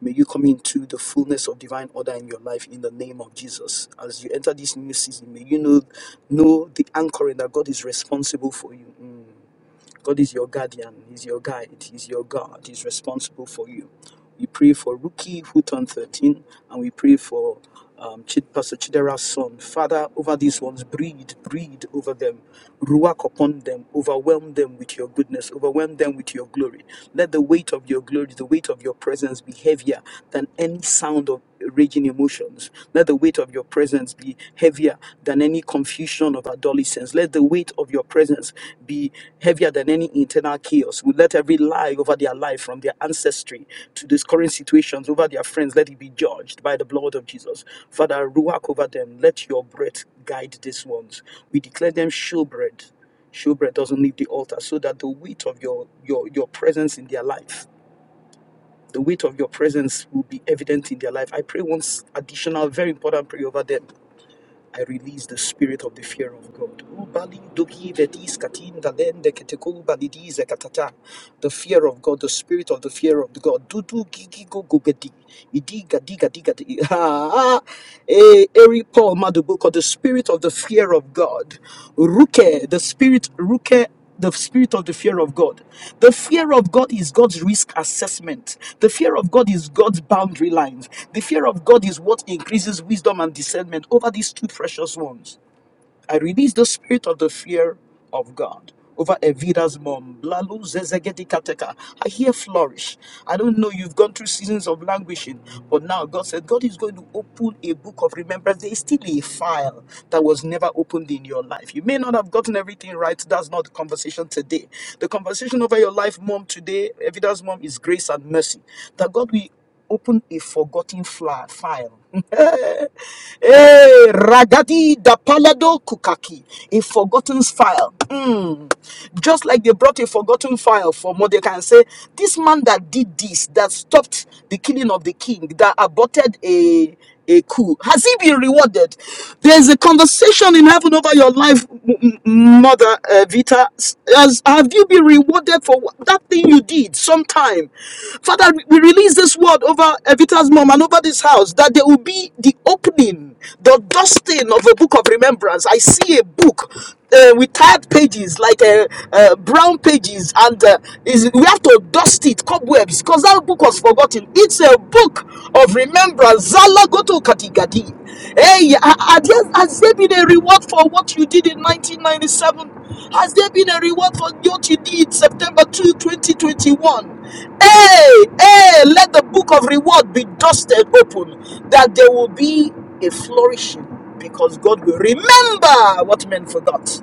Speaker 4: May you come into the fullness of divine order in your life in the name of Jesus. As you enter this new season, may you know know the anchoring that God is responsible for you. Mm. God is your guardian, He's your guide, He's your God, He's responsible for you. We pray for Ruki, who turned 13, and we pray for um, Chid- Pastor Chidera's son. Father, over these ones, breathe, breathe over them, ruach upon them, overwhelm them with your goodness, overwhelm them with your glory. Let the weight of your glory, the weight of your presence be heavier than any sound of raging emotions. Let the weight of your presence be heavier than any confusion of adolescence. Let the weight of your presence be heavier than any internal chaos. We let every lie over their life from their ancestry to these current situations over their friends, let it be judged by the blood of Jesus. Father, ruach over them. Let your breath guide these ones. We declare them showbread. Showbread doesn't leave the altar so that the weight of your, your, your presence in their life the weight of your presence will be evident in their life. I pray once additional, very important prayer over them. I release the spirit of the fear of God. The fear of God, the spirit of the fear of God. Ah, ah. Eh, the spirit of the fear of God. Ruke, the spirit, Ruke the spirit of the fear of God. The fear of God is God's risk assessment. The fear of God is God's boundary lines. The fear of God is what increases wisdom and discernment over these two precious ones. I release the spirit of the fear of God over Evita's mom. Blalu Zezegedi Kateka. I hear flourish. I don't know, you've gone through seasons of languishing, but now God said, God is going to open a book of remembrance. There is still a file that was never opened in your life. You may not have gotten everything right. That's not the conversation today. The conversation over your life, mom, today, Evita's mom, is grace and mercy. That God will open a forgotten fla- file. Eh, Ragadi da Palado Kukaki, a forgotten file. Mm. Just like they brought a forgotten file for Mordecai and say, this man that did this, that stopped the killing of the king, that aborted a a coup. Has he been rewarded? There's a conversation in heaven over your life, m- m- mother uh, Vita. Has, have you been rewarded for wh- that thing you did sometime? Father, we release this word over Evita's mom and over this house that there will be the opening, the dusting of a book of remembrance. I see a book uh, with tired pages, like uh, uh, brown pages, and uh, is, we have to dust it, cobwebs, because that book was forgotten. It's a book of remembrance. Zala goto katigadi. Hey, ha- ha- has there been a reward for what you did in 1997? Has there been a reward for what you did September 2, 2021? Hey, hey, let the book of reward be dusted open that there will be a flourishing because God will remember what men forgot.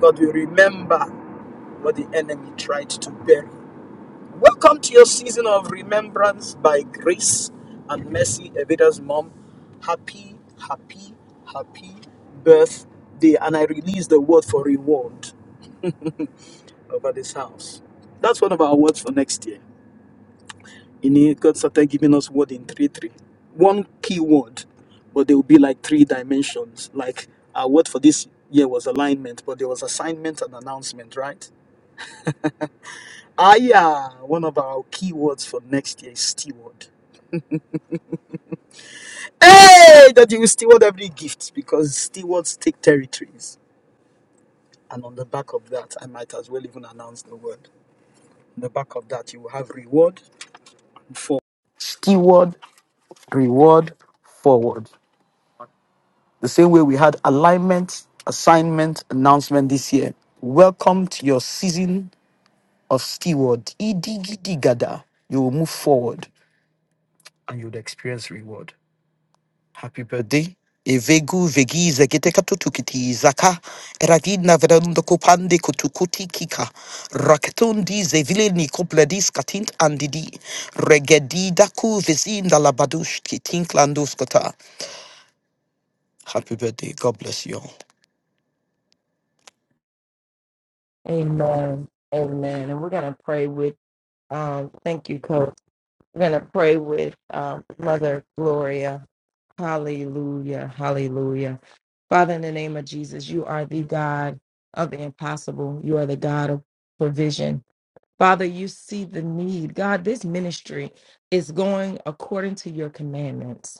Speaker 4: God will remember what the enemy tried to bury. Welcome to your season of remembrance by grace and mercy, Evita's mom. Happy, happy, happy birthday. And I release the word for reward over this house. That's one of our words for next year. You know, God started giving us word in three three. One key word, but there will be like three dimensions. Like our word for this year was alignment, but there was assignment and announcement, right? Ah yeah, one of our key words for next year is steward. Hey, that you will steward every gift because stewards take territories. And on the back of that, I might as well even announce the word. On the back of that, you will have reward for Steward reward forward. The same way we had alignment, assignment, announcement this year. Welcome to your season of steward. Idigidigada. You will move forward and you will experience reward. Happy birthday. Evegu vegi zegete katutukiti zaka eradina veranda kopande kutukuti kika raketundi zevile ni kopledis katint andidi Regedi daku vezinda labadush kitink landus kota. Happy birthday. God bless you all.
Speaker 2: Amen. Amen. And we're gonna pray with um thank you, Coach. We're gonna pray with um Mother Gloria. Hallelujah. Hallelujah. Father, in the name of Jesus, you are the God of the impossible. You are the God of provision. Father, you see the need. God, this ministry is going according to your commandments.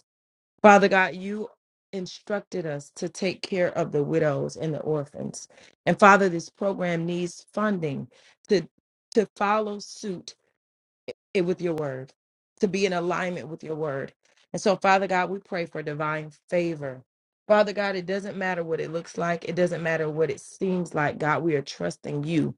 Speaker 2: Father God, you instructed us to take care of the widows and the orphans. And Father, this program needs funding to to follow suit it with your word, to be in alignment with your word. And so, Father God, we pray for divine favor. Father God, it doesn't matter what it looks like, it doesn't matter what it seems like. God, we are trusting you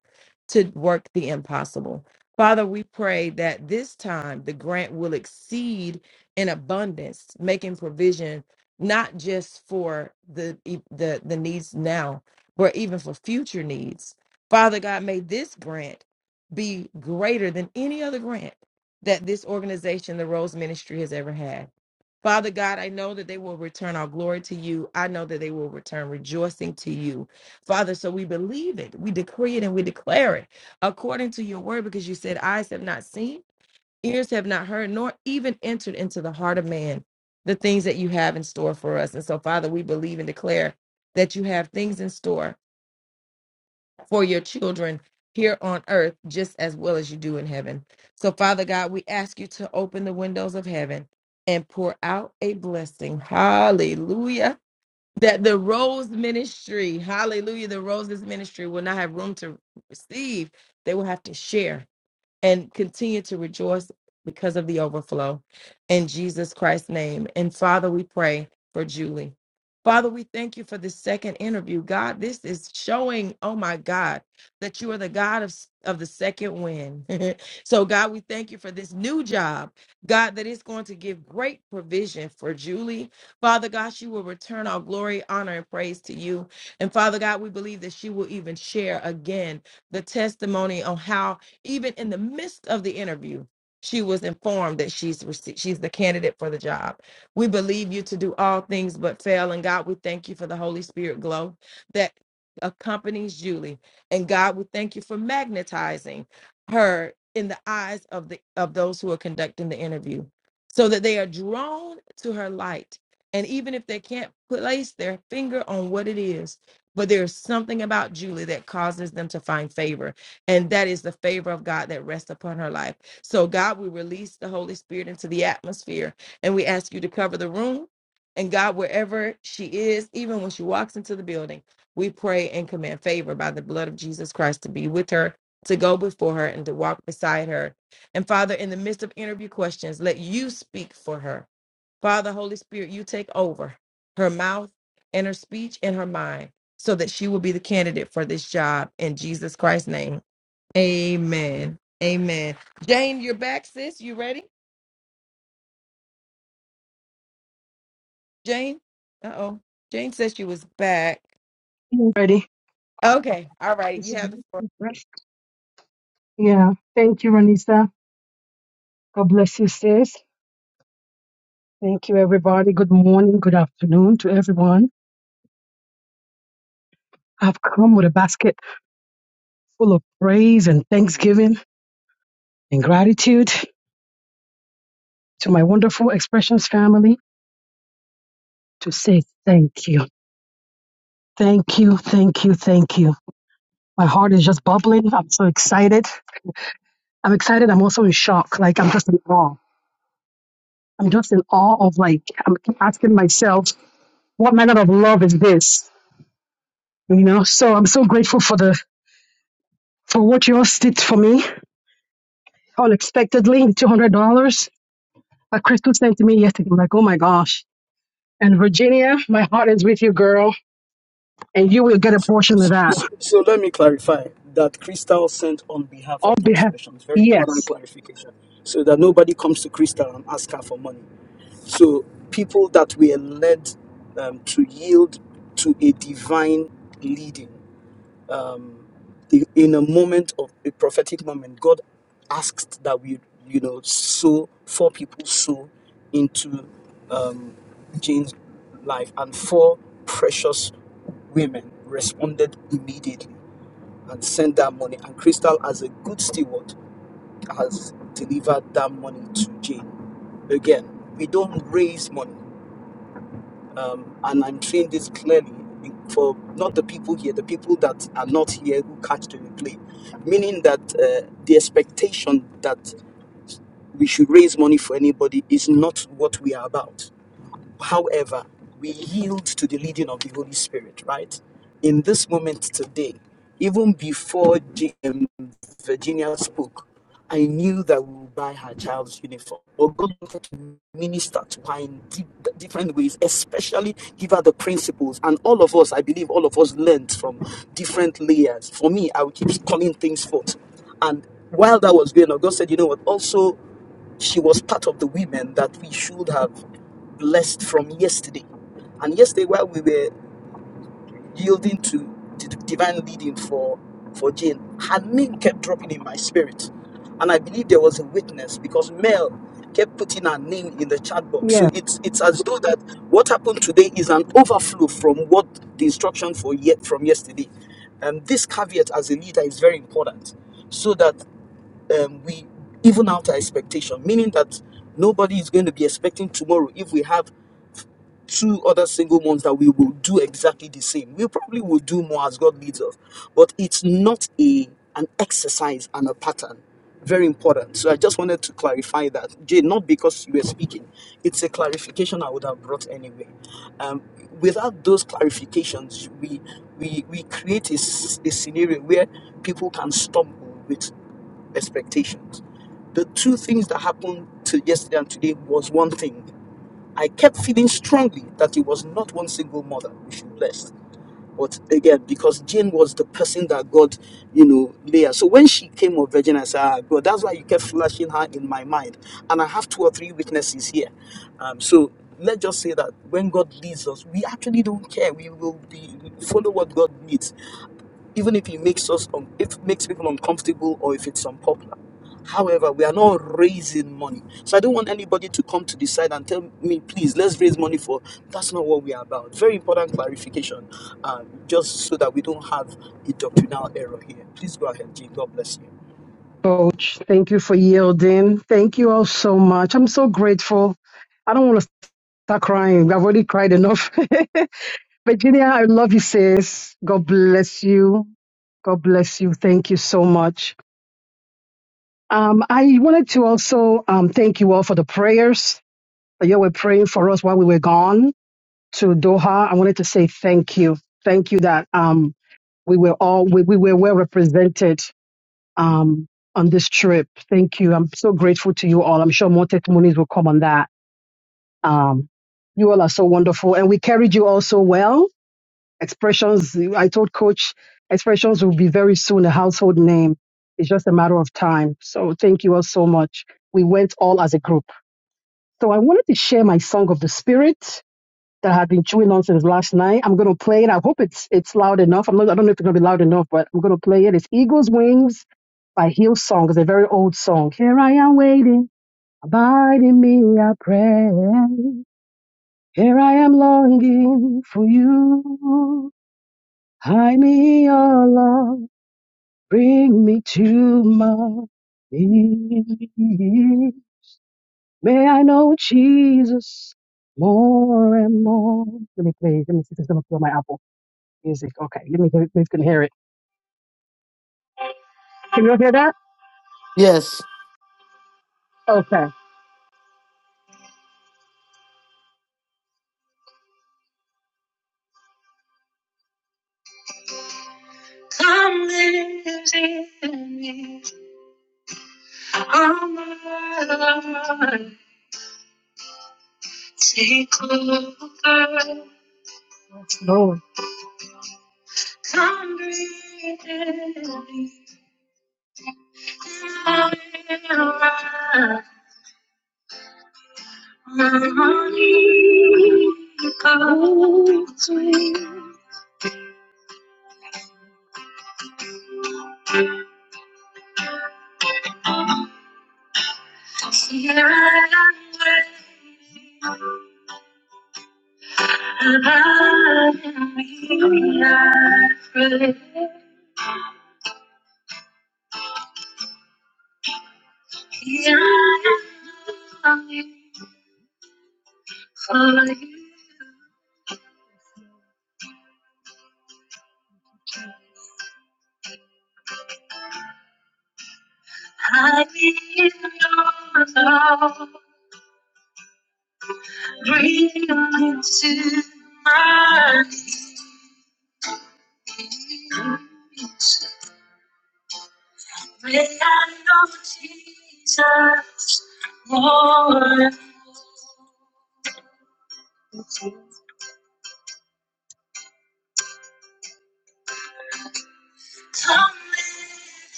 Speaker 2: to work the impossible. Father, we pray that this time the grant will exceed in abundance, making provision not just for the e, the, the needs now, but even for future needs. Father God, may this grant be greater than any other grant that this organization, the Rose Ministry, has ever had. Father God, I know that they will return our glory to you. I know that they will return rejoicing to you. Father, so we believe it, we decree it, and we declare it according to your word, because you said, Eyes have not seen, ears have not heard, nor even entered into the heart of man the things that you have in store for us. And so, Father, we believe and declare that you have things in store for your children here on earth just as well as you do in heaven. So, Father God, we ask you to open the windows of heaven and pour out a blessing. Hallelujah. That the Rose Ministry, hallelujah, the Roses Ministry will not have room to receive. They will have to share and continue to rejoice because of the overflow. In Jesus Christ's name. And Father, we pray for Julie. Father, we thank you for this second interview. God, this is showing, oh my God, that you are the God of, of the second win. so, God, we thank you for this new job, God, that is going to give great provision for Julie. Father God, she will return all glory, honor, and praise to you. And Father God, we believe that she will even share again the testimony on how even in the midst of the interview, she was informed that she's rece- she's the candidate for the job. We believe you to do all things but fail, and God, we thank you for the Holy Spirit glow that accompanies Julie, and God, we thank you for magnetizing her in the eyes of the of those who are conducting the interview, so that they are drawn to her light. And even if they can't place their finger on what it is, but there's something about Julie that causes them to find favor and that is the favor of God that rests upon her life. So, God, we release the Holy Spirit into the atmosphere, and we ask you to cover the room. And God, wherever she is, even when she walks into the building, we pray and command favor by the blood of Jesus Christ to be with her, to go before her, and to walk beside her. And Father, in the midst of interview questions, let you speak for her. Father, Holy Spirit, you take over her mouth and her speech and her mind so that she will be the candidate for this job in Jesus Christ's name. Amen. Amen. Jane, you're back, sis. You ready? Jane? Uh oh. Jane says she was back.
Speaker 8: Ready.
Speaker 2: Okay. All right.
Speaker 8: This
Speaker 2: You
Speaker 8: is
Speaker 2: have the floor.
Speaker 8: right. Yeah. Thank you, Ranisa. God bless you, sis. Thank you, everybody. Good morning, good afternoon to everyone. I've come with a basket full of praise and thanksgiving and gratitude to my wonderful Expressions family to say thank you. Thank you, thank you, thank you. My heart is just bubbling. I'm so excited. I'm excited. I'm also in shock. Like, I'm just in awe. I'm just in awe of, like, I'm asking myself, what manner of love is this? you know so i'm so grateful for the for what you all did for me unexpectedly $200 a crystal sent to me yesterday i'm like oh my gosh and virginia my heart is with you girl and you will get a portion of that
Speaker 4: So let me clarify that Crystal sent on behalf
Speaker 8: i'll
Speaker 4: of the
Speaker 8: be happy
Speaker 4: expression. It's very important
Speaker 8: yes
Speaker 4: clarification. So that nobody comes to Crystal and ask her for money. So people that were led um, to yield to a divine leading i- in a moment of a prophetic moment, God asked that we, you know, sow four people sow into um, Jane's life, and four precious women responded immediately and sent that money. And Crystal, as a good steward, has delivered that money to Jane. Again, we don't raise money, um, and I'm saying this clearly for not the people here, the people that are not here who catch the replay, meaning that uh, the expectation that we should raise money for anybody is not what we are about. However, we yield to the leading of the Holy Spirit, right? In this moment today, even before G- um, Virginia spoke, I knew that we would buy her child's uniform. Or God wanted to minister to her in deep, different ways, especially give her the principles. And all of us, I believe, all of us learned from different layers. For me, I would keep calling things forth. And while that was going on, God said, you know what? Also she was part of the women that we should have blessed from yesterday. And yesterday, while we were yielding to the divine leading for, for Jane, her name kept dropping in my spirit. And I believe there was a witness because Mel kept putting her name in the chat box. So
Speaker 8: yes
Speaker 4: it's it's as though that what happened today is an overflow from what the instruction for yet from yesterday. And this caveat as a leader is very important so that um, we even out our expectation, meaning that nobody is going to be expecting tomorrow if we have two other single months that we will do exactly the same. We probably will do more as God leads us, but it's not a an exercise and a pattern. Very important. So I just wanted to clarify that, Jay. Not because you were speaking, it's a clarification I would have brought anyway. Um, without those clarifications, we we we create a, s- a scenario where people can stumble with expectations. The two things that happened to yesterday and today was one thing. I kept feeling strongly that it was not one single mother we should bless. But again, because Jane was the person that God, you know, Leah. So when she came of virgin, I said, ah, God, that's why you kept flashing her in my mind. And I have two or three witnesses here. Um, so let's just say that when God leads us, we actually don't care. We will be follow what God needs even if it makes us um, if it makes people uncomfortable or if it's unpopular. However, we are not raising money. So I don't want anybody to come to the side and tell me, please, let's raise money for that's not what we are about. Very important clarification, uh, just so that we don't have a doctrinal error here. Please go ahead, Jane. God bless you.
Speaker 8: coach thank you for yielding thank you all so much i'm so grateful i don't want to start crying i've already cried enough virginia i love you sis god bless you god bless you thank you so much Um, I wanted to also um, thank you all for the prayers that you were praying for us while we were gone to Doha. I wanted to say thank you. Thank you that um, we were all, we, we were well represented um, on this trip. Thank you. I'm so grateful to you all. I'm sure more testimonies will come on that. Um, you all are so wonderful. And we carried you all so well Expressions, I told coach, expressions will be very soon a household name. It's just a matter of time. So thank you all so much. We went all as a group. So I wanted to share my song of the spirit that I had been chewing on since last night. I'm gonna play it. I hope it's it's loud enough. I'm not I don't know if it's gonna be loud enough, but I'm gonna play it. It's Eagles Wings by Hillsong. It's a very old song. Here I am waiting, abide in me, I pray. Here I am longing for you. Hide me, your love, bring me to my knees. May I know Jesus more and more. Let me play. Let me see if it's gonna play my Apple Music. Okay, let me let me can hear it. Can you all hear that?
Speaker 4: Yes.
Speaker 8: Okay. Glory.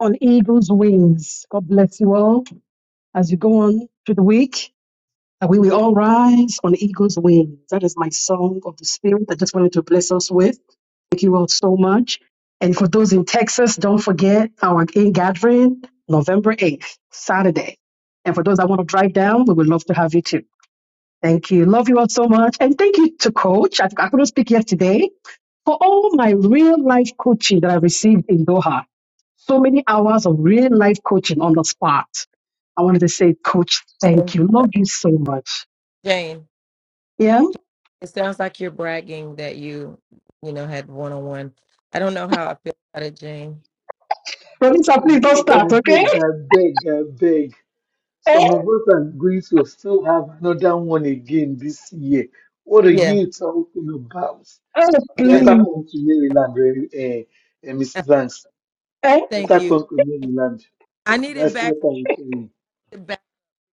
Speaker 8: On eagle's wings. God bless you all as you go on through the week. That we will all rise on eagle's wings. That is my song of the spirit. I just wanted to bless us with. Thank you all so much. And for those in Texas, don't forget our in gathering November 8th, Saturday. And for those that want to drive down, we would love to have you too. Thank you. Love you all so much. And thank you to Coach. I, I couldn't speak yesterday for all my real life coaching that I received in Doha. So many hours of real life coaching on the spot. I wanted to say, Coach, thank
Speaker 2: Jane,
Speaker 8: you. Love you so much.
Speaker 2: Jane,
Speaker 8: Yeah?
Speaker 2: it sounds like you're bragging that you, you know, had one on one. I don't know how I feel about it, Jane.
Speaker 8: Professor,
Speaker 1: I
Speaker 8: please don't
Speaker 1: beg,
Speaker 8: start,
Speaker 1: I
Speaker 8: okay?
Speaker 1: beg, I beg, I beg.
Speaker 8: Eh?
Speaker 1: Some of us are going to still have another one again this year. What are
Speaker 2: Yeah.
Speaker 1: you talking about?
Speaker 8: Oh,
Speaker 2: Yeah.
Speaker 1: Better
Speaker 8: please.
Speaker 1: come to Maryland, uh,
Speaker 2: Uh,
Speaker 1: Mrs. Hanks.
Speaker 8: Eh?
Speaker 2: Thank
Speaker 1: Better
Speaker 2: you.
Speaker 1: come to Maryland.
Speaker 2: I needed
Speaker 1: That's what
Speaker 2: back
Speaker 1: I'm saying.
Speaker 2: to back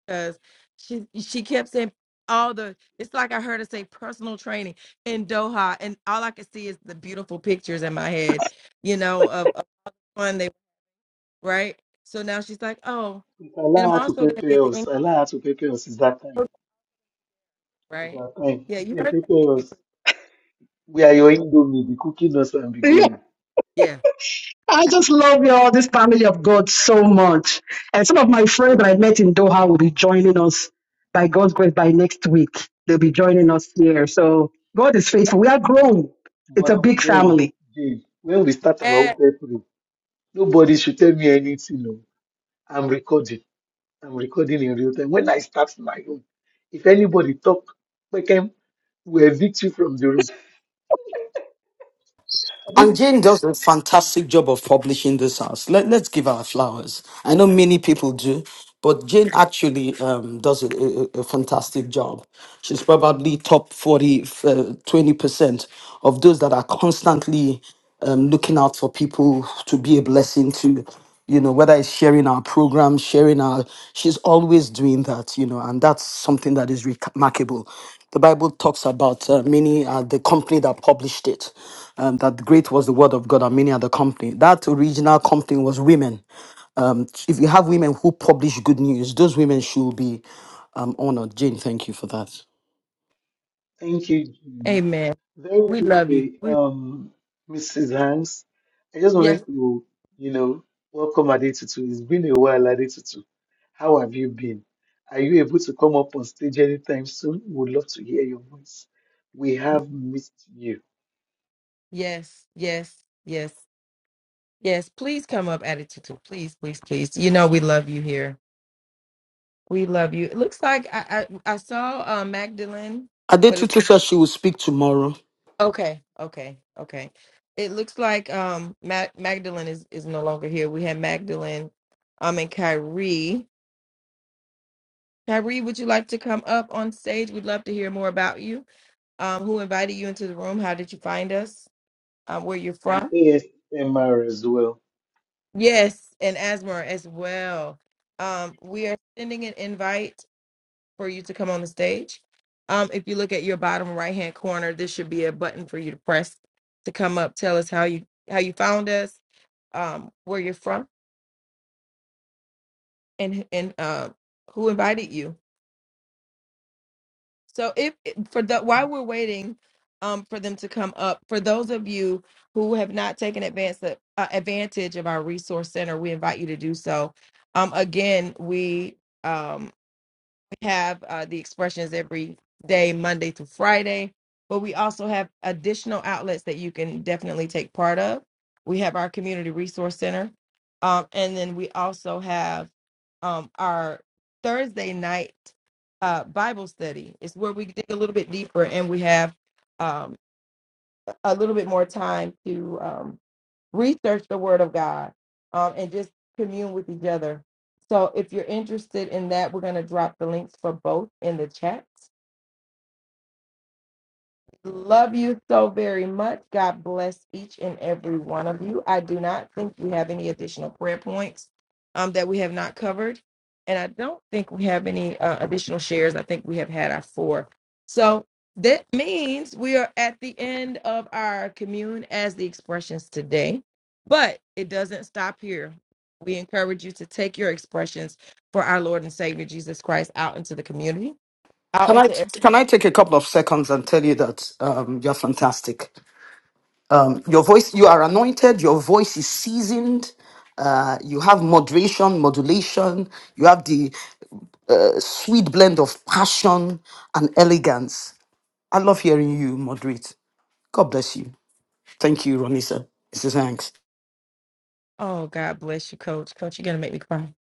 Speaker 2: because she she kept saying all the it's like I heard her say personal training in Doha and all I could see is the beautiful pictures in my head you know, of one they right. So now she's like, oh,
Speaker 1: If
Speaker 2: and
Speaker 1: allow
Speaker 2: I'm
Speaker 1: her to
Speaker 2: also gonna get
Speaker 1: prepare
Speaker 2: the
Speaker 1: us.
Speaker 2: English
Speaker 1: Allow her to prepare us. It's that time.
Speaker 2: coach,
Speaker 1: It's
Speaker 2: right?
Speaker 1: that time.
Speaker 2: Yeah, you
Speaker 1: They
Speaker 2: heard that.
Speaker 1: prepare
Speaker 2: didn't
Speaker 1: us. We are your indomie. Be cooking us and be going.
Speaker 2: Yeah.
Speaker 8: I just love y'all, this family of God, so much. And some of my friends that I met in Doha will be joining us by God's grace by next week. They'll be joining us here. So God is faithful. We are grown. It's
Speaker 1: But
Speaker 8: a big
Speaker 1: then,
Speaker 8: family.
Speaker 1: Jane, when we start our own
Speaker 2: Eh,
Speaker 1: preparing, nobody should tell me anything. No. I'm recording. I'm recording in real time. When I start my room, if anybody talk, we can we evict you from the room. This
Speaker 4: And
Speaker 1: is-
Speaker 4: Jane does a fantastic job of publishing this house. Let, let's give her flowers. I know many people do, but Jane actually um, does a, a, a fantastic job. She's probably top 40, uh, 20% of those that are constantly um, looking out for people to be a blessing to, you know, whether it's sharing our program, sharing our, she's always doing that, you know, and that's something that is remarkable. The Bible talks about uh, many are the company that published it, um, that great was the word of God, and many are the company. That original company was women. Um, if you have women who publish good news, those women should be um, honored. Jane, thank you for that.
Speaker 1: Thank you. Jim.
Speaker 2: Amen.
Speaker 1: Very
Speaker 2: We love you.
Speaker 1: quickly,
Speaker 2: We,
Speaker 1: um, Mrs. Hanks, I just
Speaker 2: yes,
Speaker 1: wanted to, you know, welcome Adetutu. It's been a while, Adetutu. How have you been? Are you able to come up on stage anytime soon? Would love to hear your voice. We have missed you
Speaker 2: yes, yes, yes, yes. Please come up, attitude. too. Please, please, please. You know we love you here. We love you. It looks like I I, I saw uh, Magdalene, but
Speaker 4: Adetutu says she will speak tomorrow.
Speaker 2: okay, okay, okay. It looks like um Mag- Magdalene is is no longer here. We had Magdalene, um, and Kyrie. Tyree, would you like to come up on stage? We'd love to hear more about you. Um, who invited you into the room? How did you find us? Um, where you're
Speaker 1: and
Speaker 2: from?
Speaker 1: ASMR as well.
Speaker 2: Yes, and Asmer as well. Um, we are sending an invite for you to come on the stage. Um, if you look at your bottom right hand corner, this should be a button for you to press to come up. Tell us how you how you found us, um, where you're from, and and uh, who invited you. So if for the while we're waiting um for them to come up, for those of you who have not taken advance uh, uh, advantage of our resource center, we invite you to do so. Um again, we um have uh, the expressions every day, Monday through Friday. But we also have additional outlets that you can definitely take part of. We have our community resource center, um, and then we also have um, our Thursday night uh, Bible study. It's where we dig a little bit deeper, and we have um, a little bit more time to um, research the Word of God um, and just commune with each other. So if you're interested in that, we're going to drop the links for both in the chat. Love you so very much. God bless each and every one of you. I do not think we have any additional prayer points um, that we have not covered. And I don't think we have any uh, additional shares. I think we have had our four. So that means we are at the end of our commune as the expressions today. But it doesn't stop here. We encourage you to take your expressions for our Lord and Savior Jesus Christ out into the community, out
Speaker 4: Can I
Speaker 2: into
Speaker 4: can I take a couple of seconds and tell you that um, you're fantastic. Um, your voice, you are anointed. Your voice is seasoned. Uh, you have moderation, modulation. You have the uh, sweet blend of passion and elegance. I love hearing you moderate. God bless you. Thank you, Ronisa. Mrs. Hanks.
Speaker 2: Oh, God bless you, Coach. Coach, you're gonna make me cry.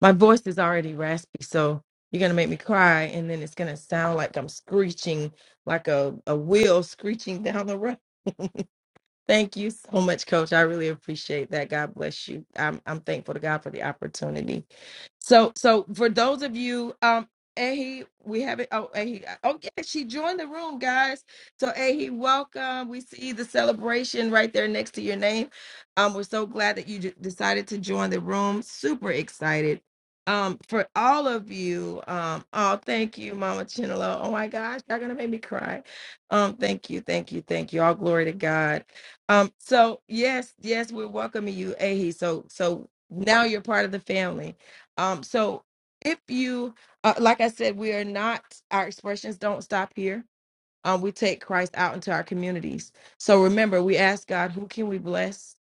Speaker 2: My voice is already raspy, so you're gonna make me cry, and then it's gonna sound like I'm screeching, like a, a wheel screeching down the road. Thank you so much, Coach. I really appreciate that. God bless you. I'm I'm thankful to God for the opportunity. So, so for those of you, um, Ahi, we have it. Oh, Ahi, oh yeah, she joined the room, guys. So, Ahi, welcome. We see the celebration right there next to your name. Um, we're so glad that you d- decided to join the room. Super excited. Um, for all of you, um, oh, thank you, Mama Chinelo. Oh my gosh, y'all gonna make me cry. Um, thank you, thank you, thank you. All glory to God. Um, so yes, yes, we're welcoming you, Ahi. So, so now you're part of the family um, so if you, uh, like I said, we are not, our expressions don't stop here um, we take Christ out into our communities. So remember, we ask God, who can we bless?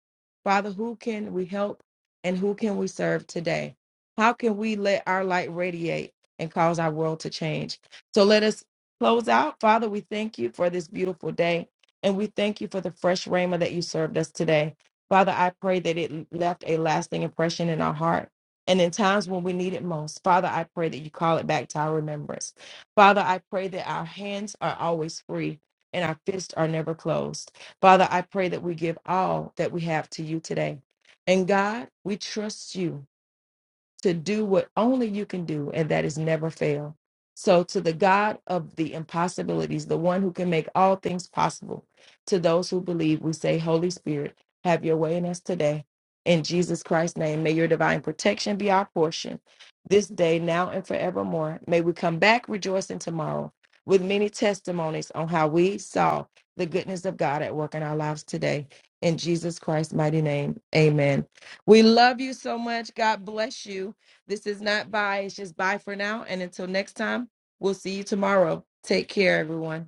Speaker 2: Father, who can we help? And who can we serve today? How can we let our light radiate and cause our world to change? So let us close out. Father, we thank you for this beautiful day. And we thank you for the fresh rhema that you served us today. Father, I pray that it left a lasting impression in our heart. And in times when we need it most, Father, I pray that you call it back to our remembrance. Father, I pray that our hands are always free and our fists are never closed. Father, I pray that we give all that we have to you today. And God, we trust you to do what only you can do, and that is never fail. So, to the God of the impossibilities, the one who can make all things possible, to those who believe, we say, Holy Spirit, have your way in us today. In Jesus Christ's name, may your divine protection be our portion this day, now, and forevermore. May we come back rejoicing tomorrow with many testimonies on how we saw the goodness of God at work in our lives today. In Jesus Christ's mighty name, amen. We love you so much. God bless you. This is not bye. It's just bye for now. And until next time, we'll see you tomorrow. Take care, everyone.